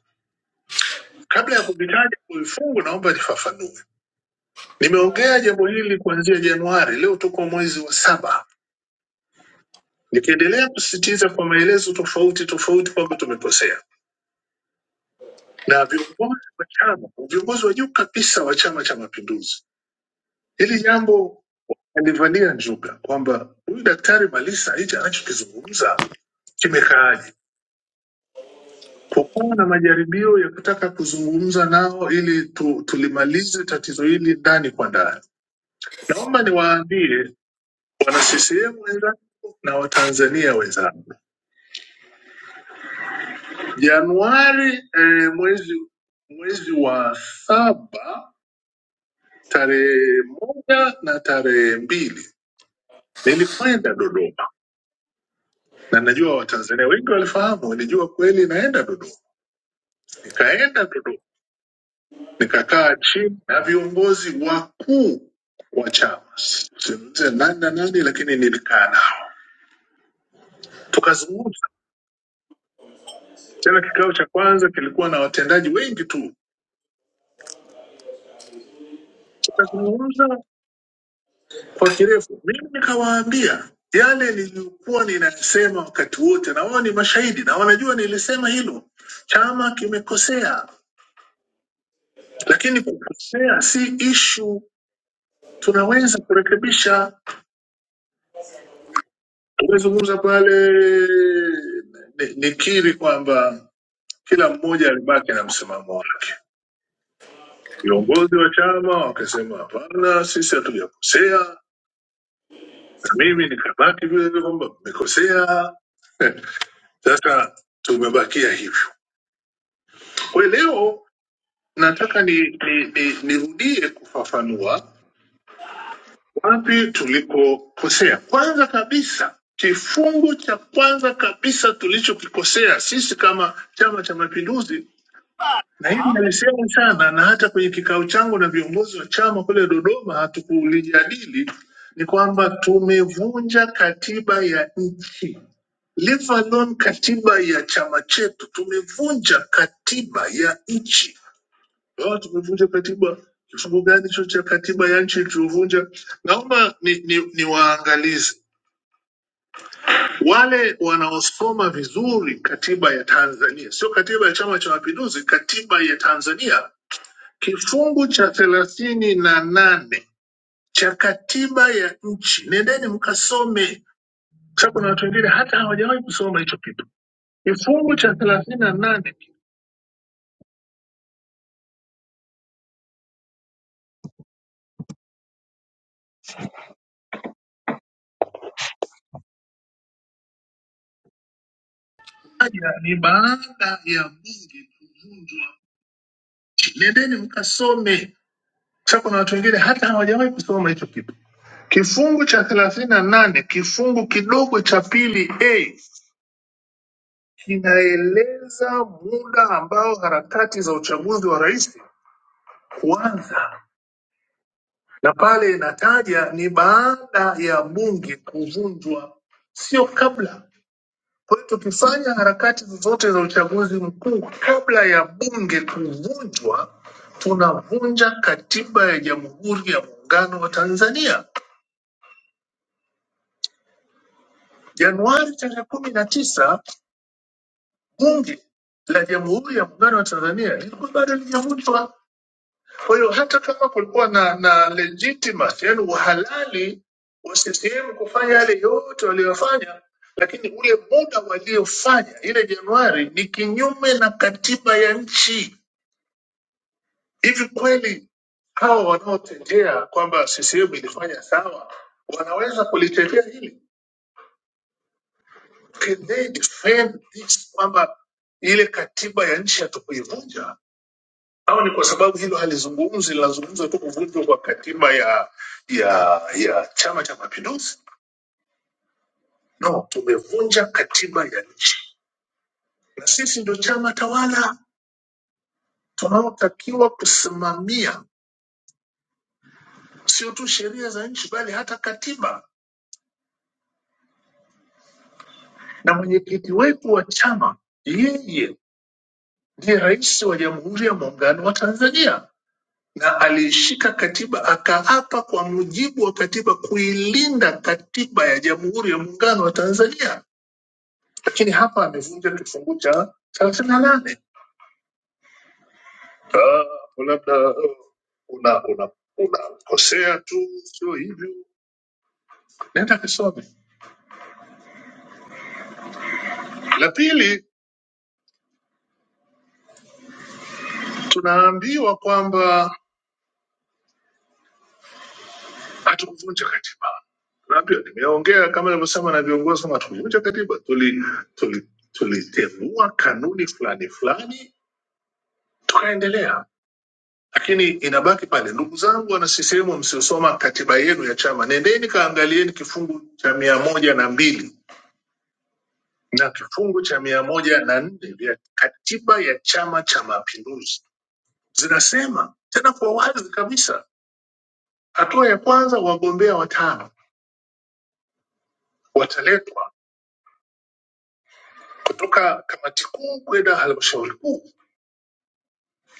Speaker 12: Kabla ya kuvitaja kwa vifungu, naomba nifafanue. Nimeongea jambo hili kuanzia Januari, leo tuko mwezi wa saba, nikiendelea kusisitiza kwa maelezo tofauti tofauti kwamba tumekosea na viongozi wa chama, viongozi wa juu kabisa wa Chama cha Mapinduzi. Hili jambo alivania njuga kwamba huyu Daktari Malisa hichi anachokizungumza kimekaaje? Pokuwa na majaribio ya kutaka kuzungumza nao ili tu, tulimalize tatizo hili ndani kwa ndani. Naomba niwaambie wana CCM wenzangu na Watanzania wenzangu, Januari eh, mwezi mwezi wa saba tarehe moja na tarehe mbili nilikwenda Dodoma na najua Watanzania wengi walifahamu, nilijua kweli naenda Dodoma, nikaenda Dodoma nikakaa chini na viongozi wakuu wa chama, sizungumze nani na nani, lakini nilikaa nao tukazungumza. Tena kikao cha kwanza kilikuwa na watendaji wengi tu, tukazungumza kwa kirefu. Mimi nikawaambia yale niliyokuwa ninayasema wakati wote, na wao ni mashahidi na wanajua nilisema hilo, chama kimekosea, lakini kukosea si ishu, tunaweza kurekebisha. Tumezungumza pale, ni- nikiri kwamba Kila mmoja alibaki na msimamo wake. Viongozi wa chama wakasema, hapana, sisi hatujakosea, na mimi nikabaki vile vile kwamba mmekosea. Sasa tumebakia hivyo. Kwa hiyo leo nataka nirudie ni, ni, ni nirudie kufafanua wapi tulikokosea. Kwanza kabisa, kifungu cha kwanza kabisa tulichokikosea sisi kama Chama cha Mapinduzi Na hili nalisema sana, na hata kwenye kikao changu na viongozi wa chama kule Dodoma hatukulijadili, ni kwamba tumevunja katiba ya nchi, leave alone katiba ya chama chetu. Tumevunja katiba ya nchi. Leo tumevunja katiba. Kifungu gani hicho cha katiba ya nchi tuliovunja? Naomba ni, ni, ni waangalizi wale wanaosoma vizuri katiba ya Tanzania, sio katiba ya Chama cha Mapinduzi, katiba ya Tanzania Kifungu cha thelathini na nane cha katiba ya nchi, nendeni mkasome, kwa sababu kuna watu wengine hata hawajawahi kusoma hicho kitu. Kifungu cha thelathini na nane kimoja ni baada ya bunge kuvunjwa, nendeni mkasome, kwa sababu kuna watu wengine hata hawajawahi kusoma hicho kitu. Kifungu cha thelathini na nane kifungu kidogo cha pili a kinaeleza muda ambao harakati za uchaguzi wa rais kuanza na pale inataja ni baada ya bunge kuvunjwa, sio kabla. Kwa hiyo tukifanya harakati zozote za uchaguzi mkuu kabla ya bunge kuvunjwa, tunavunja katiba ya Jamhuri ya Muungano wa Tanzania. Januari tarehe kumi na tisa bunge la Jamhuri ya Muungano wa Tanzania lilikuwa bado lijavunjwa. Kwa hiyo hata kama kulikuwa na, na legitimacy yani uhalali wa CCM kufanya yale yote waliyofanya, lakini ule muda waliofanya ile Januari ni kinyume na katiba ya nchi. Hivi kweli hawa wanaotetea kwamba CCM ilifanya sawa wanaweza kulitetea hili? Can they defend this kwamba ile katiba ya nchi hatukuivunja? au ni kwa sababu hilo halizungumzi, linazungumza tu kuvunjwa kwa katiba ya ya ya Chama cha Mapinduzi? No, tumevunja katiba ya nchi, na sisi ndio chama tawala tunaotakiwa kusimamia sio tu sheria za nchi, bali hata katiba. Na mwenyekiti wetu wa chama yeye ndiye rais wa Jamhuri ya Muungano wa Tanzania, na aliishika katiba akaapa kwa mujibu wa katiba kuilinda katiba ya Jamhuri ya Muungano wa Tanzania lakini hapa amevunja kifungu cha thelathini na nane Ah, hapo labda eh, una una unakosea tu, sio hivyo. Nenda kisome. La pili, tunaambiwa kwamba hatukuvunja katiba. Tunaambiwa, nimeongea kama nilivyosema na viongozi kama hatukuvunja katiba, tuli tuli tulitengua kanuni fulani fulani tukaendelea lakini inabaki pale. Ndugu zangu wana CCM msiosoma katiba yenu ya chama, nendeni kaangalieni kifungu cha mia moja na mbili na kifungu cha mia moja na nne vya katiba ya Chama cha Mapinduzi zinasema tena kwa wazi kabisa, hatua ya kwanza, wagombea watano wataletwa kutoka kamati kuu kwenda halmashauri kuu,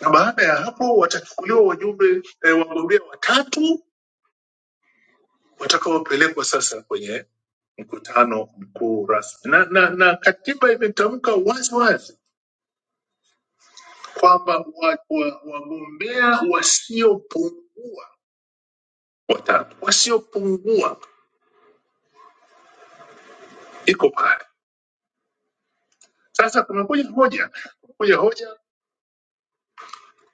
Speaker 12: na baada ya hapo watachukuliwa wajumbe eh, wagombea watatu watakaopelekwa sasa kwenye mkutano mkuu rasmi na, na, na katiba imetamka wazi wazi kwamba wagombea wa, wa wagombea wasiopungua watatu wasiopungua, iko pale. Sasa kumekuja hoja kuja hoja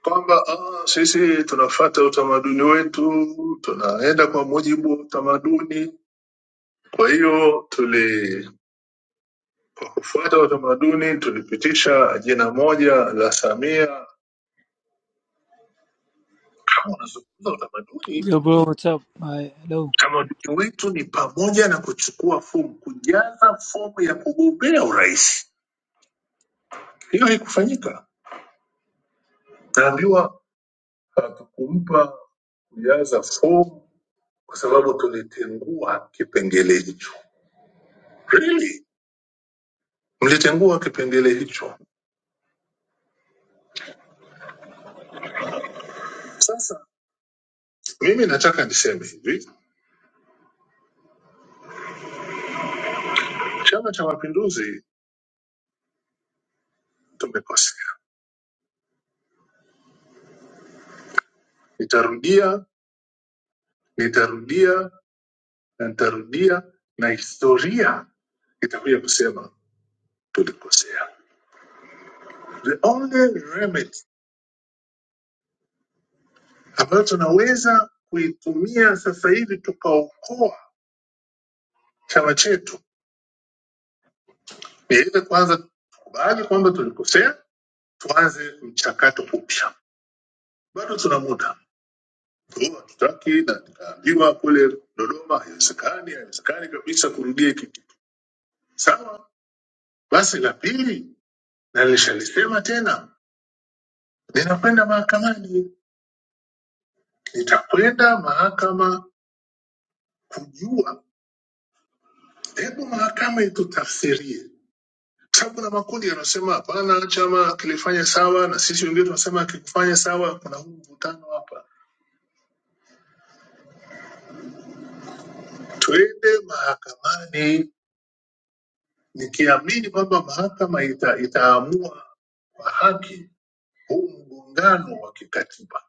Speaker 12: kwamba ah, sisi tunafata utamaduni wetu, tunaenda kwa mujibu wa utamaduni. Kwa hiyo tuli kwa kufuata utamaduni tulipitisha jina moja la Samia. Kama unazungumza utamaduni,
Speaker 13: Yo, bro, what's up? Hi, hello.
Speaker 12: utamaduni wetu ni pamoja na kuchukua fomu, kujaza fomu ya kugombea urais. Hiyo haikufanyika, naambiwa hakikumpa kujaza fomu kwa sababu tulitengua kipengele hicho. Really? Mlitengua kipengele hicho. Sasa mimi nataka niseme hivi, Chama cha Mapinduzi tumekosea. Nitarudia, nitarudia na nitarudia, na historia itakuja kusema tulikosea. The only remedy ambayo tunaweza kuitumia sasa hivi tukaokoa chama chetu Niweze kwanza tukubali kwamba tulikosea, tuanze mchakato upya. Bado tuna muda, Kwa hatutaki na nikaambiwa kule Dodoma haiwezekani, haiwezekani kabisa kurudia hiki kitu. Sawa basi, la pili na nilishalisema tena, ninakwenda mahakamani, nitakwenda mahakama kujua, hebu mahakama itutafsirie Kwa sababu kuna makundi yanasema hapana, chama kilifanya sawa na sisi wengine tunasema akikufanya sawa. Kuna huu mvutano hapa twende mahakamani nikiamini kwamba mahakama ita, itaamua kwa haki huu mgongano wa kikatiba.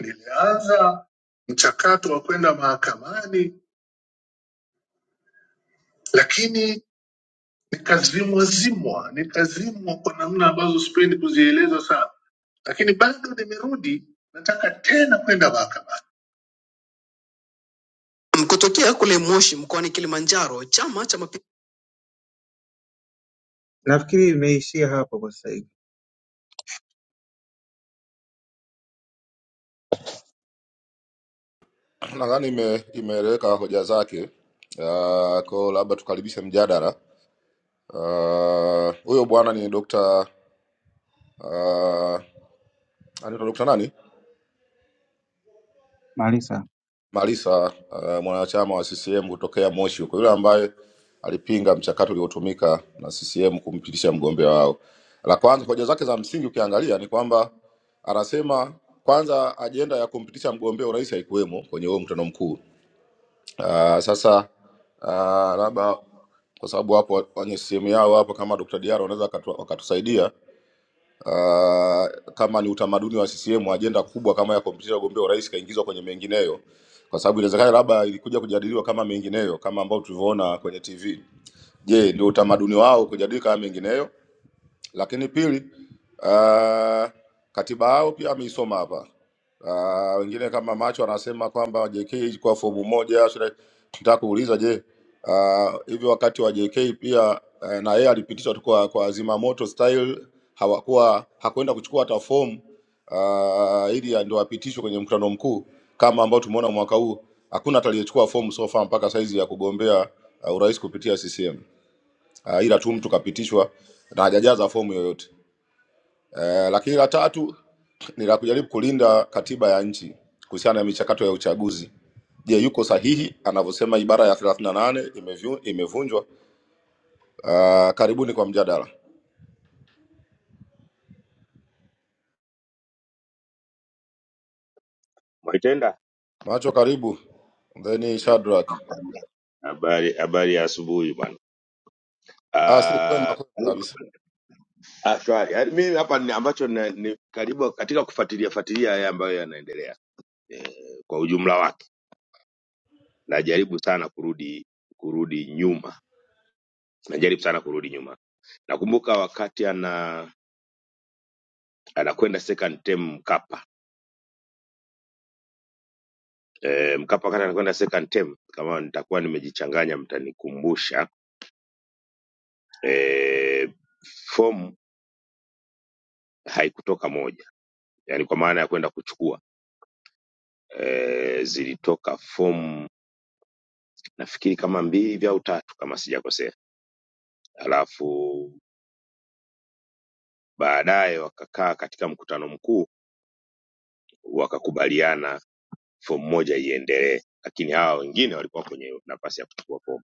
Speaker 12: Nilianza mchakato wa kwenda mahakamani, lakini nikazimwa zimwa, nikazimwa kwa namna ambazo sipendi kuzieleza sana, lakini bado nimerudi, nataka tena kwenda mahakamani. Kutokea kule Moshi mkoani Kilimanjaro, chama cha mapi-
Speaker 10: nadhani ime- imeeleweka hoja zake. Uh, ko labda tukaribishe mjadala. Ah, Huyo bwana ni Dr. uh, anaitwa Dr. nani?
Speaker 12: Malisa.
Speaker 10: Malisa, uh, mwanachama wa CCM kutokea Moshi huko, yule ambaye alipinga mchakato uliotumika na CCM kumpitisha mgombea wao. La kwanza, hoja zake za msingi ukiangalia ni kwamba anasema kwanza ajenda ya kumpitisha mgombea urais haikuwemo kwenye huo mkutano mkuu Uh, sasa uh, labda kwa sababu wapo kwenye simu yao hapo, kama Dr. Diaro wanaweza wakatu- wakatusaidia uh, kama ni utamaduni wa CCM, ajenda kubwa kama ya kumpitisha ugombea urais kaingizwa kwenye mengineyo, kwa sababu inawezekana labda ilikuja kujadiliwa kama mengineyo, kama ambao tulivyoona kwenye TV. Je, ndio utamaduni wao kujadili kama mengineyo lakini pili, uh, katiba yao pia ameisoma hapa. Uh, wengine kama macho anasema kwamba JK kwa fomu moja. Shule- Nataka kuuliza je, uh, hivi wakati wa JK pia uh, na yeye alipitishwa tu kwa, kwa zima moto style, hawakuwa hakuenda kuchukua hata fomu uh, ili ndio apitishwe kwenye mkutano mkuu kama ambao tumeona mwaka huu, hakuna hata aliyechukua fomu so far mpaka saizi ya kugombea uh, urais kupitia CCM uh, ila tu mtu kapitishwa na hajajaza fomu yoyote. Eh, lakini la tatu ni la kujaribu kulinda katiba ya nchi kuhusiana na michakato ya uchaguzi. Je, yuko sahihi anavyosema ibara ya 38 imevyu- imevunjwa? Uh, karibuni kwa mjadala.
Speaker 14: Mwaitenda,
Speaker 10: Macho karibu. Then
Speaker 14: Yep.
Speaker 10: Shadrack.
Speaker 14: habari habari ya asubuhi bwana.
Speaker 10: Ah, si kwema
Speaker 14: Ah,
Speaker 10: kwema kabisa.
Speaker 14: ah, shwari. Yaani Mimi hapa ni ambacho na, ni karibu katika kufuatilia fuatilia haya ambayo yanaendelea eh, kwa ujumla wake, najaribu sana kurudi kurudi nyuma, najaribu sana kurudi nyuma. Nakumbuka wakati ana anakwenda second term Mkapa eh, Mkapa wakati anakwenda second term, kama nitakuwa nimejichanganya mtanikumbusha eh, fomu haikutoka moja, yani kwa maana ya kwenda kuchukua eh, zilitoka fomu nafikiri kama mbili hivi au tatu kama sijakosea, alafu baadaye wakakaa katika mkutano mkuu wakakubaliana fomu moja iendelee, lakini hawa wengine walikuwa kwenye nafasi ya kuchukua fomu.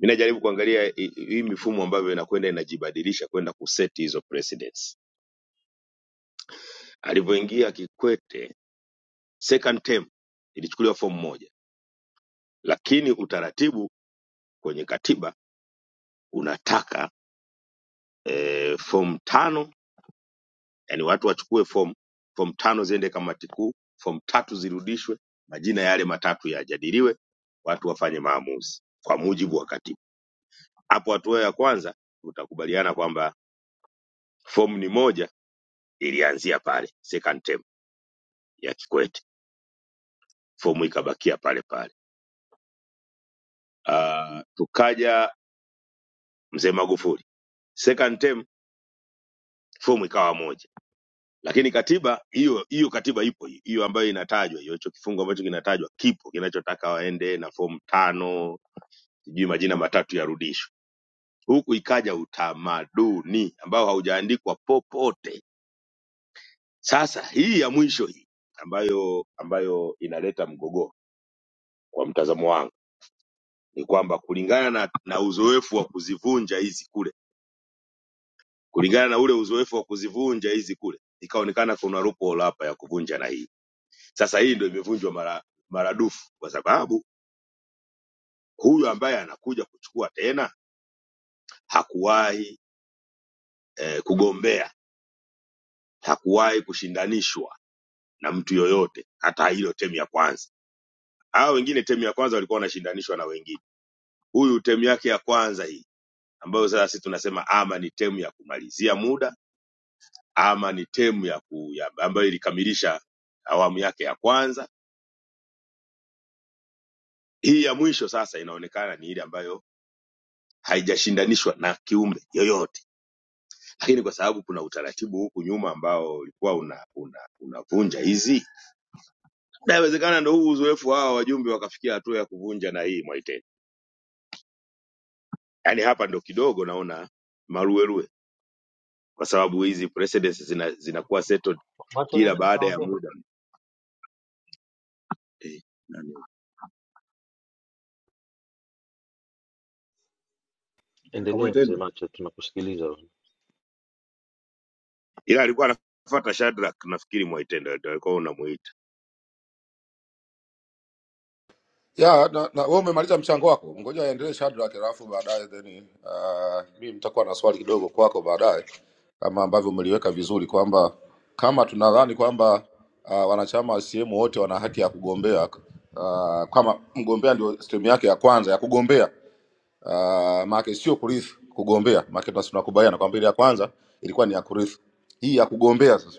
Speaker 14: Mi najaribu kuangalia hi- hii mifumo ambavyo inakwenda inajibadilisha kwenda kuseti hizo precedents. Alivyoingia Kikwete second term ilichukuliwa fomu moja, lakini utaratibu kwenye katiba unataka e, fomu tano yani watu wachukue fomu fomu tano ziende kamati kuu fomu tatu zirudishwe majina yale matatu yajadiliwe watu wafanye maamuzi kwa mujibu wa katiba hapo hatua ya kwanza utakubaliana kwamba fomu ni moja ilianzia pale second term ya kikwete fomu ikabakia pale pale uh, tukaja mzee magufuli second term fomu ikawa moja lakini katiba hiyo hiyo katiba ipo hiyo ambayo inatajwa hiyo hicho kifungu ambacho kinatajwa kipo kinachotaka waende na fomu tano sijui majina matatu yarudishwe. Huku ikaja utamaduni ambao haujaandikwa popote. Sasa hii ya mwisho hii ambayo ambayo inaleta mgogoro kwa mtazamo wangu ni kwamba kulingana na, na uzoefu wa kuzivunja hizi kule, kulingana na ule uzoefu wa kuzivunja hizi kule, ikaonekana kuna loophole hapa ya kuvunja na hii. Sasa hii ndio imevunjwa mara maradufu, kwa sababu huyu ambaye anakuja kuchukua tena hakuwahi eh, kugombea, hakuwahi kushindanishwa na mtu yoyote, hata hilo temu ya kwanza. Hao wengine temu ya kwanza walikuwa wanashindanishwa na wengine, huyu temu yake ya kwanza hii, ambayo sasa sisi tunasema ama ni temu ya kumalizia muda ama ni temu ya ku, ya, ambayo ilikamilisha awamu yake ya kwanza. Hii ya mwisho sasa inaonekana ni ile ambayo haijashindanishwa na kiumbe yoyote, lakini kwa sababu kuna utaratibu huku nyuma ambao ulikuwa una, una, unavunja una hizi, na inawezekana ndo huu uzoefu hawa wajumbe wakafikia hatua ya kuvunja na hii mwa yani hapa ndo kidogo naona maruerue kwa sababu hizi precedents zina- zinakuwa settled kila baada ya muda eh, nani.
Speaker 11: endelea mzee Macho, tunakusikiliza. wewe.
Speaker 14: ila alikuwa anafuata Shadrack nafikiri mwaitenda ndio alikuwa unamuita
Speaker 10: ya na, na wewe umemaliza mchango wako, ngoja aendelee Shadrack, alafu baadaye then uh, mimi nitakuwa na swali kidogo kwako baadaye, kama ambavyo umeliweka vizuri kwamba kama tunadhani kwamba uh, wanachama wa CCM wote wana haki ya kugombea uh, kama mgombea ndio stream yake ya kwanza ya kugombea uh, maana sio kurithi, kugombea maana tunakubaliana kwamba ile ya kwanza ilikuwa ni ya kurithi, hii ya kugombea sasa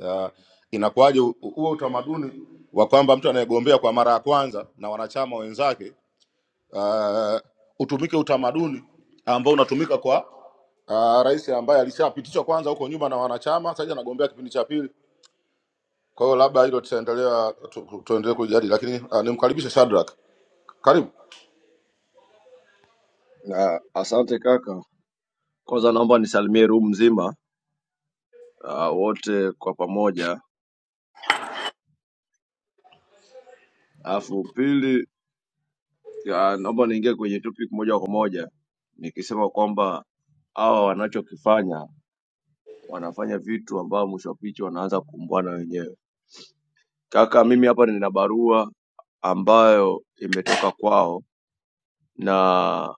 Speaker 10: uh, inakuwaje u- huo utamaduni wa kwamba mtu anayegombea kwa mara ya kwanza na wanachama wenzake uh, utumike utamaduni ambao unatumika kwa uh, rais ambaye alishapitishwa kwanza huko nyuma na wanachama, sasa hivi anagombea kipindi cha pili. Kwa hiyo labda hilo tutaendelea tu, tu- tuendelee kujadili, lakini uh, nimkaribishe Shadrack, karibu.
Speaker 7: Na asante kaka. Kwanza naomba nisalimie room mzima ah, wote kwa pamoja. Alafu pili, ah, naomba niingie kwenye topic moja kwa moja nikisema kwamba hawa wanachokifanya wanafanya vitu ambao mwisho wa picha wanaanza kukumbwana wenyewe. Kaka, mimi hapa nina barua ambayo imetoka kwao na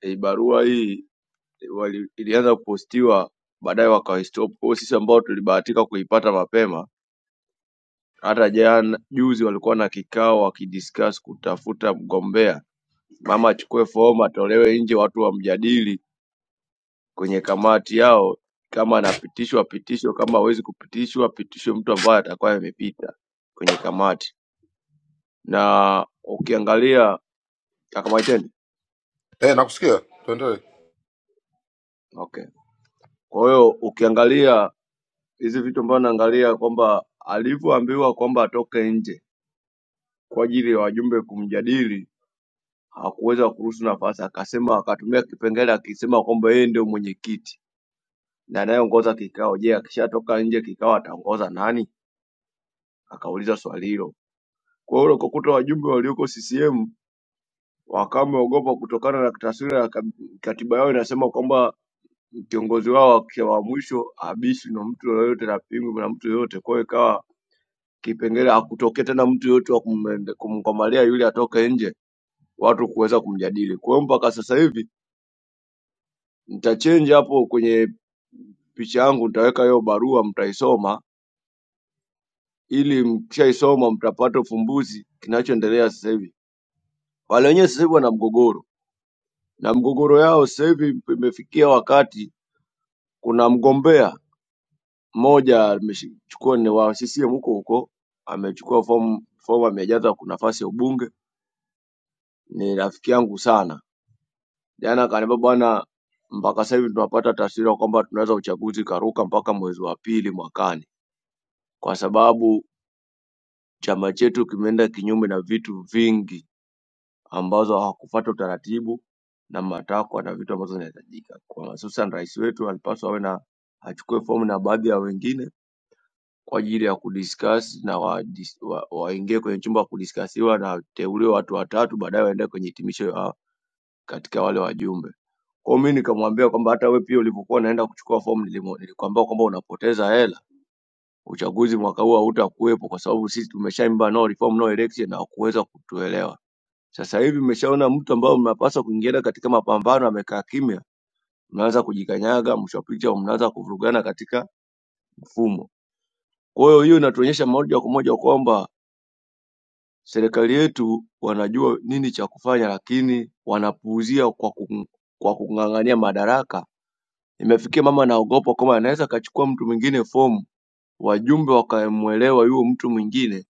Speaker 7: hii barua hii wali- ilianza kupostiwa baadaye wakaistop. Kwa hiyo sisi ambao tulibahatika kuipata mapema, hata jana juzi walikuwa na kikao wakidiscuss kutafuta mgombea, mama achukue fomu atolewe nje, watu wamjadili kwenye kamati yao, kama anapitishwa pitishwe, kama hawezi kupitishwa pitishwe mtu ambaye atakuwa amepita kwenye kamati. Na ukiangalia akamaitende
Speaker 10: Eh, nakusikia, tuendelee.
Speaker 7: okay. Kwa hiyo ukiangalia hizi vitu ambavyo naangalia kwamba alivyoambiwa kwamba atoke nje kwa ajili ya wajumbe kumjadili hakuweza kuruhusu nafasi, akasema akatumia kipengele akisema kwamba yeye ndio mwenyekiti na anayeongoza kikao. Je, akishatoka nje kikao ataongoza nani? Akauliza swali hilo. Kwa hiyo ukakuta wajumbe walioko CCM wakawa wameogopa kutokana na taswira ya kab- katiba yao inasema kwamba kiongozi wao akisha wa mwisho abishwi na mtu yoyote na pingwi na mtu yoyote. Kwa hiyo ikawa kipengele hakutokea tena mtu yoyote wa kumende- kumkomalia yule atoke nje, watu kuweza kumjadili. Kwa hiyo mpaka sasa hivi Nitachange hapo kwenye picha yangu, nitaweka hiyo barua, mtaisoma ili mkishaisoma mtapata ufumbuzi kinachoendelea sasa hivi. Wale wenyewe sasa hivi wana mgogoro, na mgogoro yao sasa hivi imefikia wakati, kuna mgombea mmoja amechukua ni wa CCM huko huko, amechukua fomu fomu, amejaza kwa nafasi ya ubunge. Ni rafiki yangu sana, jana akaniambia, bwana, mpaka sasa hivi tunapata taswira kwamba tunaweza uchaguzi karuka mpaka mwezi wa pili mwakani, kwa sababu Chama chetu kimeenda kinyume na vitu vingi ambazo hawakufuata utaratibu na matakwa na vitu ambazo zinahitajika. Kwa hususan rais wetu alipaswa awe na achukue fomu na baadhi ya wengine kwa ajili ya kudiscuss na waingie wa, waingie kwenye chumba kudiskasiwa na wateuliwe watu watatu, baadaye waende kwenye hitimisho ya katika wale wajumbe. Kwa hiyo mimi nikamwambia kwamba hata wewe pia ulivyokuwa unaenda kuchukua fomu nilimu- nilikwambia kwamba unapoteza hela, uchaguzi mwaka huu hautakuwepo kwa sababu sisi tumeshaimba no reform no election na kuweza kutuelewa. Sasa hivi mmeshaona mtu ambao mnapaswa kuingiana katika mapambano amekaa kimya, mnaanza kujikanyaga, mwisho wa picha mnaanza kuvurugana katika mfumo. Kwa hiyo hiyo inatuonyesha moja kwa moja kwamba serikali yetu wanajua nini cha kufanya, lakini wanapuuzia kwa kung- kwa kung'ang'ania madaraka. Imefikia mama anaogopa kwamba anaweza akachukua mtu mwingine fomu, wajumbe wakamwelewa yule mtu mwingine,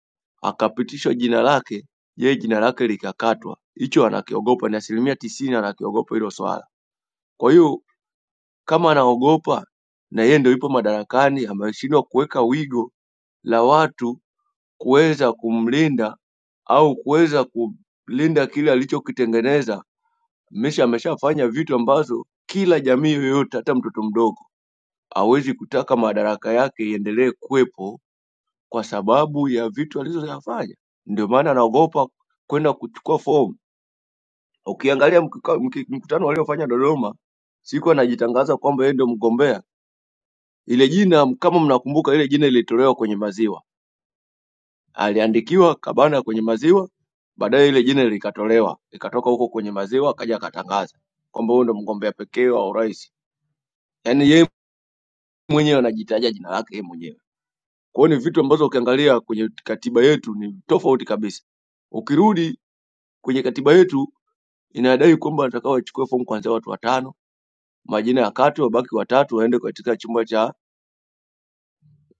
Speaker 7: akapitishwa jina lake, yeye jina lake likakatwa. Hicho anakiogopa, ni asilimia tisini anakiogopa hilo swala. Kwa hiyo kama anaogopa na yeye ndio yupo madarakani, ameshindwa kuweka wigo la watu kuweza kumlinda au kuweza kulinda kile alichokitengeneza. Mesha ameshafanya vitu ambazo kila jamii yoyote, hata mtoto mdogo hawezi kutaka madaraka yake iendelee kuwepo kwa sababu ya vitu alizoyafanya. Ndio maana anaogopa kwenda kuchukua fomu. Ukiangalia mkika- mki- mkutano waliofanya Dodoma, siku anajitangaza kwamba yeye ndio mgombea Ile jina kama mnakumbuka, ile jina lilitolewa kwenye maziwa, aliandikiwa Kabana kwenye maziwa, baadaye ile jina likatolewa, ikatoka huko kwenye maziwa, akaja akatangaza kwamba huyu ndo mgombea pekee wa urais. Yani yeye mwenyewe anajitaja jina lake yeye mwenyewe. Kwa hiyo ni vitu ambazo ukiangalia kwenye katiba yetu ni tofauti kabisa. Ukirudi kwenye katiba yetu inadai kwamba wanataka wachukue fomu kuanzia watu watano, majina ya kati wabaki watatu, waende katika chumba cha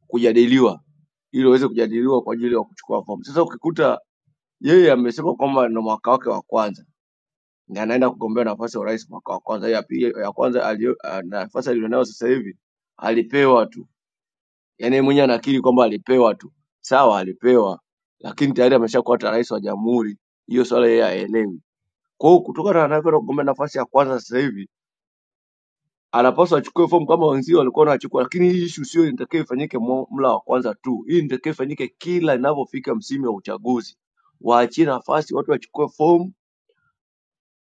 Speaker 7: kujadiliwa ili waweze kujadiliwa kwa ajili ya kuchukua fomu. Sasa ukikuta Yeye amesema kwamba ndo mwaka wake wa kwanza na anaenda kugombea nafasi ya urais mwaka wa kwanza. Ya pili, ya kwanza alio, ah, nafasi alionayo sasa hivi alipewa tu, yaani yeye mwenyewe anakiri kwamba alipewa tu, sawa, alipewa, lakini tayari ameshakuwa ta- rais wa jamhuri. Hiyo swala yeye haelewi. Kwa hiyo kutokana na anavyoenda kugombea nafasi ya kwanza sasa hivi, anapaswa achukue fomu kama wenzio walikuwa wanachukua, lakini hii issue sio inatakiwa ifanyike mu- mla wa kwanza tu. Hii inatakiwa ifanyike kila inavyofika msimu wa uchaguzi, waachie nafasi watu wachukue fomu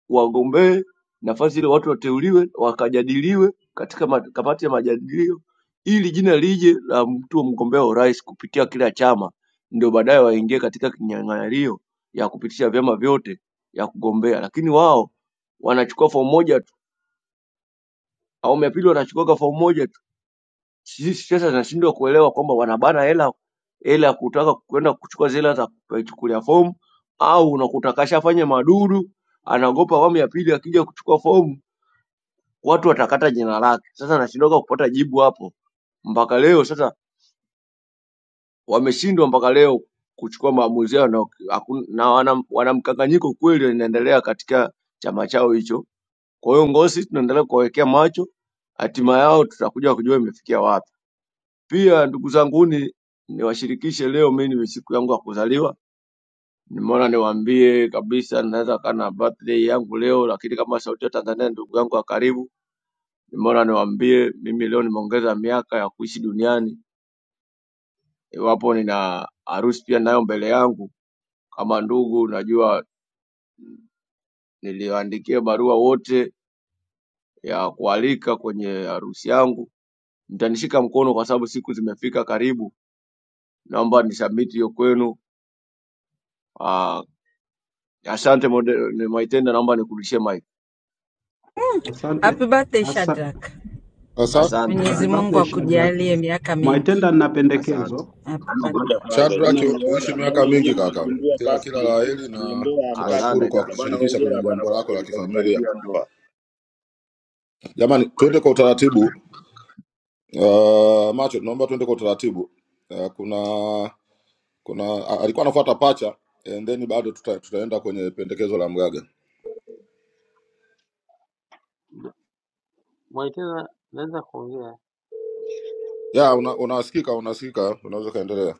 Speaker 7: wagombee nafasi ile, watu wateuliwe, wakajadiliwe katika ma- kamati ya majadilio, ili jina lije la mtu wa mgombea wa urais kupitia kila chama, ndio baadaye waingie katika kinyang'anyiro ya kupitisha vyama vyote ya kugombea. Lakini wao wanachukua fomu moja tu, awamu ya pili wanachukua fomu moja tu. Sisi sasa tunashindwa kuelewa kwamba wanabana hela hela ya kutaka kwenda kuchukua zile hela za kuchukulia fomu, au unakuta kashafanya madudu, anaogopa awamu ya pili akija kuchukua fomu watu watakata jina lake. Sasa nashindwaga kupata jibu hapo mpaka leo. Sasa wameshindwa mpaka leo kuchukua maamuzi yao, na, hakun- na wana, wana mkanganyiko kweli inaendelea katika chama chao hicho. Kwa hiyo Ngosi tunaendelea kuwawekea macho, hatima yao tutakuja kujua imefikia wapi. Pia ndugu zanguni, niwashirikishe leo, mimi ni siku yangu ya kuzaliwa. Nimeona niwaambie kabisa, naweza kaa na birthday yangu leo, lakini kama sauti ya Tanzania, ndugu yangu wa karibu Mbona niwaambie mimi leo nimeongeza miaka ya kuishi duniani, iwapo nina harusi pia nayo mbele yangu. Kama ndugu, najua niliwaandikia barua wote ya kualika kwenye harusi yangu, mtanishika mkono kwa sababu siku zimefika karibu. Naomba nisubmit hiyo kwenu. Ah, asante mode- ni Mwaitenda, naomba nikurudishie mic.
Speaker 8: asante
Speaker 6: Happy birthday
Speaker 8: asa,
Speaker 6: Shadrack.
Speaker 10: Sasa
Speaker 7: Asante
Speaker 8: happy
Speaker 6: Mwenyezi
Speaker 7: dada,
Speaker 6: Mungu
Speaker 8: birthday Shadrack
Speaker 6: akujalie miaka
Speaker 8: Mwaitenda.
Speaker 6: mingi.
Speaker 8: Nina
Speaker 7: asante
Speaker 8: pendekezo
Speaker 6: Happy
Speaker 14: Ngoja
Speaker 6: birthday.
Speaker 14: kwanza,
Speaker 10: Shadrack,
Speaker 14: nyie
Speaker 8: na,
Speaker 14: mmeona
Speaker 10: uishi miaka
Speaker 14: yani, nyie
Speaker 10: mingi kaka,
Speaker 14: mmegundua
Speaker 10: kila kila
Speaker 14: birthday
Speaker 10: la
Speaker 14: tu
Speaker 10: heri
Speaker 14: kwenye
Speaker 10: na
Speaker 14: ndoa hamtaki
Speaker 10: tunashukuru
Speaker 7: Asante
Speaker 10: kwa
Speaker 7: kaka.
Speaker 14: kabisa bwana.
Speaker 10: kutushirikisha kwenye
Speaker 14: Hongera bwana
Speaker 10: jambo
Speaker 14: kwa
Speaker 10: lako la
Speaker 14: ku- kwa
Speaker 10: kifamilia.
Speaker 14: kukaribia ndoa.
Speaker 10: Jamani, twende kwa utaratibu. Uh, macho, naomba twende kwa utaratibu. Uh, kuna kuna a- alikuwa anafuata pacha and then bado tuta, tutaenda kwenye pendekezo la mgaga. Ya, una, unasikika unasikika, unaweza kaendelea.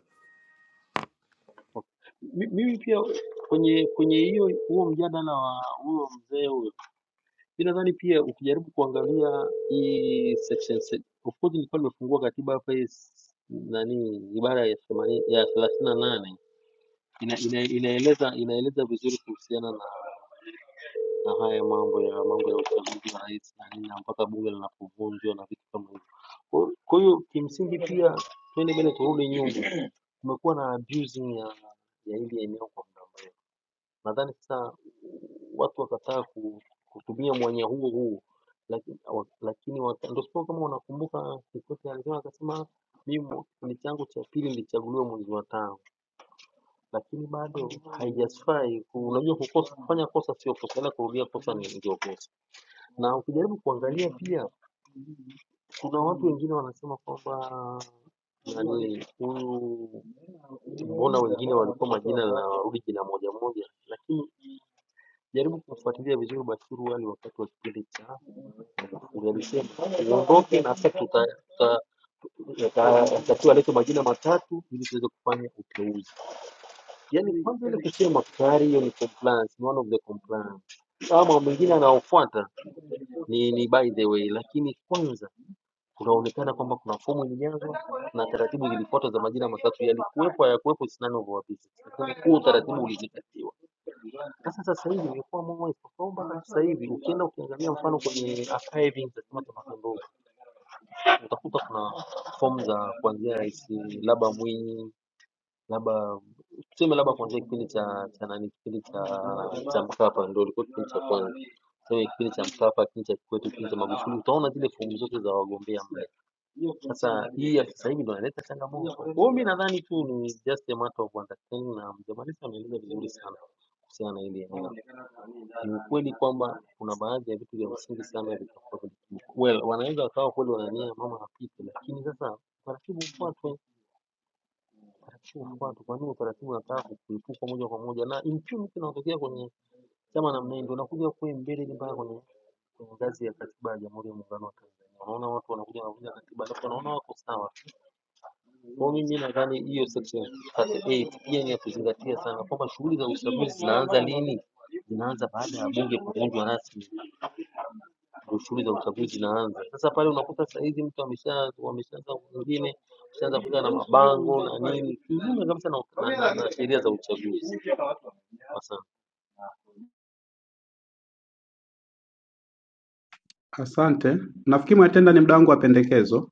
Speaker 8: asante. Nafikiri Mwaitenda ni mdangu wa pendekezo.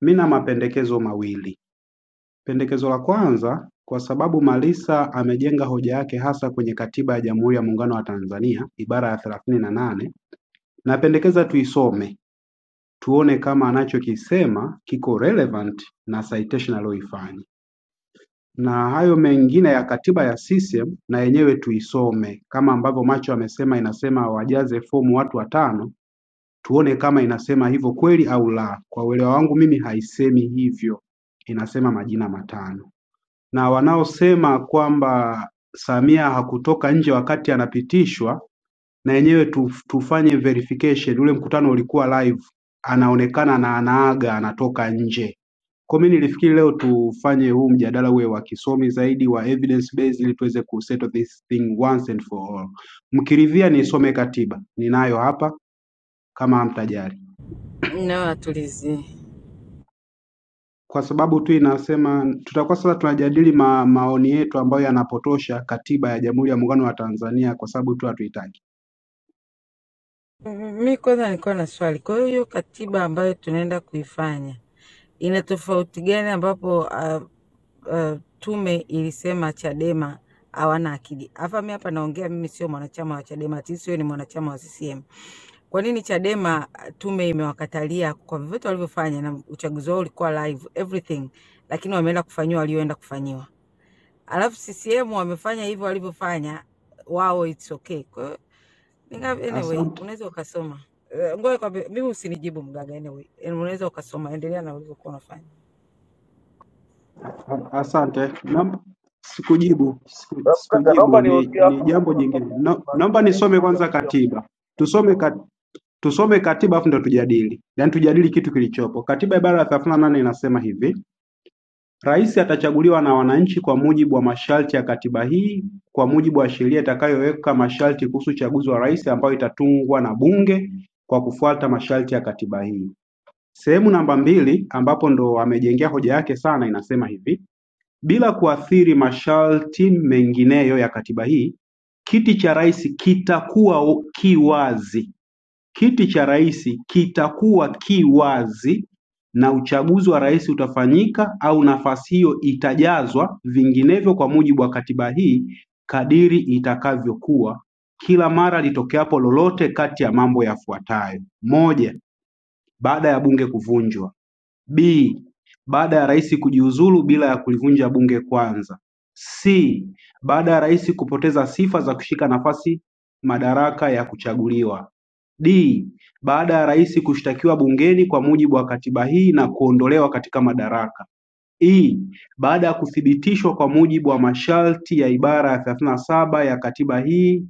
Speaker 8: Mi na mapendekezo mawili. Pendekezo la kwanza kwa sababu Malisa amejenga hoja yake hasa kwenye Katiba ya Jamhuri ya Muungano wa Tanzania ibara ya thelathini na nane napendekeza tuisome tuone kama anachokisema kiko relevant na citation aliyoifanya na hayo mengine ya katiba ya CCM na yenyewe tuisome kama ambavyo Macho amesema inasema wajaze fomu watu watano, tuone kama inasema hivyo kweli au la. Kwa uelewa wangu mimi haisemi hivyo, inasema majina matano na wanaosema kwamba Samia hakutoka nje wakati anapitishwa na yenyewe tu, tufanye verification. Ule mkutano ulikuwa live, anaonekana na anaaga anatoka nje. Kwa mimi nilifikiri leo tufanye huu mjadala uwe wa kisomi zaidi wa evidence based, ili tuweze ku settle this thing once and for all. Mkiridhia nisome katiba ninayo hapa, kama hamtajali.
Speaker 6: Nao atulizie.
Speaker 8: kwa sababu tu inasema tutakuwa sasa tunajadili ma, maoni yetu ambayo yanapotosha katiba ya Jamhuri ya Muungano wa Tanzania kwa sababu tu hatuitaki.
Speaker 6: Mi kwanza nilikuwa na swali. Kwa hiyo hiyo katiba ambayo tunaenda kuifanya ina tofauti gani ambapo uh, uh, tume ilisema Chadema hawana akili? Hapa mi hapa naongea, mimi sio mwanachama wa Chadema, ati sio ni mwanachama wa CCM. Kwa nini Chadema ah, tume imewakatalia kwa vyovyote walivyofanya, na uchaguzi wao ulikuwa live everything, lakini wameenda kufanyiwa walioenda kufanyiwa, alafu CCM wamefanya hivyo walivyofanya wao, it's okay. Kwa hiyo ninga- anyway,
Speaker 8: Asante,
Speaker 6: unaweza ukasoma Eh, ngoja kwambie, mimi usinijibu mgaga, anyway Eh, unaweza ukasoma, endelea na ulivyokuwa unafanya.
Speaker 8: a- asante. Naomba sikujibu, siku-
Speaker 15: Alafu Kaka,
Speaker 8: sikujibu
Speaker 15: naomba
Speaker 8: ni,
Speaker 15: niongee
Speaker 8: ni
Speaker 15: alafu
Speaker 8: jambo
Speaker 15: utatoa
Speaker 8: jingine. No-
Speaker 15: sababu na nini
Speaker 8: Naomba
Speaker 15: pia,
Speaker 8: nisome
Speaker 15: kutia-
Speaker 8: kwanza
Speaker 15: kutia mguu.
Speaker 8: katiba, tusome kat, tusome katiba afu ndo tujadili, yaani tujadili kitu kilichopo. Katiba ibara ya 38 nane inasema hivi Rais atachaguliwa na wananchi kwa mujibu wa masharti ya Katiba hii kwa mujibu wa sheria itakayoweka masharti kuhusu uchaguzi wa rais ambayo itatungwa na bunge kwa kufuata masharti ya Katiba hii. Sehemu namba mbili ambapo ndo amejengea hoja yake sana inasema hivi: bila kuathiri masharti mengineyo ya Katiba hii, kiti cha rais kitakuwa kiwazi Kiti cha rais kitakuwa ki wazi na uchaguzi wa rais utafanyika au nafasi hiyo itajazwa, vinginevyo kwa mujibu wa katiba hii kadiri itakavyokuwa, kila mara litokeapo lolote kati ya mambo yafuatayo: Moja, baada ya bunge kuvunjwa. B. Baada ya Rais kujiuzulu bila ya kulivunja Bunge kwanza. C. Baada ya Rais kupoteza sifa za kushika nafasi madaraka ya kuchaguliwa. D. Baada ya Rais kushtakiwa bungeni kwa mujibu wa katiba hii na kuondolewa katika madaraka. E. Baada ya kuthibitishwa kwa mujibu wa masharti ya ibara ya 37 ya katiba hii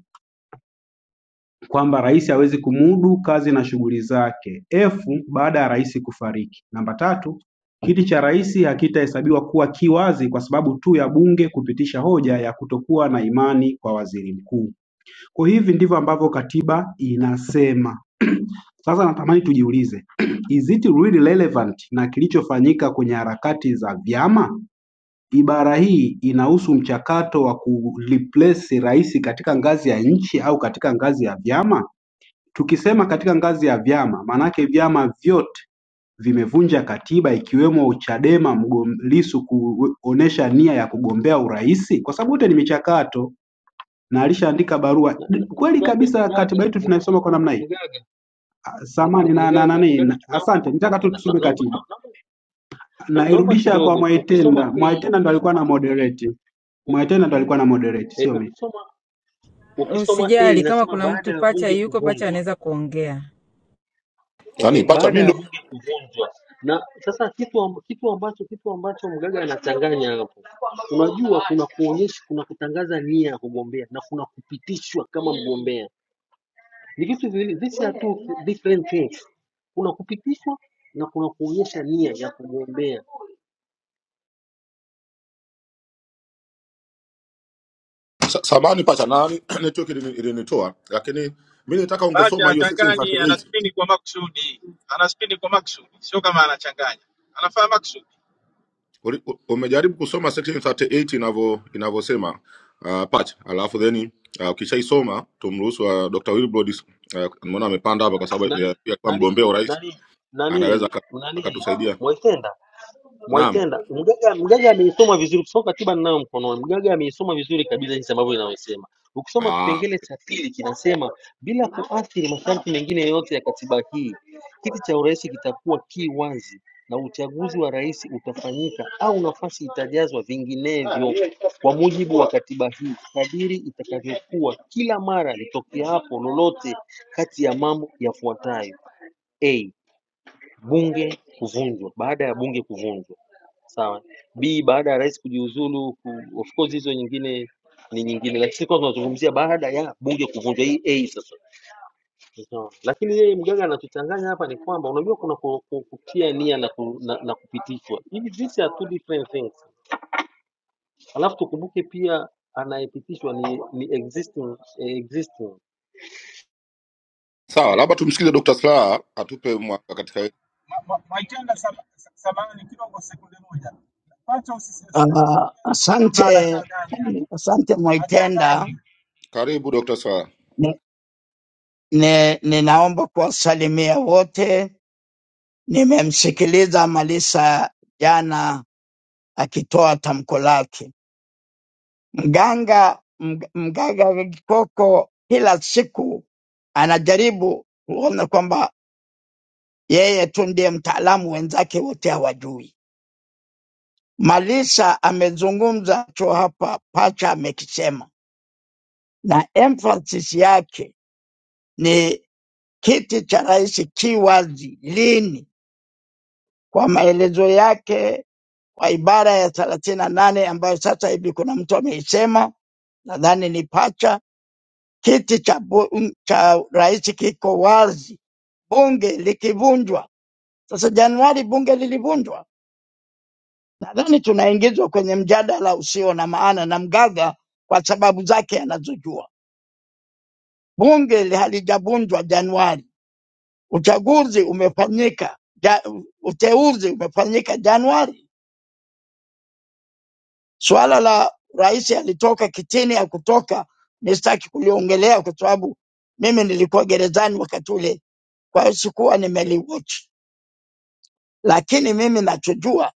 Speaker 8: kwamba rais hawezi kumudu kazi na shughuli zake F baada ya rais kufariki. Namba tatu, kiti cha rais hakitahesabiwa kuwa kiwazi kwa sababu tu ya bunge kupitisha hoja ya kutokuwa na imani kwa waziri mkuu. Kwa hivi ndivyo ambavyo katiba inasema. Sasa natamani tujiulize, is it really relevant na kilichofanyika kwenye harakati za vyama? Ibara hii inahusu mchakato wa kureplace rais katika ngazi ya nchi au katika ngazi ya vyama? Tukisema katika ngazi ya vyama, maanake vyama vyote vimevunja katiba ikiwemo Chadema mgom- Lissu kuonesha nia ya kugombea urais, kwa sababu yote ni michakato na alishaandika barua. D- Kweli kabisa katiba yetu tunaisoma kwa namna hii. Samani na na nani, na- asante, nitaka tu tusome katiba. Nairudisha kwa Mwaitenda. Mwaitenda ndo alikuwa na moderate. Mwaitenda ndo alikuwa na moderate, sio mimi.
Speaker 6: Usijali kama kuna mtu pacha yuko pacha, anaweza kuongea.
Speaker 10: Nani pacha, mimi ndo sa- samahani pacha, nani network ilini- ilinitoa, lakini mimi nitaka
Speaker 16: Bacha
Speaker 10: ungesoma hiyo
Speaker 16: hachanganyi,
Speaker 10: 1638
Speaker 16: anaspini kwa makusudi, anaspini kwa makusudi, sio kama anachanganya, anafanya makusudi.
Speaker 10: Uri- u- umejaribu kusoma section 38 inavyo inavyosema uh, part alafu then uh, ukishaisoma tumruhusu uh, Dr. Wilbrod uh, mbona amepanda hapa kwa sababu ya ya kuwa mgombea urais anaweza aka- akatusaidia. Naam. Ah, sawa, labda tumsikize Dr. Slaa atupe mwanga katika hili.
Speaker 17: Uh, asante, asante Mwaitenda.
Speaker 10: Karibu Dr. Slaa.
Speaker 17: Ni- ni- Ninaomba kuwasalimia wote. Nimemsikiliza Malisa jana akitoa tamko lake. Mganga mg- mganga Kikoko kila siku anajaribu kuona kwamba yeye tu ndiye mtaalamu, wenzake wote hawajui. Malisa amezungumza cho hapa, pacha amekisema, na emphasis yake Kiti cha Rais ki wazi lini kwa maelezo yake kwa ibara ya thelathini na nane ambayo sasa hivi kuna mtu ameisema, nadhani ni Pacha. Kiti cha, bu- mm, cha rais kiko wazi, bunge likivunjwa. Sasa Januari bunge lilivunjwa, nadhani tunaingizwa kwenye mjadala usio na maana na Mgaga kwa sababu zake anazojua. Bunge li- halijavunjwa Januari, uchaguzi umefanyika ja, uteuzi umefanyika Januari. Swala la rais alitoka kitini ya kutoka ni sitaki kuliongelea kwa sababu mimi nilikuwa gerezani wakati ule, kwa hiyo sikuwa nimeliwatch, lakini mimi nachojua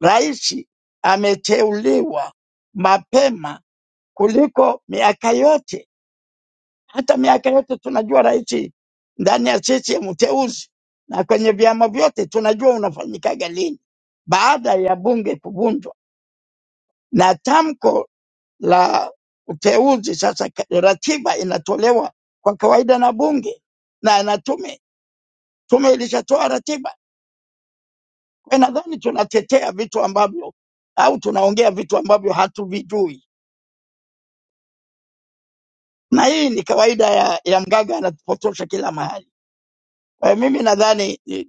Speaker 17: rais ameteuliwa mapema kuliko miaka yote. Hata miaka yote tunajua rais ndani ya CCM uteuzi, na kwenye vyama vyote tunajua unafanyikaga lini, baada ya bunge kuvunjwa na tamko la uteuzi sasa ka- ratiba inatolewa kwa kawaida na bunge na na tume tume ilishatoa ratiba kwa hiyo nadhani tunatetea vitu ambavyo au tunaongea vitu ambavyo hatuvijui na hii ni kawaida ya, ya mgaga anapotosha kila mahali kwa hiyo mimi nadhani eh,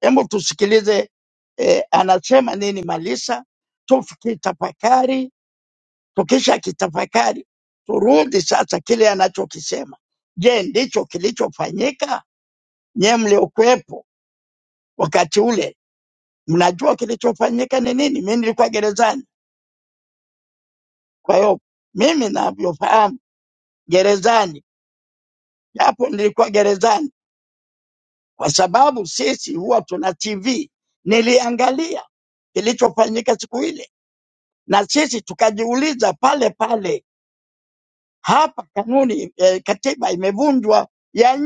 Speaker 17: hebu tusikilize eh, anasema nini malisa tukitafakari tukisha kitafakari turudi sasa kile anachokisema je ndicho kilichofanyika Nyewe mliokuwepo wakati ule mnajua kilichofanyika ni nini. Mimi nilikuwa gerezani, kwa hiyo mimi navyofahamu gerezani, japo nilikuwa gerezani, kwa sababu sisi huwa tuna TV. Niliangalia kilichofanyika siku ile, na sisi tukajiuliza pale pale, hapa kanuni eh, katiba imevunjwa ya nchi.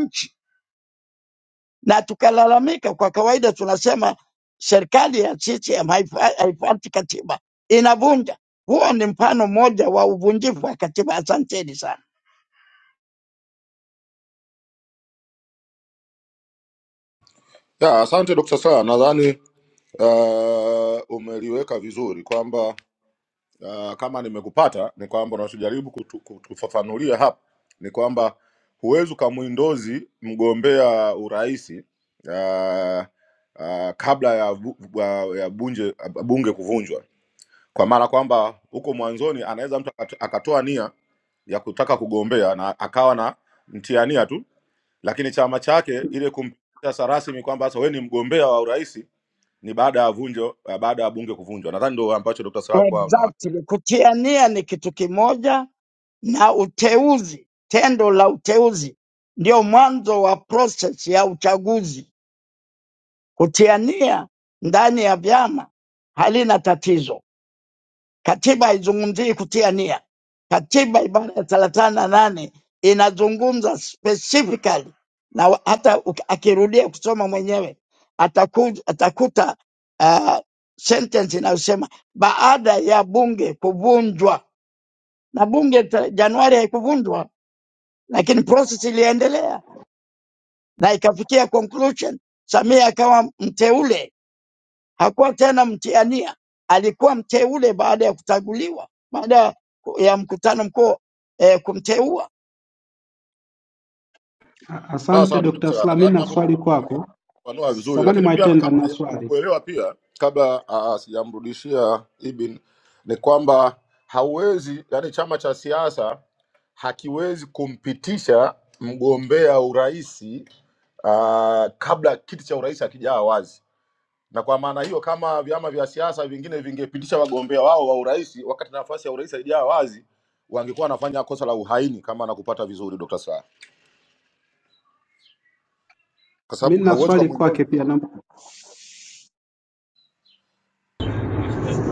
Speaker 17: na tukalalamika. Kwa kawaida tunasema serikali ya CCM haifa- haifuati katiba, inavunja. Huo ni mfano mmoja wa uvunjifu wa katiba. Asanteni sana.
Speaker 10: Ya, asante Dr. Slaa. Nadhani uh, umeliweka vizuri kwamba uh, kama nimekupata ni kwamba unachojaribu kutu- kutufafanulia hapa ni kwamba huwezi ukamwindozi mgombea uraisi uh, uh, kabla ya, bu, uh, ya bunje, bunge kuvunjwa, kwa maana kwamba huko mwanzoni anaweza mtu akat- akatoa nia ya kutaka kugombea na akawa na mtiania tu, lakini chama chake ile kumpitisha rasmi kwamba sasa wewe ni mgombea wa uraisi ni baada ya vunjo, baada ya bunge kuvunjwa. Nadhani ndio ambacho Dr. Slaa
Speaker 17: Exactly. Kutiania ni kitu kimoja na uteuzi, tendo la uteuzi ndio mwanzo wa proses ya uchaguzi. Kutiania ndani ya vyama halina tatizo Katiba haizungumzii kutia nia. Katiba ibara ya thelathini na nane inazungumza specifically na wa- hata uki- akirudia kusoma mwenyewe ataku, atakuta uh, sentence inayosema baada ya bunge kuvunjwa, na bunge ta- Januari haikuvunjwa, lakini process iliendelea na ikafikia conclusion. Samia akawa mteule hakuwa tena mtiania, alikuwa mteule baada ya kutaguliwa, baada ya mkutano mkuu eh, kumteua.
Speaker 8: A-
Speaker 10: Sawa
Speaker 8: Asante
Speaker 10: sawa Dr.
Speaker 8: Dr.
Speaker 10: Sera.
Speaker 8: Slaa, mimi
Speaker 10: Nadhani
Speaker 8: na
Speaker 10: hapo
Speaker 8: swali kwako.
Speaker 10: umefanua vizuri
Speaker 8: Samani
Speaker 10: lakini pia
Speaker 8: Mwaitenda
Speaker 10: kama
Speaker 8: na
Speaker 10: najaribu
Speaker 8: swali.
Speaker 10: kuelewa pia kabla ah, sijamrudishia Ibin ni kwamba hauwezi yani chama cha siasa hakiwezi kumpitisha mgombea uraisi uh, kabla kiti cha urais hakijaa wazi. Na kwa maana hiyo, kama vyama vya siasa vingine vingepitisha wagombea wao wa urais wakati nafasi ya urais haijaa wazi, wangekuwa wanafanya kosa la uhaini, kama nakupata vizuri Dr. Slaa, kwa sababu
Speaker 8: Mimi na
Speaker 10: hauwezi
Speaker 8: swali
Speaker 10: ukamwindozi
Speaker 8: kwake pia na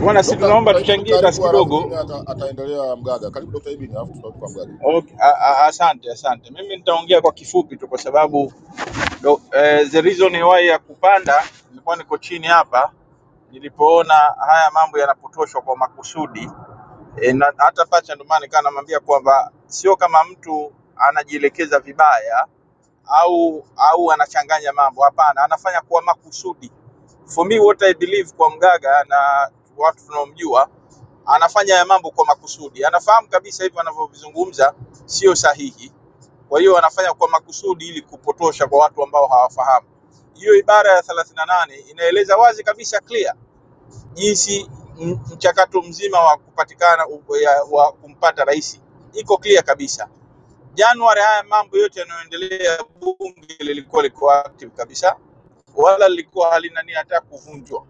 Speaker 16: Bwana, si
Speaker 10: Dr.
Speaker 16: tunaomba
Speaker 10: Dr. Ibin
Speaker 16: tuchangie
Speaker 10: karibu,
Speaker 16: basi
Speaker 10: halafu then
Speaker 16: kidogo.
Speaker 10: ata, ataendelea Mgaga. Karibu Dr. Ibin, halafu tutarudi kwa Mgaga.
Speaker 16: Okay, a- a- asante asante. Mimi nitaongea kwa kifupi tu, kwa sababu do, eh, the reason why ya kupanda nilikuwa niko chini hapa nilipoona haya mambo yanapotoshwa kwa makusudi e, na, hata pacha ndo maana nikawa namwambia kwamba sio kama mtu anajielekeza vibaya au au anachanganya mambo. Hapana, anafanya kwa makusudi. For me what I believe kwa mgaga na watu tunaomjua, anafanya ya mambo kwa makusudi. Anafahamu kabisa hivyo anavyovizungumza sio sahihi, kwa hiyo anafanya kwa makusudi ili kupotosha kwa watu ambao hawafahamu. Hiyo ibara ya 38 inaeleza wazi kabisa clear jinsi m- mchakato mzima wa kupatikana u- ya- wa kumpata rais iko clear kabisa. Januari haya mambo yote yanayoendelea, bunge lilikuwa liko active kabisa, wala lilikuwa halina nia hata ya kuvunjwa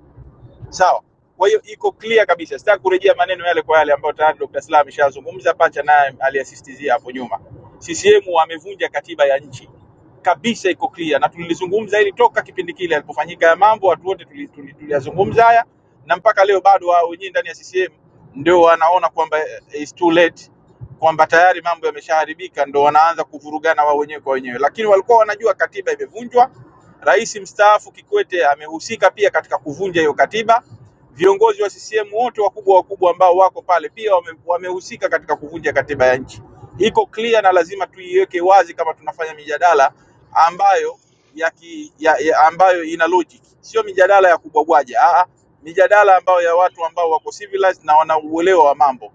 Speaker 16: sawa. Kwa hiyo iko clear kabisa, sitaki kurejea maneno yale kwa yale ambayo tayari Dr. Slaa ameshazungumza, pacha naye aliasistizia hapo nyuma. CCM wamevunja katiba ya nchi kabisa, iko clear, na tulilizungumza hili toka kipindi kile alipofanyika ya mambo, watu wote tuli- tuli- tuliyazungumza haya, na mpaka leo bado wao wenyewe ndani ya CCM ndio wanaona kwamba eh, it's too late kwamba tayari mambo yameshaharibika, ndo wanaanza kuvurugana wao wenyewe kwa wenyewe, lakini walikuwa wanajua katiba imevunjwa Rais mstaafu Kikwete amehusika pia katika kuvunja hiyo katiba. Viongozi wa CCM wote wakubwa wakubwa ambao wako pale pia wame- wamehusika katika kuvunja katiba ya nchi. Iko clear na lazima tuiweke wazi kama tunafanya mijadala ambayo ya ki, ya, ya ambayo ina logic, sio mijadala ya kubwabwaja, ah, ah, mijadala ambayo ya watu ambao wako civilized na wanauelewa wa mambo.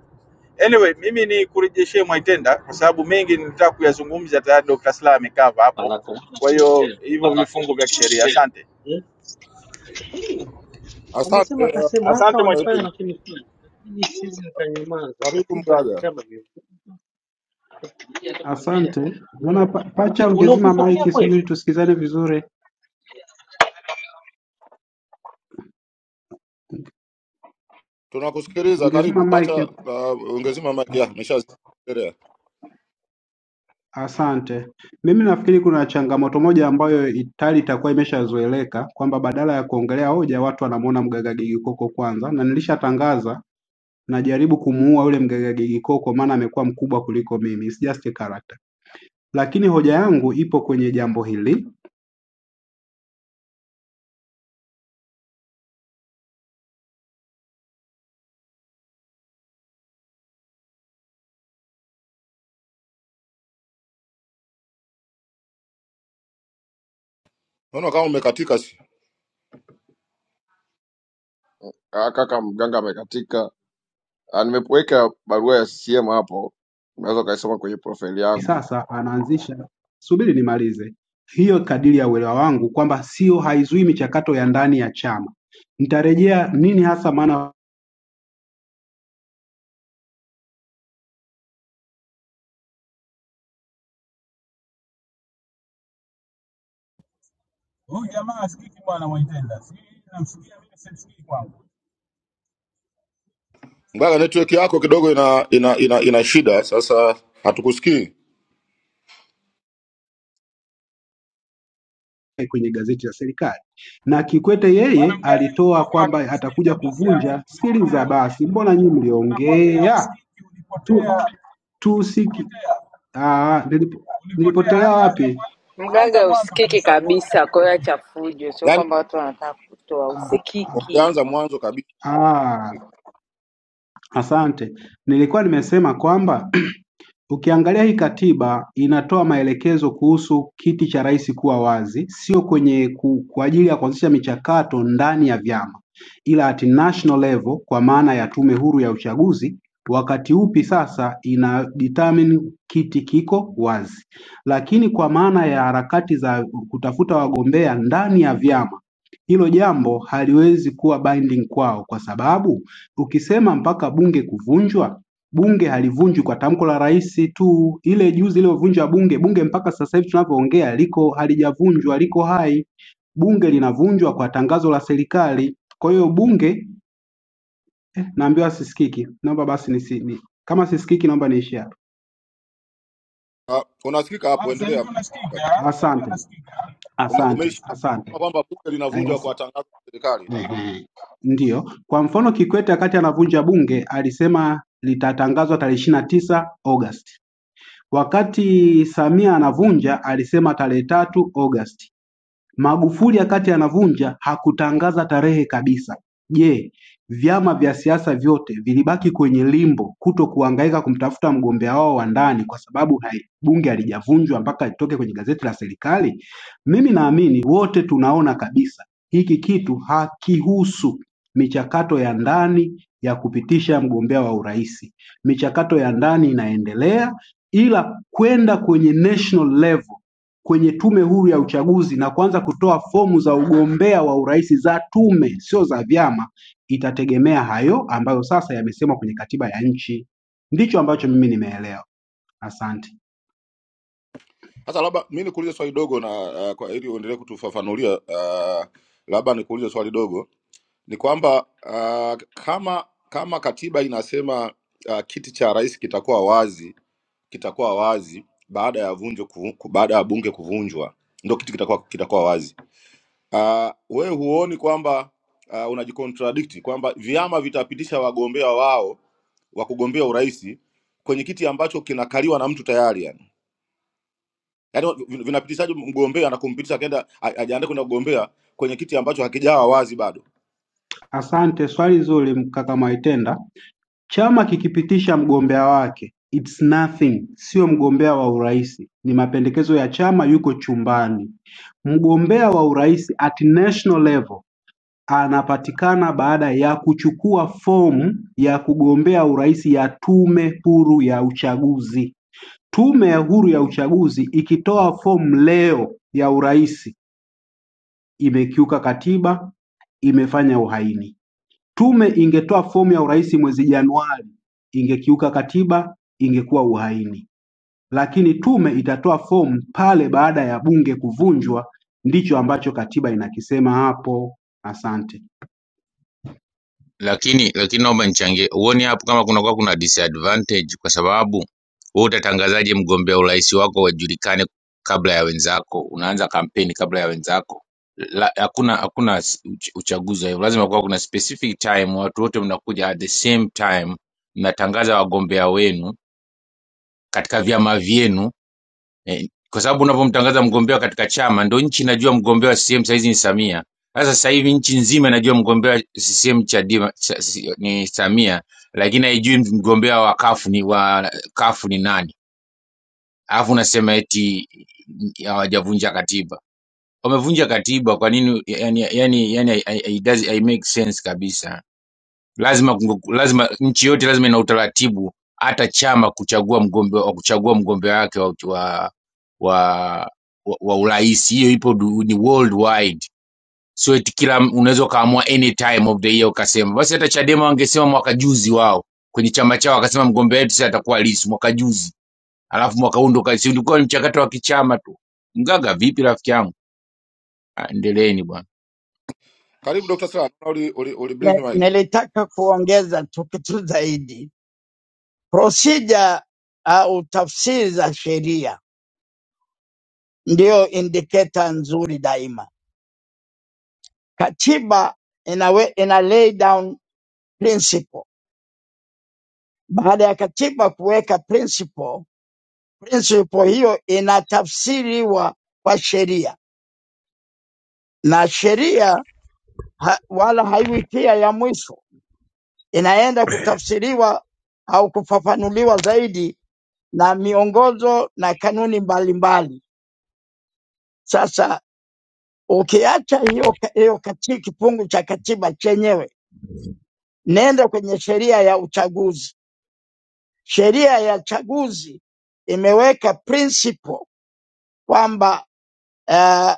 Speaker 16: Anyway, mimi ni kurejeshee Mwaitenda kwa sababu mengi nilitaka kuyazungumza tayari Dr. Slaa amekava hapo, kwa hiyo hivyo vifungu vya kisheria. Asante,
Speaker 10: Asante
Speaker 18: amesema
Speaker 10: uh,
Speaker 18: akasema hata
Speaker 16: asante
Speaker 10: Dr.
Speaker 16: Mwaitenda.
Speaker 18: walifanya
Speaker 10: Ibin,
Speaker 18: lakini mm.
Speaker 10: karibu Mgaga,
Speaker 8: Asante. Naona pa, pacha ungezima mic sijui tusikizane vizuri.
Speaker 10: tunakusikiliza.
Speaker 8: Ungezima
Speaker 10: Karibu pacha,
Speaker 8: mic hapo.
Speaker 10: uh, ungezima maki
Speaker 8: As-
Speaker 10: yako, umeshaendelea.
Speaker 8: Asante. Mimi nafikiri kuna changamoto moja ambayo itali itakuwa imeshazoeleka kwamba badala ya kuongelea hoja watu wanamuona Mgaga Gigikoko kwanza, na nilishatangaza najaribu kumuua yule Mgaga Gigikoko maana amekuwa mkubwa kuliko mimi. It's just a character. Lakini hoja yangu ipo kwenye jambo hili
Speaker 10: Naona kama umekatika. Si
Speaker 7: Ah, kaka. Mganga amekatika. Ah, Nimeweka barua ya CCM hapo, unaweza ukaisoma kwenye profile yangu.
Speaker 8: sasa anaanzisha subiri nimalize hiyo kadiri ya uelewa wangu kwamba sio haizui michakato ya ndani ya chama. Nitarejea nini hasa maana
Speaker 10: Mgaga, network yako kidogo ina ina, ina, ina shida sasa, hatukusikii
Speaker 8: kwenye gazeti la serikali. Na Kikwete yeye alitoa kwamba atakuja kuvunja skili za basi, mbona nyinyi mliongea tu, tu siki ah, nilipo, nilipotelea wapi?
Speaker 6: Mgaga usikiki kabisa, kwa hiyo acha fujo. Sio
Speaker 10: yani,
Speaker 6: kwamba watu wanataka kutoa,
Speaker 8: Ah, ah,
Speaker 6: usikiki.
Speaker 10: ungeanza mwanzo kabisa.
Speaker 8: ah, asante, nilikuwa nimesema kwamba Ukiangalia hii katiba inatoa maelekezo kuhusu kiti cha rais kuwa wazi, sio kwenye ku, kwa ajili ya kuanzisha michakato ndani ya vyama, ila at national level kwa maana ya tume huru ya uchaguzi, wakati upi sasa ina determine kiti kiko wazi. Lakini kwa maana ya harakati za kutafuta wagombea ndani ya vyama, hilo jambo haliwezi kuwa binding kwao, kwa sababu ukisema mpaka bunge kuvunjwa bunge halivunjwi kwa tamko la rais tu. Ile juzi iliyovunja bunge, bunge mpaka sasa hivi tunavyoongea liko halijavunjwa, liko hai. Bunge linavunjwa kwa tangazo la serikali. Kwa hiyo bunge naambiwa sisikiki. Naomba basi nisi, ni, kama sisikiki naomba niishi hapa.
Speaker 10: Uh, unasikika hapo, endelea.
Speaker 8: Asante,
Speaker 10: Ume,
Speaker 8: asante,
Speaker 10: umeishia
Speaker 8: asante.
Speaker 10: kwamba bunge linavunjwa
Speaker 8: Yes.
Speaker 10: kwa tangazo la serikali.
Speaker 8: Ehe. Ndiyo, kwa mfano Kikwete wakati anavunja bunge alisema litatangazwa tarehe ishirini na tisa Agosti. Wakati Samia anavunja alisema tarehe tatu Agosti. Magufuli wakati anavunja hakutangaza tarehe kabisa. Je, vyama vya siasa vyote vilibaki kwenye limbo kutokuhangaika kumtafuta mgombea wao wa ndani kwa sababu hai- bunge halijavunjwa mpaka litoke kwenye gazeti la serikali? Mimi naamini wote tunaona kabisa hiki kitu hakihusu michakato ya ndani ya kupitisha mgombea wa urais. Michakato ya ndani inaendelea, ila kwenda kwenye national level kwenye Tume Huru ya Uchaguzi na kuanza kutoa fomu za ugombea wa urais za tume, sio za vyama, itategemea hayo ambayo sasa yamesemwa kwenye katiba ya nchi. Ndicho ambacho mimi nimeelewa. Asante,
Speaker 10: Sasa labda mi nikuulize swali dogo na uh, kwa ili uendelee kutufafanulia uh, labda nikuulize swali dogo ni kwamba uh, kama kama katiba inasema uh, kiti cha rais kitakuwa wazi kitakuwa wazi baada ya vunjo kuvu- ku- baada ya bunge kuvunjwa ndio kiti kitakuwa kitakuwa wazi. Uh, we huoni kwamba uh, unajicontradict kwamba vyama vitapitisha wagombea wao wa kugombea urais kwenye kiti ambacho kinakaliwa na mtu tayari yani? yani vinapitishaje mgombea na kumpitisha akaenda a- ajiandae kwenda kugombea kwenye kiti ambacho hakijawa wazi bado
Speaker 8: asante. Swali zuri, mkaka Mwaitenda. Chama kikipitisha mgombea wake it's nothing, sio mgombea wa urais, ni mapendekezo ya chama, yuko chumbani. Mgombea wa urais at national level Anapatikana baada ya kuchukua fomu ya kugombea urais ya Tume Huru ya Uchaguzi. Tume Huru ya Uchaguzi ikitoa fomu leo ya urais imekiuka katiba, imefanya uhaini. Tume ingetoa fomu ya urais mwezi Januari, ingekiuka katiba, ingekuwa uhaini. Lakini tume itatoa fomu pale baada ya bunge kuvunjwa, ndicho ambacho katiba inakisema hapo. Asante.
Speaker 19: lakini lakini naomba nichangie, huoni hapo kama kunakuwa kuna disadvantage, kwa sababu wewe utatangazaje mgombea urais wako wajulikane kabla ya wenzako? Unaanza kampeni kabla ya wenzako. La, hakuna hakuna s- uch- uchaguzi wa hivyo, lazima kuwa kuna specific time, watu wote mnakuja at the same time, mnatangaza wagombea wenu katika vyama vyenu eh, kwa sababu unapomtangaza mgombea katika chama ndo nchi inajua mgombea wa CCM saizi ni Samia. Sasa sasa hivi nchi nzima inajua mgombea wa CCM Chadema cha, si- ni Samia, lakini haijui mgombea wa kafu ni wa kafu ni nani, alafu unasema eti hawajavunja katiba. Wamevunja katiba kwa nini? Yani, yani, yani, it does, it make sense kabisa lazima kunge- lazima nchi yote lazima ina utaratibu hata chama kuchagua mgombea wa kuchagua mgombea wake wa wa wa, wa, wa urais hiyo ipo du, ni worldwide sio eti kila unaweza ukaamua any time of the year ukasema basi hata chadema wangesema mwaka juzi wao kwenye chama chao wakasema mgombea wetu sasa atakuwa Lissu mwaka juzi alafu mwaka huu ndo kasi ulikuwa ni mchakato wa kichama tu mgaga vipi rafiki yangu Ah, endeleeni bwana
Speaker 10: karibu dr sala uli, uli, uli blink
Speaker 17: Na-
Speaker 10: mic
Speaker 17: Nilitaka kuongeza tu kitu zaidi, procedure au tafsiri za sheria ndiyo indicator nzuri daima. Katiba inawe, ina lay down principle. Baada ya katiba kuweka principle, principle hiyo inatafsiriwa kwa sheria na sheria ha, wala haiwitia ya mwisho, inaenda kutafsiriwa au kufafanuliwa zaidi na miongozo na kanuni mbalimbali. Sasa ukiacha hiyo, ka- hiyo kati, kifungu cha katiba chenyewe, nenda kwenye sheria ya uchaguzi. Sheria ya uchaguzi imeweka principle kwamba uh,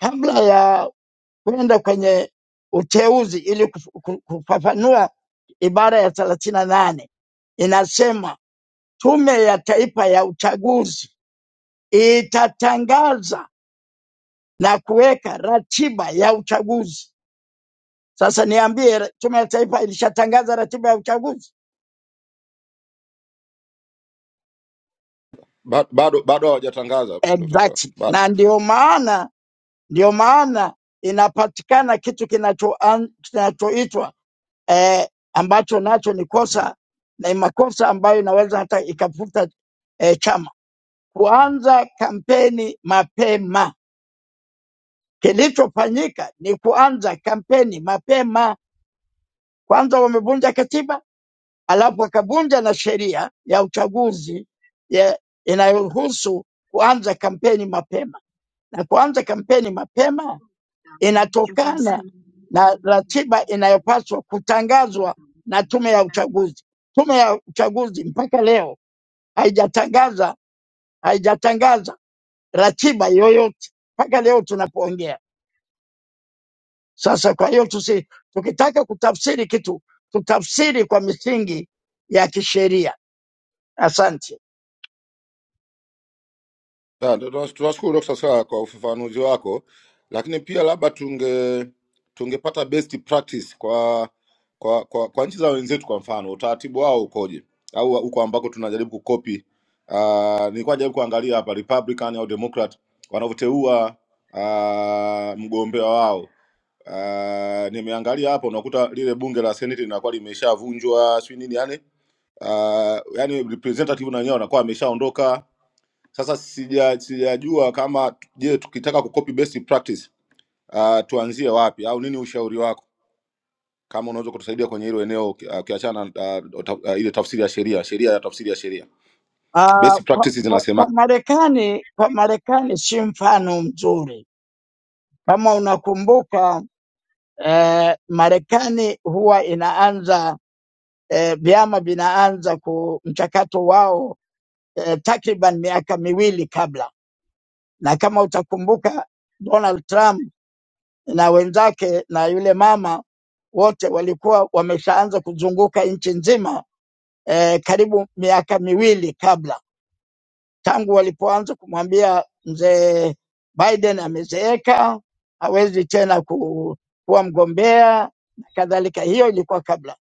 Speaker 17: kabla ya kwenda kwenye uteuzi ili kuf- ku- kufafanua ibara ya thelathini na nane inasema Tume ya Taifa ya Uchaguzi itatangaza na kuweka ratiba ya uchaguzi. Sasa niambie, ra- Tume ya Taifa ilishatangaza ratiba ya uchaguzi?
Speaker 10: Ba- bado bado hawajatangaza dr sala
Speaker 17: Exactly.
Speaker 10: bado
Speaker 17: Na ndio maana ndio maana inapatikana kitu kinachoan- kinachoitwa eh, ambacho nacho ni kosa na ni makosa ambayo inaweza hata ikafuta eh, chama kuanza kampeni mapema. Kilichofanyika ni kuanza kampeni mapema Kwanza wamevunja katiba, alafu wakavunja na sheria ya uchaguzi ya- inayohusu kuanza kampeni mapema, na kuanza kampeni mapema inatokana na ratiba inayopaswa kutangazwa na tume ya uchaguzi. Tume ya uchaguzi mpaka leo haijatangaza haijatangaza ratiba yoyote mpaka leo tunapoongea sasa. Kwa hiyo tusi, tukitaka kutafsiri kitu tutafsiri kwa misingi ya kisheria Asante.
Speaker 10: Na, tu- tu- Tunashukuru Dr. Slaa kwa ufafanuzi wako, lakini pia labda tunge tungepata best practice kwa kwa, kwa, kwa nchi za wenzetu. Kwa mfano utaratibu wao ukoje, au huko ambako tunajaribu kukopi. Uh, nilikuwa najaribu kuangalia hapa Republican au Democrat wanavyoteua uh, mgombea wao. Uh, nimeangalia hapo, unakuta lile bunge la Senate linakuwa limeshavunjwa, sio nini yani, uh, yani representative na wenyewe wanakuwa ameshaondoka sasa sija sijajua kama je, tukitaka kucopy best practice uh, tuanzie wapi au nini ushauri wako, kama unaweza kutusaidia kwenye hilo eneo uki- ah, ukiachana uh, ta, uh, ile tafsiri ya sheria sheria ya tafsiri ya sheria
Speaker 17: Uh,
Speaker 10: best
Speaker 17: kwa,
Speaker 10: practices
Speaker 17: kwa,
Speaker 10: zinasema.
Speaker 17: kwa Marekani kwa Marekani si mfano mzuri. Kama unakumbuka eh, Marekani huwa inaanza eh, vyama vinaanza ku mchakato wao eh, takriban miaka miwili kabla, na kama utakumbuka Donald Trump na wenzake na yule mama wote walikuwa wameshaanza kuzunguka nchi nzima eh, karibu miaka miwili kabla tangu walipoanza kumwambia mzee Biden amezeeka, hawezi tena ku, kuwa mgombea na kadhalika. Hiyo ilikuwa kabla,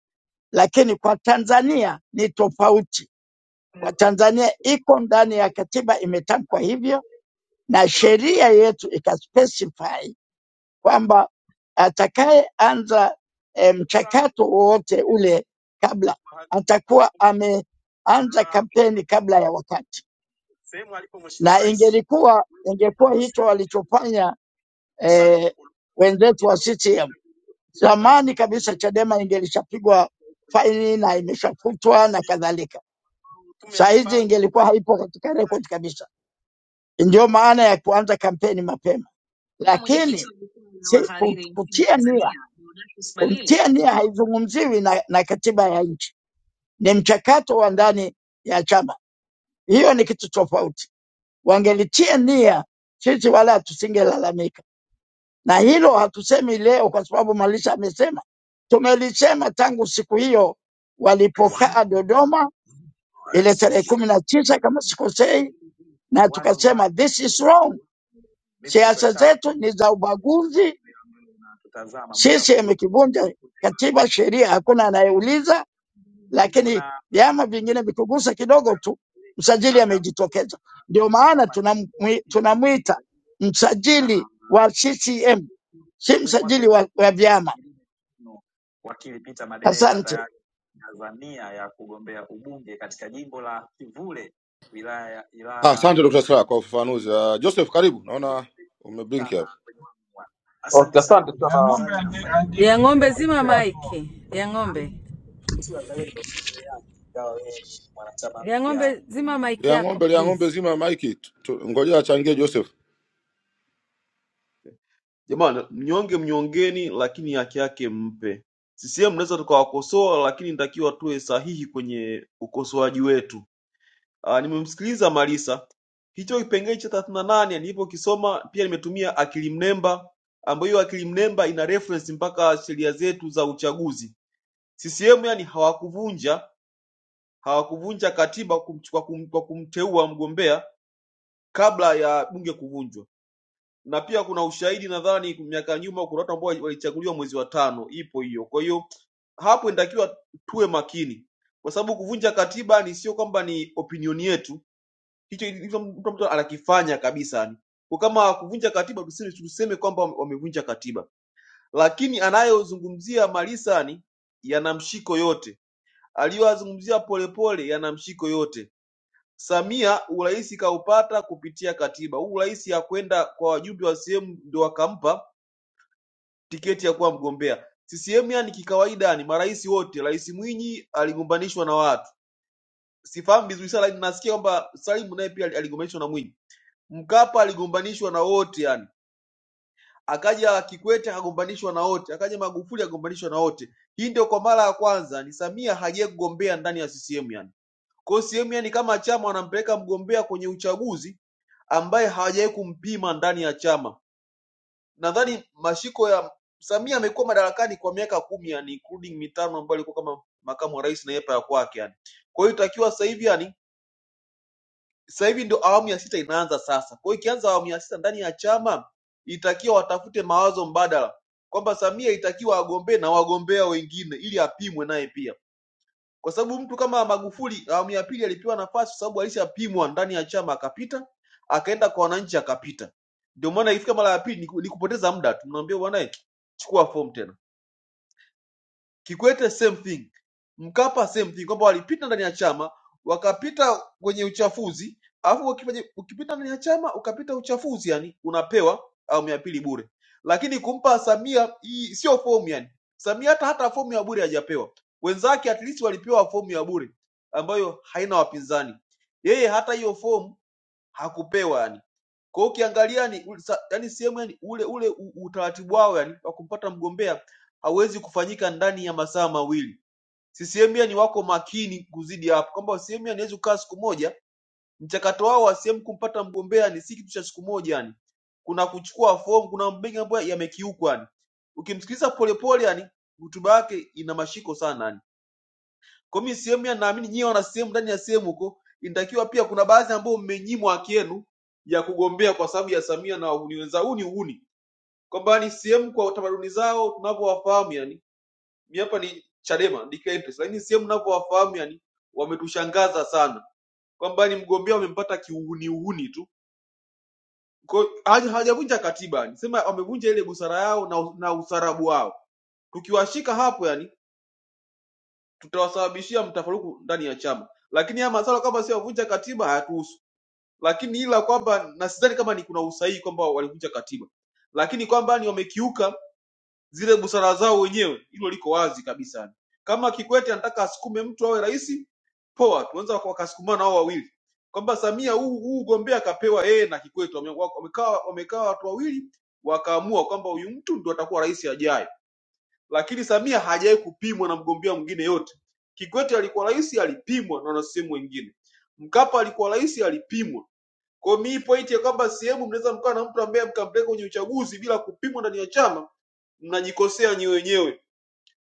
Speaker 17: lakini kwa Tanzania ni tofauti. Kwa Tanzania iko ndani ya katiba, imetamkwa hivyo na sheria yetu ikaspecify kwamba atakayeanza eh, mchakato wowote ule kabla atakuwa ameanza kampeni kabla ya wakati. na ingelikuwa ingekuwa hicho walichofanya eh, wenzetu wa CCM zamani kabisa, Chadema ingelishapigwa faini na imeshafutwa na kadhalika. Saa hizi ingelikuwa haipo katika rekodi kabisa. Ndio maana ya kuanza kampeni mapema, lakini si, ku- kutia nia kutia nia haizungumziwi na, na katiba ya nchi, ni mchakato wa ndani ya chama. Hiyo ni kitu tofauti. Wangelitia nia, sisi wala tusingelalamika na hilo hatusemi leo kwa sababu Malisha amesema, tumelisema tangu siku hiyo walipokaa Dodoma ile tarehe kumi na tisa kama sikosei, na tukasema this is wrong, siasa zetu ni za ubaguzi. Sisi imekivunja katiba, sheria, hakuna anayeuliza, lakini vyama vingine vikugusa kidogo tu, msajili amejitokeza. Ndio maana tunamwi- tunamwita msajili wa CCM, si msajili wa, wa vyama. Asante.
Speaker 10: Ah, Asante Dr. Slaa kwa ufafanuzi. Uh, Joseph, karibu, naona umeblink hapa.
Speaker 15: Okay, asante sana.
Speaker 6: Lia ng'ombe zima
Speaker 15: Naipenda.
Speaker 6: maiki. Lia ng'ombe. Lia ng'ombe zima maiki
Speaker 10: Lia
Speaker 6: yako
Speaker 10: ng'ombe, lia ng'ombe
Speaker 6: please.
Speaker 10: zima ya maiki, Tu- ngoja achangie Joseph.
Speaker 15: Jamani, mnyonge mnyongeni, lakini haki yake mpe. CCM naweza tukawakosoa, lakini nitakiwa tuwe sahihi kwenye ukosoaji wetu. Aa, nimemsikiliza Malisa, hicho kipengele cha 38 nane nilipokisoma pia nimetumia akili mnemba, ambayo hiyo akili mnemba ina reference mpaka sheria zetu za uchaguzi. CCM yani hawakuvunja hawakuvunja katiba kwa kumteua mgombea kabla ya bunge kuvunjwa na pia kuna ushahidi nadhani miaka ya nyuma kuna watu ambao walichaguliwa mwezi wa tano ipo hiyo kwa hiyo hapo inatakiwa tuwe makini kwa sababu kuvunja katiba ni sio kwamba ni opinion yetu hicho hicho mtu mtu anakifanya kabisa ni kwa kama kuvunja katiba tuseme, tuseme kwamba wame- wamevunja katiba lakini anayozungumzia malisani yana mshiko yote aliyoyazungumzia polepole yana mshiko yote Samia urais kaupata kupitia katiba. Huu urais hakwenda kwa wajumbe wa CCM ndio wakampa tiketi ya kuwa mgombea. CCM yani kikawaida, yani marais wote, Rais Mwinyi aligombanishwa na watu, sifahamu vizuri sana, lakini nasikia kwamba Salimu naye pia aligombanishwa na Mwinyi. Mkapa aligombanishwa na wote yani, akaja Kikwete akagombanishwa na wote, akaja Magufuli akagombanishwa na wote. Hii ndio kwa mara ya kwanza ni Samia hajaye kugombea ndani ya CCM yani. Kwa hiyo CCM yani kama chama wanampeleka mgombea kwenye uchaguzi ambaye hawajawahi kumpima ndani ya chama. Nadhani mashiko ya Samia amekuwa madarakani kwa miaka kumi yani, including mitano ambayo alikuwa kama makamu wa rais na yepa ya kwake yani. Kwa hiyo itakiwa sasa hivi yani, sasa hivi ndio awamu ya sita inaanza sasa. Kwa hiyo ikianza awamu ya sita ndani ya chama, itakiwa watafute mawazo mbadala kwamba Samia itakiwa agombee na wagombea wengine ili apimwe naye pia kwa sababu mtu kama Magufuli awamu ya pili alipewa nafasi kwa sababu alishapimwa ndani ya chama akapita, akaenda kwa wananchi akapita. Ndio maana ikifika mara ya pili ni ku- ni kupoteza muda tu, mnaambia bwana, eh, chukua fomu tena. Kikwete same thing, Mkapa same thing, kwamba walipita ndani ya chama wakapita kwenye uchafuzi, alafu ukipaje- ukipita ndani ya chama ukapita uchafuzi, yani unapewa awamu ya pili bure. Lakini kumpa Samia hii sio fomu, yani Samia hata hata fomu ya bure hajapewa, wenzake at least walipewa fomu ya bure ambayo haina wapinzani, yeye hata hiyo fomu hakupewa yani kwa hiyo ukiangalia ni yani sehemu yani ule ule u- utaratibu wao yani wa kumpata mgombea hauwezi kufanyika ndani ya masaa mawili. CCM yani wako makini kuzidi hapo kwamba CCM yani hawezi kukaa siku moja. Mchakato wao wa CCM kumpata mgombea ni si kitu cha siku moja yani. Kuna kuchukua fomu, kuna mengi ambayo yamekiukwa yani. Ukimsikiliza polepole yani hotuba yake ina mashiko sana yani. Kwa mimi sehemu ya naamini nyie wana sehemu ndani ya sehemu huko, inatakiwa pia kuna baadhi ambao mmenyimwa haki yenu ya kugombea kwa sababu ya Samia na wahuni wenzao. Huu ni uhuni kwamba ni sehemu kwa tamaduni zao tunavyowafahamu, yani mimi hapa ni Chadema declare interest, lakini sehemu tunavyowafahamu yani wametushangaza sana kwamba ni mgombea wamempata kiuhuni uhuni tu. Kwa hiyo haja- hawajavunja katiba yani, sema wamevunja ile busara yao na, na usarabu wao. Tukiwashika hapo yani tutawasababishia mtafaruku ndani ya chama. Lakini haya masuala kama sio kuvunja katiba hayatuhusu, lakini ila kwamba na sidhani kama ni kuna usahihi kwamba walivunja katiba, lakini kwamba ni wamekiuka zile busara zao wenyewe, hilo liko wazi kabisa. Kama Kikwete anataka asukume mtu awe rais, poa, tuanza wakasukumana hao wawili kwamba Samia huu huu ugombea akapewa yeye na Kikwete, wame- wamekaa wamekaa watu wawili wakaamua kwamba huyu mtu ndo atakuwa rais ajaye lakini Samia hajawahi kupimwa na mgombea mwingine yote. Kikwete alikuwa rais, alipimwa na wanasehemu wengine. Mkapa alikuwa rais, alipimwa. Kwa hiyo mii pointi ya kwamba sehemu mnaweza mkawa na mtu ambaye mkampeleka kwenye uchaguzi bila kupimwa ndani ya chama, mnajikosea nyewe wenyewe,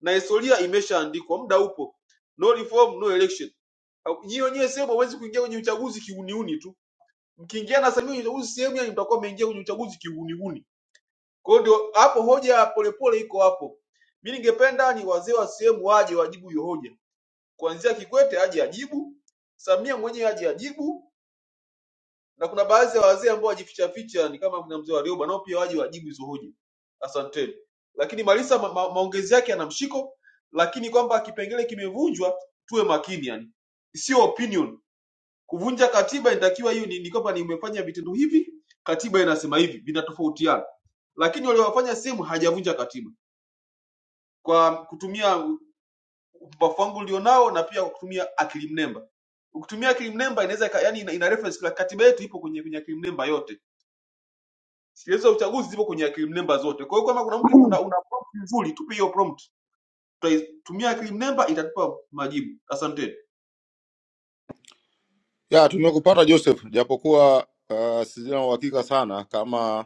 Speaker 15: na historia imeshaandikwa, muda upo. No reform, no election. Au- Nyie wenyewe sehemu hawezi kuingia kwenye uchaguzi kiuniuni tu. Mkiingia na Samia kwenye uchaguzi sehemu, yani mtakuwa mmeingia kwenye uchaguzi kiuniuni. Kwa hiyo ndio hapo hoja ya polepole iko hapo. Mimi ningependa ni wazee wa sehemu waje wajibu hiyo hoja, kuanzia Kikwete aje ajibu, Samia mwenyewe aje ajibu, na kuna baadhi ya wazee ambao wajificha ficha ni kama kuna mzee wa Rioba, nao pia waje wajibu hizo hoja. Asanteni. Lakini Malisa ma, ma, maongezi yake yana mshiko, lakini kwamba kipengele kimevunjwa, tuwe makini yani. Sio opinion. Kuvunja katiba inatakiwa hiyo ni, ni kwamba nimefanya vitendo hivi, katiba inasema hivi, vinatofautiana. Lakini waliowafanya sehemu hajavunja katiba kwa kutumia upumbavu wangu ulionao na pia kwa kutumia akili mnemba ukitumia akili mnemba inaweza ika- yani ina, ina reference kwa katiba yetu ipo kwenye kwenye akili mnemba yote sheria za uchaguzi zipo kwenye akili mnemba zote kwa hiyo kama kuna mtu una, una prompt nzuri tupe hiyo prompt tutaitumia akili mnemba itatupa majibu asante
Speaker 10: ya tumekupata Joseph, japokuwa uh, sijina uhakika sana kama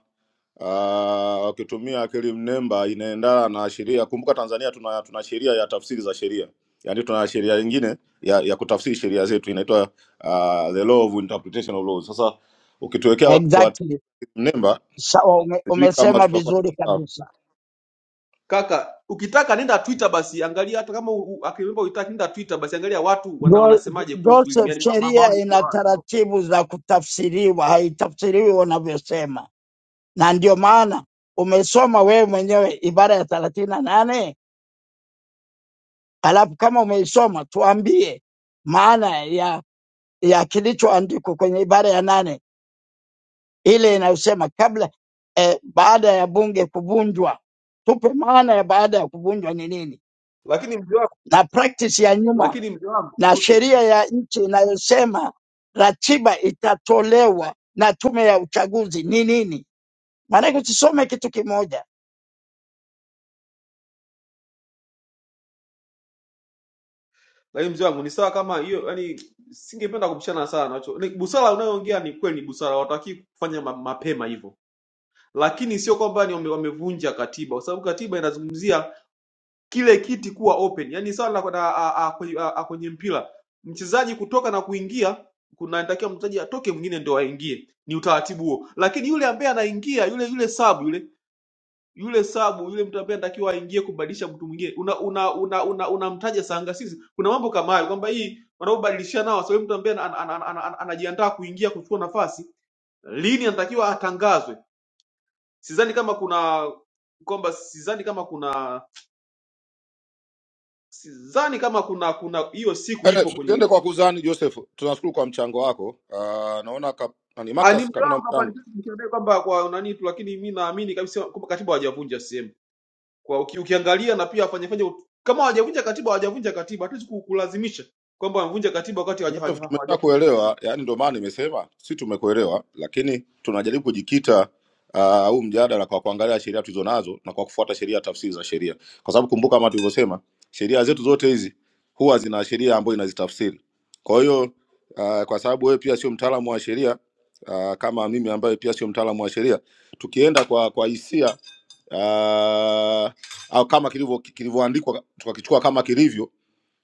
Speaker 10: uh, wakitumia akili mnemba inaendana na sheria. Kumbuka Tanzania tuna tuna sheria ya tafsiri za sheria, yaani tuna sheria nyingine ya, ya kutafsiri sheria zetu inaitwa uh, the law of interpretation of laws. Sasa ukituwekea kwa akili
Speaker 17: Exactly.
Speaker 10: mnemba,
Speaker 17: Sawa, ume,
Speaker 10: sijui kama
Speaker 17: umesema
Speaker 10: tutakuwa
Speaker 17: vizuri
Speaker 10: tuko sawa.
Speaker 17: kabisa.
Speaker 15: kaka ukitaka nenda twitter basi angalia hata kama u- u- akili mnemba uitaki nenda twitter basi angalia watu wana,
Speaker 17: Jo-
Speaker 15: wanasemaje kuhusu elimu
Speaker 17: Joseph,
Speaker 15: yani ma, ma,
Speaker 17: sheria
Speaker 15: maoni ya
Speaker 17: ina
Speaker 15: watu
Speaker 17: taratibu za kutafsiriwa, haitafsiriwi unavyosema, na ndio maana umesoma wewe mwenyewe ibara ya thelathini na nane alafu kama umeisoma tuambie maana ya ya kilichoandikwa kwenye ibara ya nane ile inayosema kabla eh, baada ya bunge kuvunjwa, tupe maana ya baada ya kuvunjwa ni nini,
Speaker 15: lakini mzee wangu
Speaker 17: na practice ya nyuma
Speaker 15: lakini mzee
Speaker 17: na
Speaker 15: wangu
Speaker 17: sheria ya nchi inayosema ratiba itatolewa na tume ya uchaguzi ni nini. Maanake usisome kitu kimoja.
Speaker 15: lakini mzee wangu ni sawa kama hiyo yani singependa kubishana sana nacho Ni busara unayoongea ni kweli ni busara watakii kufanya ma, mapema hivyo lakini sio kwamba ni wame- wamevunja katiba kwa sababu katiba inazungumzia kile kiti kuwa open yani sawa na, na a, a, kwenye, a, a, kwenye mpira mchezaji kutoka na kuingia kunatakiwa mchezaji atoke mwingine ndio aingie ni utaratibu huo lakini yule ambaye anaingia yule yule sub yule yule sabu yule mtu ambaye anatakiwa aingie kubadilisha mtu mwingine una una una una unamtaja sanga sisi kuna mambo kama hayo kwamba hii wanaobadilishana nao sababu mtu ambaye ana- ana- ana- ana- ana- anajiandaa kuingia kuchukua nafasi lini anatakiwa atangazwe sidhani kama kuna kwamba sidhani kama kuna sidhani kama kuna kuna hiyo siku
Speaker 10: Ede,
Speaker 15: ipo kwenye
Speaker 10: Tusiende kwa kuzani Joseph, tunashukuru kwa mchango wako. Uh, naona ka, nani,
Speaker 15: Ah, ni
Speaker 10: Marcus
Speaker 15: mtu
Speaker 10: kama una
Speaker 15: wangu
Speaker 10: mchango
Speaker 15: hapa nikiambia kwamba kwa nani tu lakini mi naamini kabisa kwamba katiba hawajavunja sehemu kwa uki, ukiangalia na pia wafanyafanya kama hawajavunja katiba hawajavunja katiba hatuwezi ku- kulazimisha kwamba wamevunja katiba wakati hawaja-
Speaker 10: Joseph,
Speaker 15: hawaja- hawajavunja
Speaker 10: tumeshakuelewa,
Speaker 15: katiba
Speaker 10: yani ndio maana nimesema si tumekuelewa, lakini tunajaribu kujikita uh, au mjadala kwa kuangalia sheria tulizonazo na kwa kufuata sheria, tafsiri za sheria, kwa sababu kumbuka, kama tulivyosema, sheria zetu zote hizi huwa zina sheria ambayo inazitafsiri. Kwa hiyo uh, kwa sababu wewe pia sio mtaalamu wa sheria uh, kama mimi ambaye pia sio mtaalamu wa sheria, tukienda kwa kwa hisia uh, au kama kilivyo- kilivyoandikwa tukakichukua kama kilivyo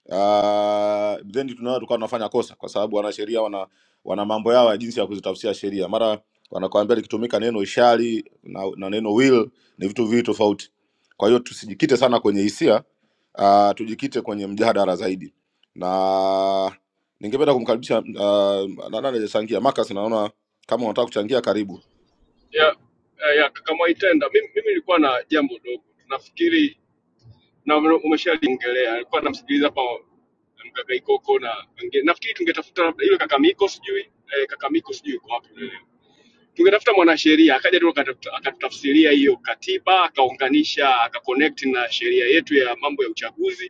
Speaker 10: Uh, then tunaweza tukawa tunafanya kosa kwa sababu wanasheria wana wana mambo yao ya jinsi ya kuzitafsiria sheria. Mara wanakuambia likitumika neno ishari na, na neno will ni vitu viwili tofauti. Kwa hiyo tusijikite sana kwenye hisia, uh, tujikite kwenye mjadala zaidi. Na ningependa kumkaribisha uh, nani hajachangia Marcus, naona kama unataka kuchangia karibu.
Speaker 20: ya, ya, ya kaka Mwaitenda. Mimi, mimi nilikuwa na jambo dogo, nafikiri na ume- umeshaliongelea. Nilikuwa namsikiliza hapa mkaka Ikoko na wengine. Nafikiri tungetafuta labda ile kaka Miko sijui eh, kaka Miko sijui yuko wapi leo. Tungetafuta mwanasheria akaja tu akatuta- akatutafsiria hiyo katiba, akaunganisha akaconnect na sheria yetu ya mambo ya uchaguzi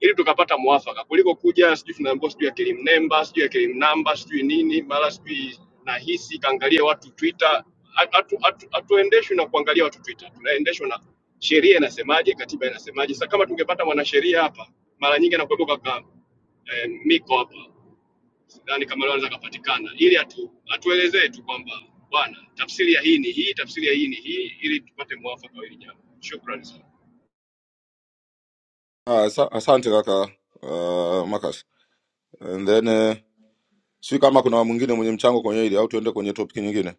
Speaker 20: ili tukapata mwafaka kuliko kuja sijui tunaambiwa sijui akili mnemba sijui akili mnamba sijui nini mara sijui nahisi kaangalia watu Twitter. Hatuendeshwi hatu, hatu hatuendeshwi na kuangalia watu Twitter, tunaendeshwa na sheria inasemaje, katiba inasemaje. Sasa kama tungepata mwanasheria hapa, mara nyingi anakuwepo kaka eh, Miko hapa, sidhani kama leo anaweza akapatikana, ili atu, atuelezee tu kwamba bwana, tafsiri ya hii ni hii, tafsiri ya hii ni hii, ili tupate mwafaka wa hili jambo. Shukrani sana.
Speaker 10: Ah, asa- asante kaka uh, Marcus. And then uh, sijui kama kuna mwingine mwenye mchango kwenye hili au tuende kwenye topic nyingine.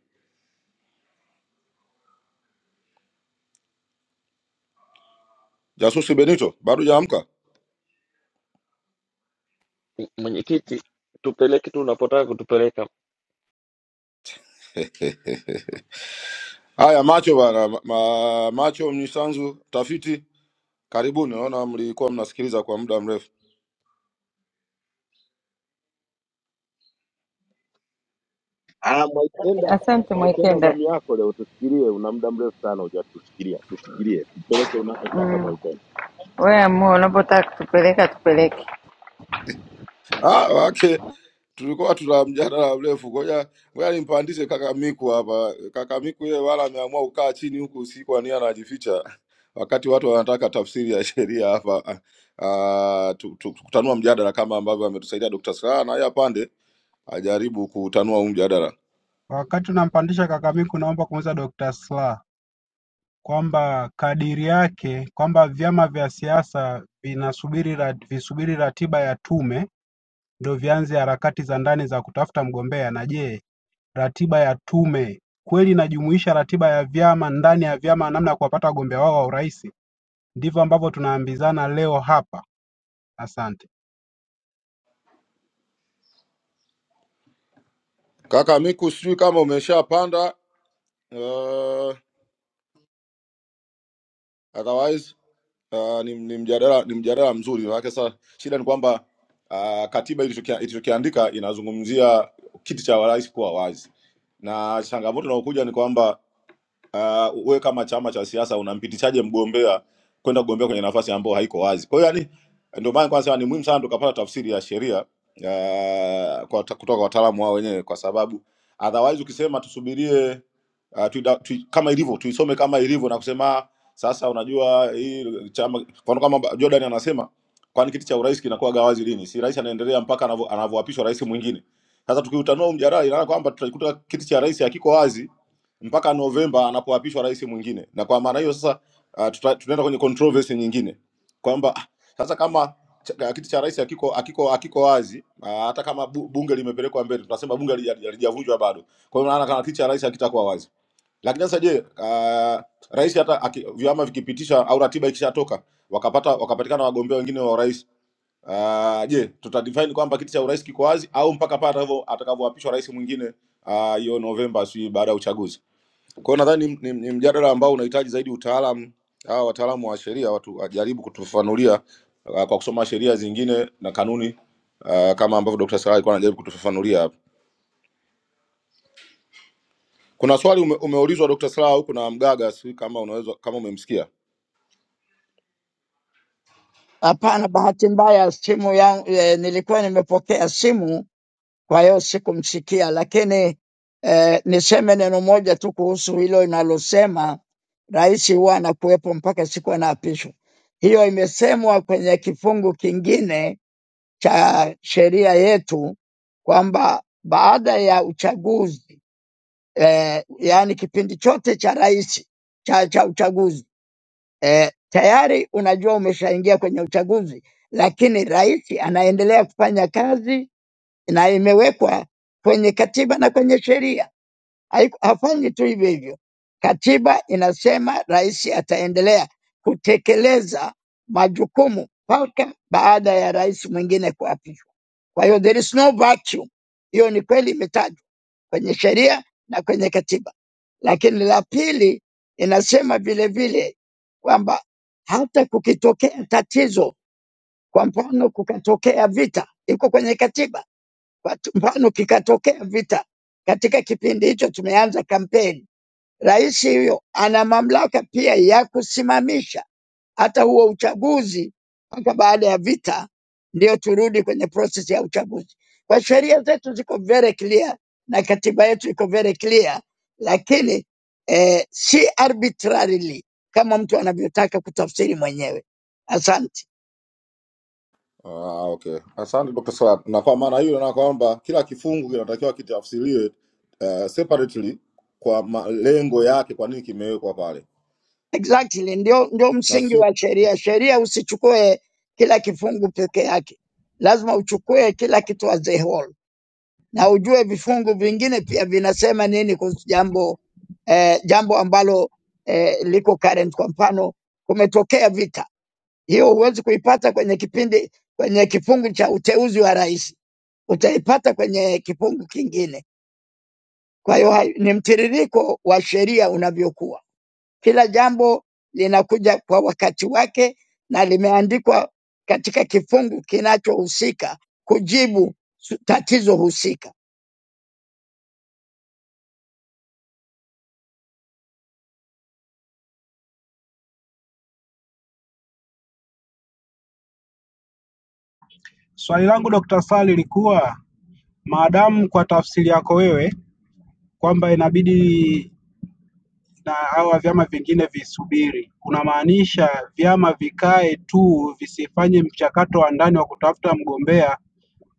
Speaker 10: Jasusi Benito, bado jaamka?
Speaker 11: mwenyekiti tupeleke tu unapotaka kutupeleka
Speaker 10: Haya, macho bana, ma, ma- macho mnisanzu tafiti, karibuni. Naona mlikuwa mnasikiliza kwa muda mrefu.
Speaker 14: Ah, Mwaitenda,
Speaker 6: Asante
Speaker 14: Mwaitenda,
Speaker 6: Mwikenda.
Speaker 14: zamu yako leo, tusikilie. Una muda mrefu sana hujatusikilia, tushikilie, tupeleke unakotaka
Speaker 6: Mm.
Speaker 14: Mwaitenda.
Speaker 6: Wewe amua unapotaka kutupeleka tupeleke.
Speaker 10: Ah, wake tulikuwa tuna mjadala mrefu. Ngoja ngoja nimpandishe kaka Miku hapa. Kaka Miku yeye wala ameamua kukaa chini huku usiku, ania anajificha, wakati watu wanataka tafsiri ya sheria hapa. Ah, tu- tu- kutanua mjadala kama ambavyo ametusaidia Dr. Slaa na yeye apande ajaribu kutanua huu mjadala.
Speaker 8: Wakati tunampandisha Kakamiku naomba kumuuliza Dokta Slaa kwamba kadiri yake kwamba vyama vya siasa vinasubiri ra- visubiri ratiba ya Tume ndo vianze harakati za ndani za kutafuta mgombea na je, ratiba ya Tume kweli inajumuisha ratiba ya vyama ndani ya vyama namna ya kuwapata wagombea wao wa urais? Ndivyo ambavyo tunaambizana leo hapa. Asante.
Speaker 10: Kaka Miku, sijui kama umeshapanda Ah, otherwise uh, ni, ni mjadala ni mjadala mzuri manake sasa shida ni kwamba uh, katiba ilichokia- ilichokiandika inazungumzia kiti cha rais kuwa wazi na changamoto inayokuja ni kwamba uh, we kama chama cha siasa unampitishaje mgombea kwenda kugombea kwenye nafasi ambayo haiko wazi? Kwa hiyo yani, ndio maana kwanza ni muhimu sana tukapata tafsiri ya sheria uh, kwa, kutoka kwa wataalamu wao wenyewe, kwa sababu otherwise ukisema tusubirie uh, tuida, tu, kama ilivyo tuisome kama ilivyo na kusema "Ah, sasa, unajua hii chama, kwa mfano kama Jordan anasema kwani kiti cha urais kinakuwa gawazi lini? Si rais anaendelea mpaka anavyo- anavyoapishwa rais mwingine. Sasa tukiutanua huu mjadala, inaona kwamba tutakuta kiti cha rais hakiko wazi mpaka Novemba anapoapishwa rais mwingine. Na kwa maana hiyo sasa, uh, tuta- tunaenda kwenye controversy nyingine kwamba ah, sasa kama ch- kiti cha rais hakiko hakiko hakiko wazi uh, hata kama bu- bunge limepelekwa mbele, tunasema bunge halija- halijavunjwa bado. Kwa hiyo maana kama kiti cha rais hakitakuwa wazi. Lakini sasa je, uh, rais hata aki, vyama vikipitisha au ratiba ikishatoka wakapata wakapatikana wagombea wengine wa urais uh, je, tuta define kwamba kiti cha urais kiko wazi au mpaka pale atakavyo- atakavyoapishwa rais mwingine ah, hiyo Novemba, si baada ya uchaguzi? Kwa hiyo nadhani ni, ni, ni mjadala ambao unahitaji zaidi utaalamu, hawa wataalamu wa sheria watu wajaribu kutufafanulia uh, kwa kusoma sheria zingine na kanuni uh, kama ambavyo Dr. Slaa alikuwa anajaribu kutufafanulia hapa. Kuna swali ume, umeulizwa Dr. Slaa huku na Mgaga, sijui kama unaweza kama umemsikia.
Speaker 17: Hapana, bahati mbaya simu yangu e, nilikuwa nimepokea simu, kwa hiyo sikumsikia, lakini e, niseme neno moja tu kuhusu hilo linalosema rais huwa anakuwepo mpaka siku anaapishwa. Hiyo imesemwa kwenye kifungu kingine cha sheria yetu kwamba baada ya uchaguzi eh, yaani kipindi chote cha rais cha, cha uchaguzi eh, tayari unajua umeshaingia kwenye uchaguzi, lakini rais anaendelea kufanya kazi na imewekwa kwenye katiba na kwenye sheria. Haiku- Hafanyi tu hivyo hivyo, katiba inasema rais ataendelea kutekeleza majukumu mpaka baada ya rais mwingine kuapishwa. Kwa hiyo there is no vacuum, hiyo ni kweli imetajwa kwenye sheria na kwenye katiba. Lakini la pili inasema vile vile kwamba hata kukitokea tatizo, kwa mfano kukatokea vita, iko kwenye katiba. Kwa tu- mfano kikatokea vita, katika kipindi hicho tumeanza kampeni, rais huyo ana mamlaka pia ya kusimamisha hata huo uchaguzi mpaka baada ya vita ndio turudi kwenye proses ya uchaguzi. Kwa sheria zetu ziko very clear na katiba yetu iko very clear, lakini eh, si arbitrarily kama mtu anavyotaka kutafsiri mwenyewe. Asante.
Speaker 10: Ah, okay. Asante Dr. Slaa. Na kwa maana hiyo na kwamba kila kifungu kinatakiwa kitafsiriwe uh, separately kwa malengo yake, kwa nini kimewekwa pale
Speaker 17: Exactly, ndio, ndio
Speaker 10: na
Speaker 17: msingi
Speaker 10: sio
Speaker 17: wa sheria. Sheria usichukue kila kifungu peke yake, lazima uchukue kila kitu as a whole. na ujue vifungu vingine pia vinasema nini kuhusu jambo eh, jambo ambalo eh, liko current. Kwa mfano, kumetokea vita, hiyo huwezi kuipata kwenye kipindi kwenye kifungu cha uteuzi wa rais, utaipata kwenye kifungu kingine. Kwa hiyo hai- ni mtiririko wa sheria unavyokuwa, kila jambo linakuja kwa wakati wake na limeandikwa katika kifungu kinachohusika kujibu su- tatizo husika.
Speaker 8: Swali langu Dokta Slaa lilikuwa maadamu kwa tafsiri yako wewe kwamba inabidi na hawa vyama vingine visubiri, kunamaanisha vyama vikae tu visifanye mchakato wa ndani wa kutafuta mgombea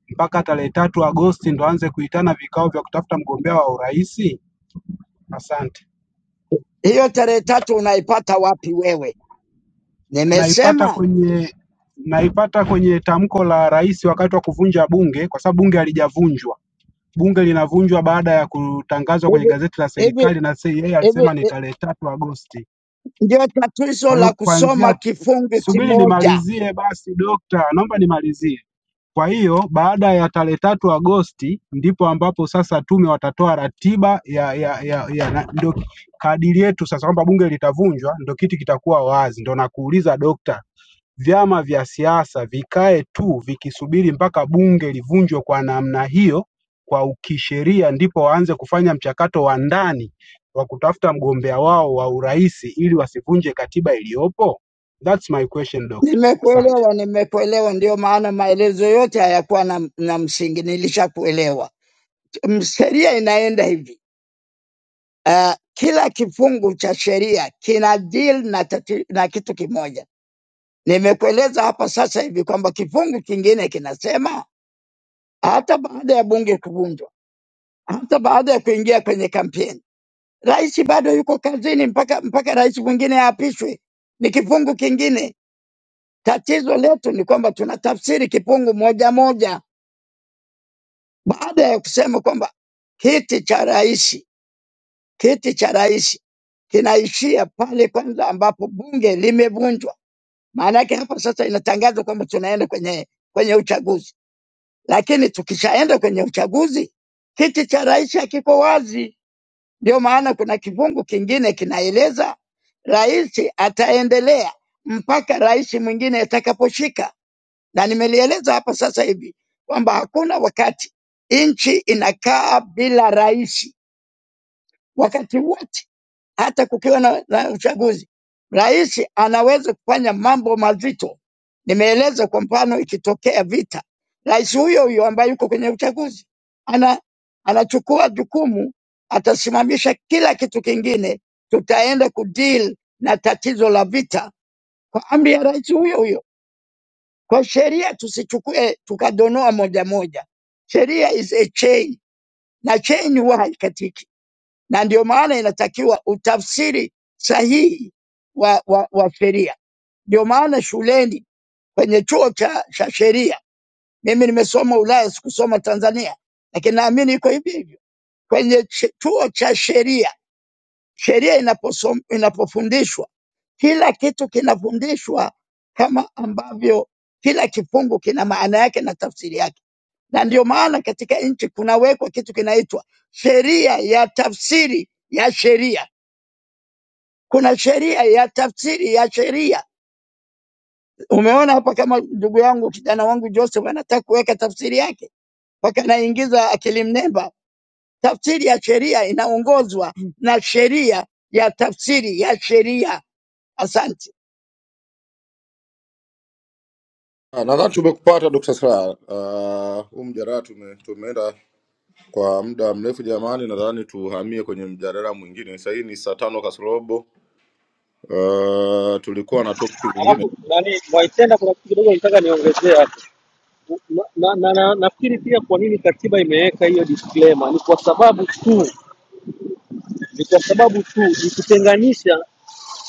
Speaker 8: mpaka tarehe tatu Agosti ndo aanze kuitana vikao vya kutafuta mgombea wa urais? Asante.
Speaker 17: hiyo tarehe tatu unaipata wapi wewe?
Speaker 8: Naipata
Speaker 17: Nimesema
Speaker 8: kwenye naipata kwenye tamko la rais wakati wa kuvunja bunge, kwa sababu bunge halijavunjwa. Bunge linavunjwa baada ya kutangazwa kwenye
Speaker 17: hivi
Speaker 8: gazeti la
Speaker 17: hivi
Speaker 8: serikali, na sasa yeye
Speaker 17: hivi,
Speaker 8: alisema ni
Speaker 17: eh,
Speaker 8: tarehe tatu Agosti.
Speaker 17: ndio tatizo
Speaker 8: Kwa hiyo
Speaker 17: la kusoma
Speaker 8: kuanzia,
Speaker 17: kifungu
Speaker 8: subiri
Speaker 17: kimoja.
Speaker 8: nimalizie basi dokta, naomba nimalizie. Kwa hiyo baada ya tarehe tatu Agosti ndipo ambapo sasa tume watatoa ratiba ya, ya, ya, ya na, ndio kadiri yetu sasa kwamba bunge litavunjwa, ndio kiti kitakuwa wazi. Ndio nakuuliza dokta, vyama vya siasa vikae tu vikisubiri mpaka bunge livunjwe kwa namna hiyo kwa kisheria ndipo waanze kufanya mchakato wa ndani wa kutafuta mgombea wao wa urais ili wasivunje katiba iliyopo? That's my question doctor. Asante.
Speaker 17: Nimekuelewa, nimekuelewa. Ndio maana maelezo yote hayakuwa na, na msingi, nilishakuelewa. M- Sheria inaenda hivi uh, kila kifungu cha sheria kina deal na, tati, na kitu kimoja. Nimekueleza hapa sasa hivi kwamba kifungu kingine kinasema hata baada ya bunge kuvunjwa, hata baada ya kuingia kwenye kampeni Rais bado yuko kazini mpaka mpaka rais mwingine aapishwe, ni kifungu kingine. Tatizo letu ni kwamba tunatafsiri kifungu moja moja, baada ya kusema kwamba kiti cha rais, kiti cha rais kinaishia pale kwanza ambapo bunge limevunjwa. Maana yake hapa sasa inatangazwa kwamba tunaenda kwenye kwenye uchaguzi, lakini tukishaenda kwenye uchaguzi kiti cha rais hakiko wazi. Ndio maana kuna kifungu kingine kinaeleza Rais ataendelea mpaka rais mwingine atakaposhika, na nimelieleza hapa sasa hivi kwamba hakuna wakati nchi inakaa bila rais. Wakati wote, hata kukiwa na, na uchaguzi, rais anaweza kufanya mambo mazito. Nimeeleza kwa mfano, ikitokea vita, rais huyo huyo ambaye yuko kwenye uchaguzi ana anachukua jukumu, atasimamisha kila kitu kingine, tutaenda kudeal na tatizo la vita kwa amri ya rais huyo huyo. Kwa sheria tusichukue tukadonoa moja moja. Sheria is a chain na chain huwa haikatiki, na ndio maana inatakiwa utafsiri sahihi wa, wa, wa sheria. Ndio maana shuleni kwenye chuo cha, cha sheria, mimi nimesoma Ulaya, sikusoma Tanzania, lakini naamini iko hivyo hivyo kwenye ch- chuo cha sheria. Sheria inaposom, inapofundishwa Kila kitu kinafundishwa kama ambavyo kila kifungu kina maana yake na tafsiri yake, na ndio maana katika nchi kunawekwa kitu kinaitwa sheria ya tafsiri ya sheria. Kuna sheria ya tafsiri ya sheria. Umeona hapa, kama ndugu yangu kijana wangu Joseph anataka kuweka tafsiri yake, mpaka anaingiza akili mnemba. Tafsiri ya sheria inaongozwa na sheria ya tafsiri ya sheria. Asante.
Speaker 10: Ah, Nadhani tumekupata Dr. Slaa. Uh, huu mjadala tume, tumeenda Kwa muda mrefu jamani, nadhani tuhamie kwenye mjadala mwingine. Sasa hii ni saa tano kasorobo. Uh, tulikuwa na topic nyingine
Speaker 18: Alafu nani Mwaitenda, kuna kitu kidogo nataka niongezee hapo na, na, na, na, nafikiri pia kwa nini katiba imeweka hiyo disclaimer ni kwa sababu tu ni kwa sababu tu ikitenganisha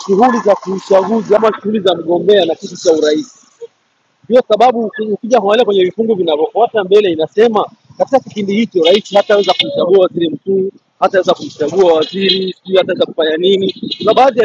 Speaker 18: shughuli za kiuchaguzi ama shughuli za mgombea na kitu cha urais. Ndio sababu uki- ukija kuangalia kwenye vifungu vinavyofuata mbele inasema katika kipindi hicho rais hataweza kumchagua waziri mkuu, hataweza kumchagua waziri, sijui hataweza kufanya nini. Kuna baadhi ya vitu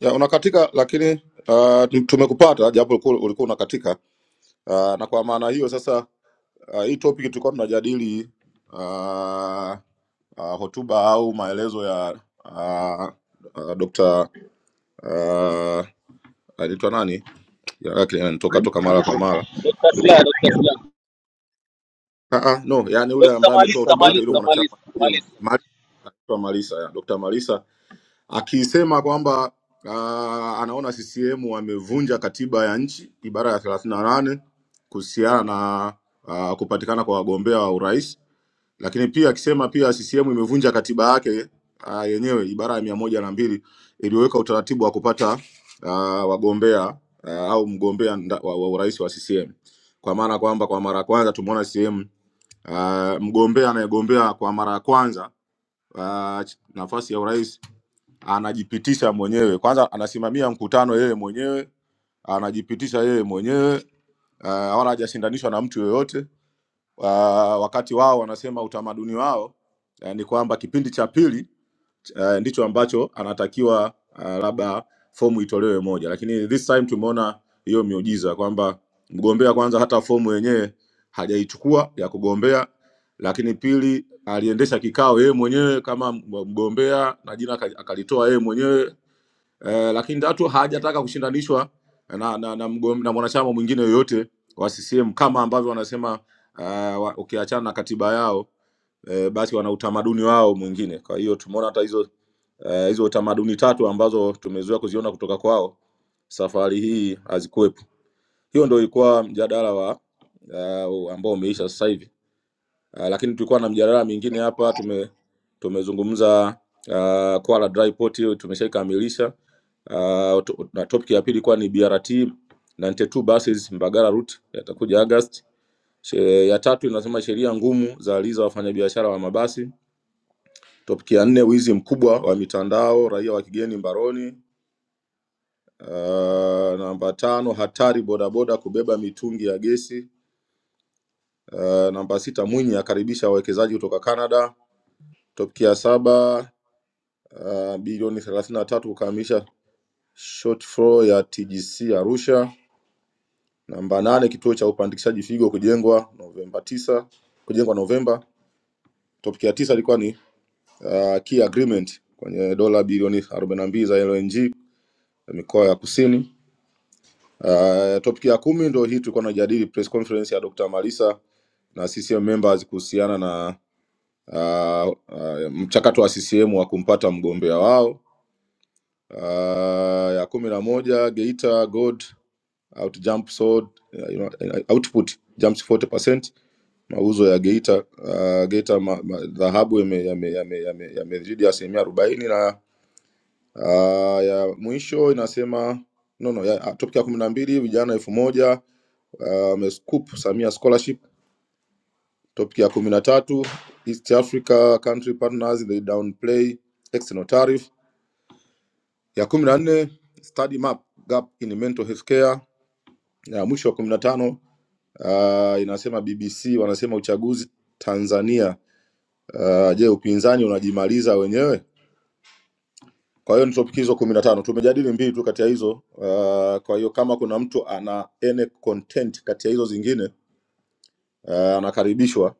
Speaker 10: ya unakatika, lakini uh, tumekupata japo ulikuwa ulikuwa unakatika. Uh, na kwa maana hiyo sasa, uh, hii topic tulikuwa tunajadili uh, uh, hotuba au maelezo ya uh, uh, Dr. uh, anaitwa nani? Jina lake linanitoka toka
Speaker 15: maliza
Speaker 10: mara kwa
Speaker 15: maliza
Speaker 10: mara. Ah, ah, no, yani yule ambaye ametoa
Speaker 15: maliza
Speaker 10: hotuba yake yule
Speaker 15: maliza
Speaker 10: mwanachama wa C C M. Dr. Malisa, ya. Dr. Malisa akisema kwamba uh, anaona CCM wamevunja katiba ya nchi ibara ya 38 kuhusiana na uh, kupatikana kwa wagombea wa urais, lakini pia akisema pia CCM imevunja katiba yake uh, yenyewe ibara ya mia moja na mbili iliyoweka utaratibu wa kupata uh, wagombea uh, au mgombea nda- wa, wa urais wa CCM kwa maana kwamba kwa mara ya kwanza tumeona CCM uh, mgombea anayegombea kwa mara ya kwanza uh, nafasi ya urais anajipitisha mwenyewe kwanza, anasimamia mkutano yeye mwenyewe, anajipitisha yeye mwenyewe uh, wala hajashindanishwa na mtu yoyote. Uh, wakati wao wanasema utamaduni wao eh, ni kwamba kipindi cha pili uh, ndicho ambacho anatakiwa uh, labda fomu itolewe moja, lakini this time tumeona hiyo miujiza kwamba mgombea kwanza hata fomu yenyewe hajaichukua ya kugombea, lakini pili aliendesha kikao yeye mwenyewe kama mg- mgombea na jina aka- akalitoa yeye mwenyewe eh, lakini tatu hajataka kushindanishwa na, na, na, mgom, na mwanachama mwingine yoyote wa CCM kama ambavyo wanasema uh, wa- ukiachana na katiba yao eh, basi wana utamaduni wao mwingine. Kwa hiyo tumeona hata hizo Eh, hizo uh, tamaduni tatu ambazo tumezoea kuziona kutoka kwao safari hii hazikuwepo. Hiyo ndio ilikuwa mjadala wa uh, ambao umeisha sasa hivi. Uh, lakini tulikuwa na mjadala mingine hapa tume tumezungumza uh, Kwala Dry Port hiyo tumeshaikamilisha. Uh, to- na topic ya pili ilikuwa ni BRT 92 buses Mbagala route yatakuja August. She- Ya tatu inasema sheria ngumu za aliza wafanyabiashara wa mabasi. Topic ya nne wizi mkubwa wa mitandao raia wa kigeni mbaroni. Uh, namba tano, hatari bodaboda kubeba mitungi ya gesi. Uh, namba sita, Mwinyi akaribisha wawekezaji kutoka Canada. Topiki ya saba, uh, bilioni thelathini na tatu kukamilisha short floor ya TGC Arusha. Namba nane, kituo cha upandikishaji figo kujengwa Novemba tisa, kujengwa Novemba. Topiki ya tisa ilikuwa ni uh, key agreement kwenye dola bilioni 42 za LNG ya mikoa ya kusini. Uh, topic ya kumi ndio hii tulikuwa tunajadili press conference ya Dr. Malisa na CCM members kuhusiana na uh, uh, mchakato wa CCM wa kumpata mgombea wao. Uh, ya kumi na moja Geita Gold out jump sold, uh, you know, uh, output jumps 40%. Mauzo ya Geita uh, Geita ma- ma- dhahabu yamezidi yame, yame, yame, yame yamezidi asilimia arobaini na uh, ya mwisho inasema no, no, ya, topic ya kumi na mbili vijana elfu moja amescoop um, scoop samia scholarship topic ya kumi na tatu east africa country partners they downplay external tariff ya kumi na nne study map gap in mental health care ya mwisho wa kumi na tano uh, inasema bbc wanasema uchaguzi tanzania uh, je upinzani unajimaliza wenyewe kwa hiyo ni topic hizo kumi na tano tumejadili mbili tu kati ya hizo uh, kwa hiyo kama kuna mtu ana any content kati ya hizo zingine uh, anakaribishwa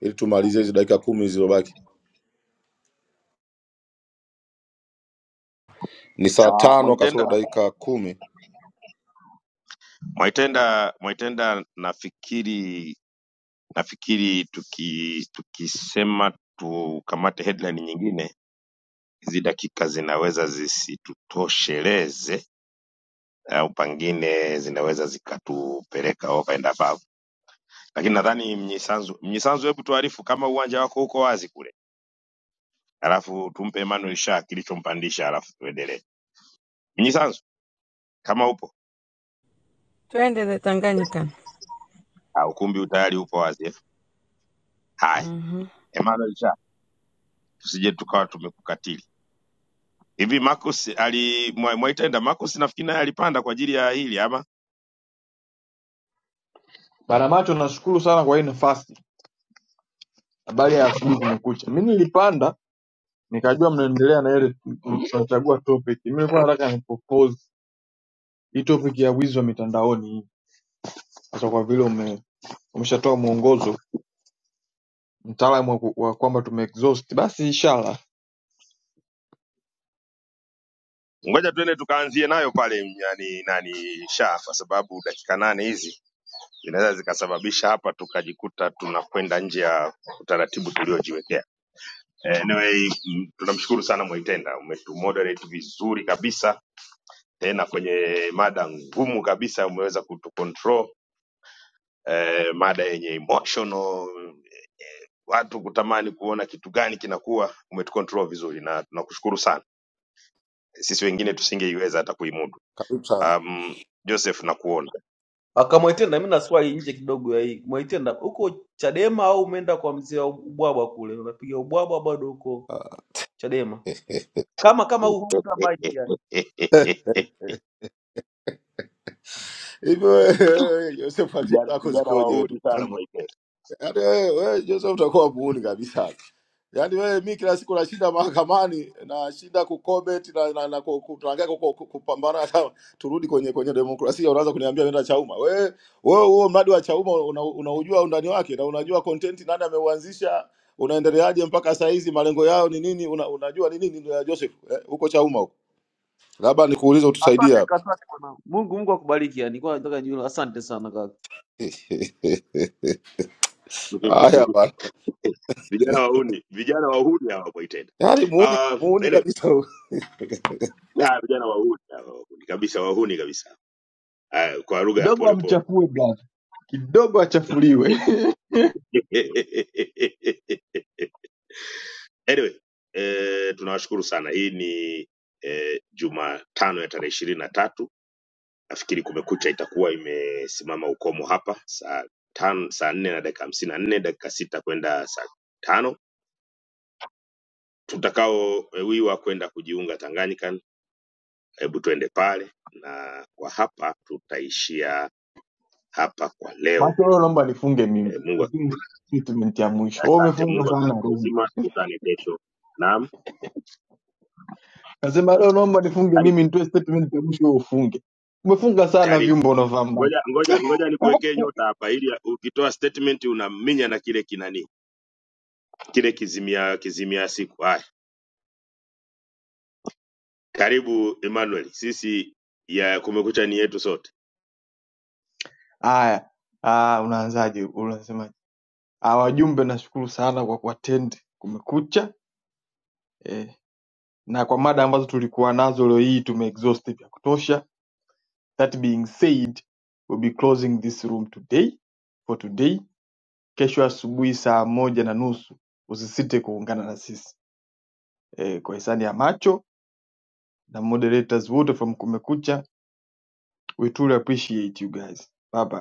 Speaker 10: ili tumalize hizi dakika kumi zilizobaki Ni saa
Speaker 14: Ah,
Speaker 10: tano kasoro
Speaker 14: Mwaitenda
Speaker 10: dakika kumi.
Speaker 14: Mwaitenda, Mwaitenda nafikiri nafikiri tuki tukisema tukamate headline nyingine, hizi dakika zinaweza zisitutosheleze au pangine zinaweza zikatupeleka over and above, lakini nadhani Mnyisanzu, Mnyisanzu, hebu tuarifu kama uwanja wako uko wazi kule, alafu tumpe Emmanuel Shaa kilichompandisha, alafu tuendelee. Mnyisanzu, kama upo
Speaker 6: Twende the Tanganyika.
Speaker 14: Ah, ukumbi utayari upo wazi eh? Haya,
Speaker 6: Mhm. Mm.
Speaker 14: Emmanuel Shaa, tusije tukawa tumekukatiza. hivi Marcus ali Mwa- Mwaitenda Marcus nafikiri naye alipanda kwa ajili ya hili ama
Speaker 21: Bana macho nashukuru sana kwa hii nafasi. Habari ya asubuhi kumekucha. Mimi nilipanda nikajua mnaendelea na ile tunachagua topic. Mimi nilikuwa nataka ni propose hii topic ya wizi wa mitandaoni hii. Sasa kwa vile ume, umeshatoa mwongozo mtaalamu wa, ku- wa kwamba tumeexhaust basi inshallah
Speaker 14: ngoja tuende tukaanzie nayo pale yani nani sha kwa sababu dakika nane hizi zinaweza zikasababisha hapa tukajikuta tunakwenda nje ya utaratibu tuliojiwekea. Anyway, mm, tunamshukuru sana Mwaitenda, umetumoderate vizuri kabisa, tena kwenye mada ngumu kabisa umeweza kutucontrol eh, mada yenye emotional watu kutamani kuona kitu gani kinakuwa, umetucontrol vizuri na tunakushukuru sana. Sisi wengine tusingeiweza hata kuimudu.
Speaker 10: Karibu sana.
Speaker 14: Um, Joseph nakuona
Speaker 15: akamwaitenda mi naswali nje kidogo ya hii mwaitenda huko chadema au umeenda kwa mzee wa ubwabwa kule unapiga ubwabwa bado huko chadema kama kama huu hutabaiki yani
Speaker 10: Hivi wewe Joseph, akili
Speaker 14: vijana
Speaker 10: zako
Speaker 14: vijana
Speaker 10: zikoje? wewe
Speaker 14: wahuni
Speaker 10: ndugu
Speaker 14: sana
Speaker 10: yangu?
Speaker 14: Mwaitenda,
Speaker 10: Yaani wewe wewe, Joseph utakuwa muuni kabisa. Yaani wewe, mi kila siku nashinda mahakamani, nashinda kucomment na, na, na ku- ku- tunaangalia ku- ku- ku- kupambana. Hata turudi kwenye kwenye demokrasia, unaanza kuniambia nenda Chauma. Wewe wewe, huo mradi wa Chauma una- unaujua undani wake na unajua content nani ameuanzisha unaendeleaje mpaka saa hizi, malengo yao ni nini? Una, unajua ni nini? ndio ya Joseph eh, huko Chauma huko, labda nikuulize utusaidie
Speaker 15: asante
Speaker 10: hapa.
Speaker 15: asante bwana mungu mungu akubariki yani kwa nataka nijiulize. asante sana kaka
Speaker 10: haya bana,
Speaker 14: vijana wahuni, vijana wahuni hawa Mwaitenda.
Speaker 10: yaani muuni
Speaker 14: Ah, Uh,
Speaker 10: muuni
Speaker 14: anyway,
Speaker 10: kabisa.
Speaker 14: ya, vijana wahuni hawa, wahuni kabisa, wahuni kabisa, Ah, kwa lugha ya
Speaker 21: kidogo
Speaker 14: polepole
Speaker 21: amchafue brother. Kidogo achafuliwe.
Speaker 14: anyway eh, tunawashukuru sana hii ni eh, jumatano ya tarehe ishirini na tatu nafikiri kumekucha itakuwa imesimama ukomo hapa saa tan, saa nne na dakika hamsini na nne dakika sita kwenda saa tano tutakaowiwa kwenda kujiunga Tanganyika hebu tuende pale na kwa hapa tutaishia hapa kwa leo
Speaker 21: Macho leo naomba nifunge mimi.
Speaker 14: eh, mungu
Speaker 21: Nifunge statement ya mwisho. Wewe
Speaker 14: asante
Speaker 21: umefunga
Speaker 14: mungu
Speaker 21: sana
Speaker 14: akitupa
Speaker 21: room.
Speaker 14: uzima tukutane kesho naam
Speaker 21: Nasema leo naomba nifunge
Speaker 14: karibu
Speaker 21: mimi nitoe statement ya mwisho wewe ufunge. Umefunga sana
Speaker 14: Karibu.
Speaker 21: vyumba unavyovaa
Speaker 14: ngoja ngoja ngoja nikuwekee nyota hapa ili ukitoa statement unaminya na kile kinani kile kizimia kizimia siku haya karibu emmanuel sisi ya kumekucha ni yetu sote
Speaker 21: Haya, ah, unaanzaje? Unasemaje? Ah, wajumbe, nashukuru sana kwa kuattend Kumekucha eh, na kwa mada ambazo tulikuwa nazo leo hii tumeexhaust vya kutosha. That being said, we'll be closing this room today for today. Kesho asubuhi saa moja na nusu usisite kuungana na sisi eh, kwa hisani ya macho na moderators wote from Kumekucha. We truly appreciate you guys. Bye bye.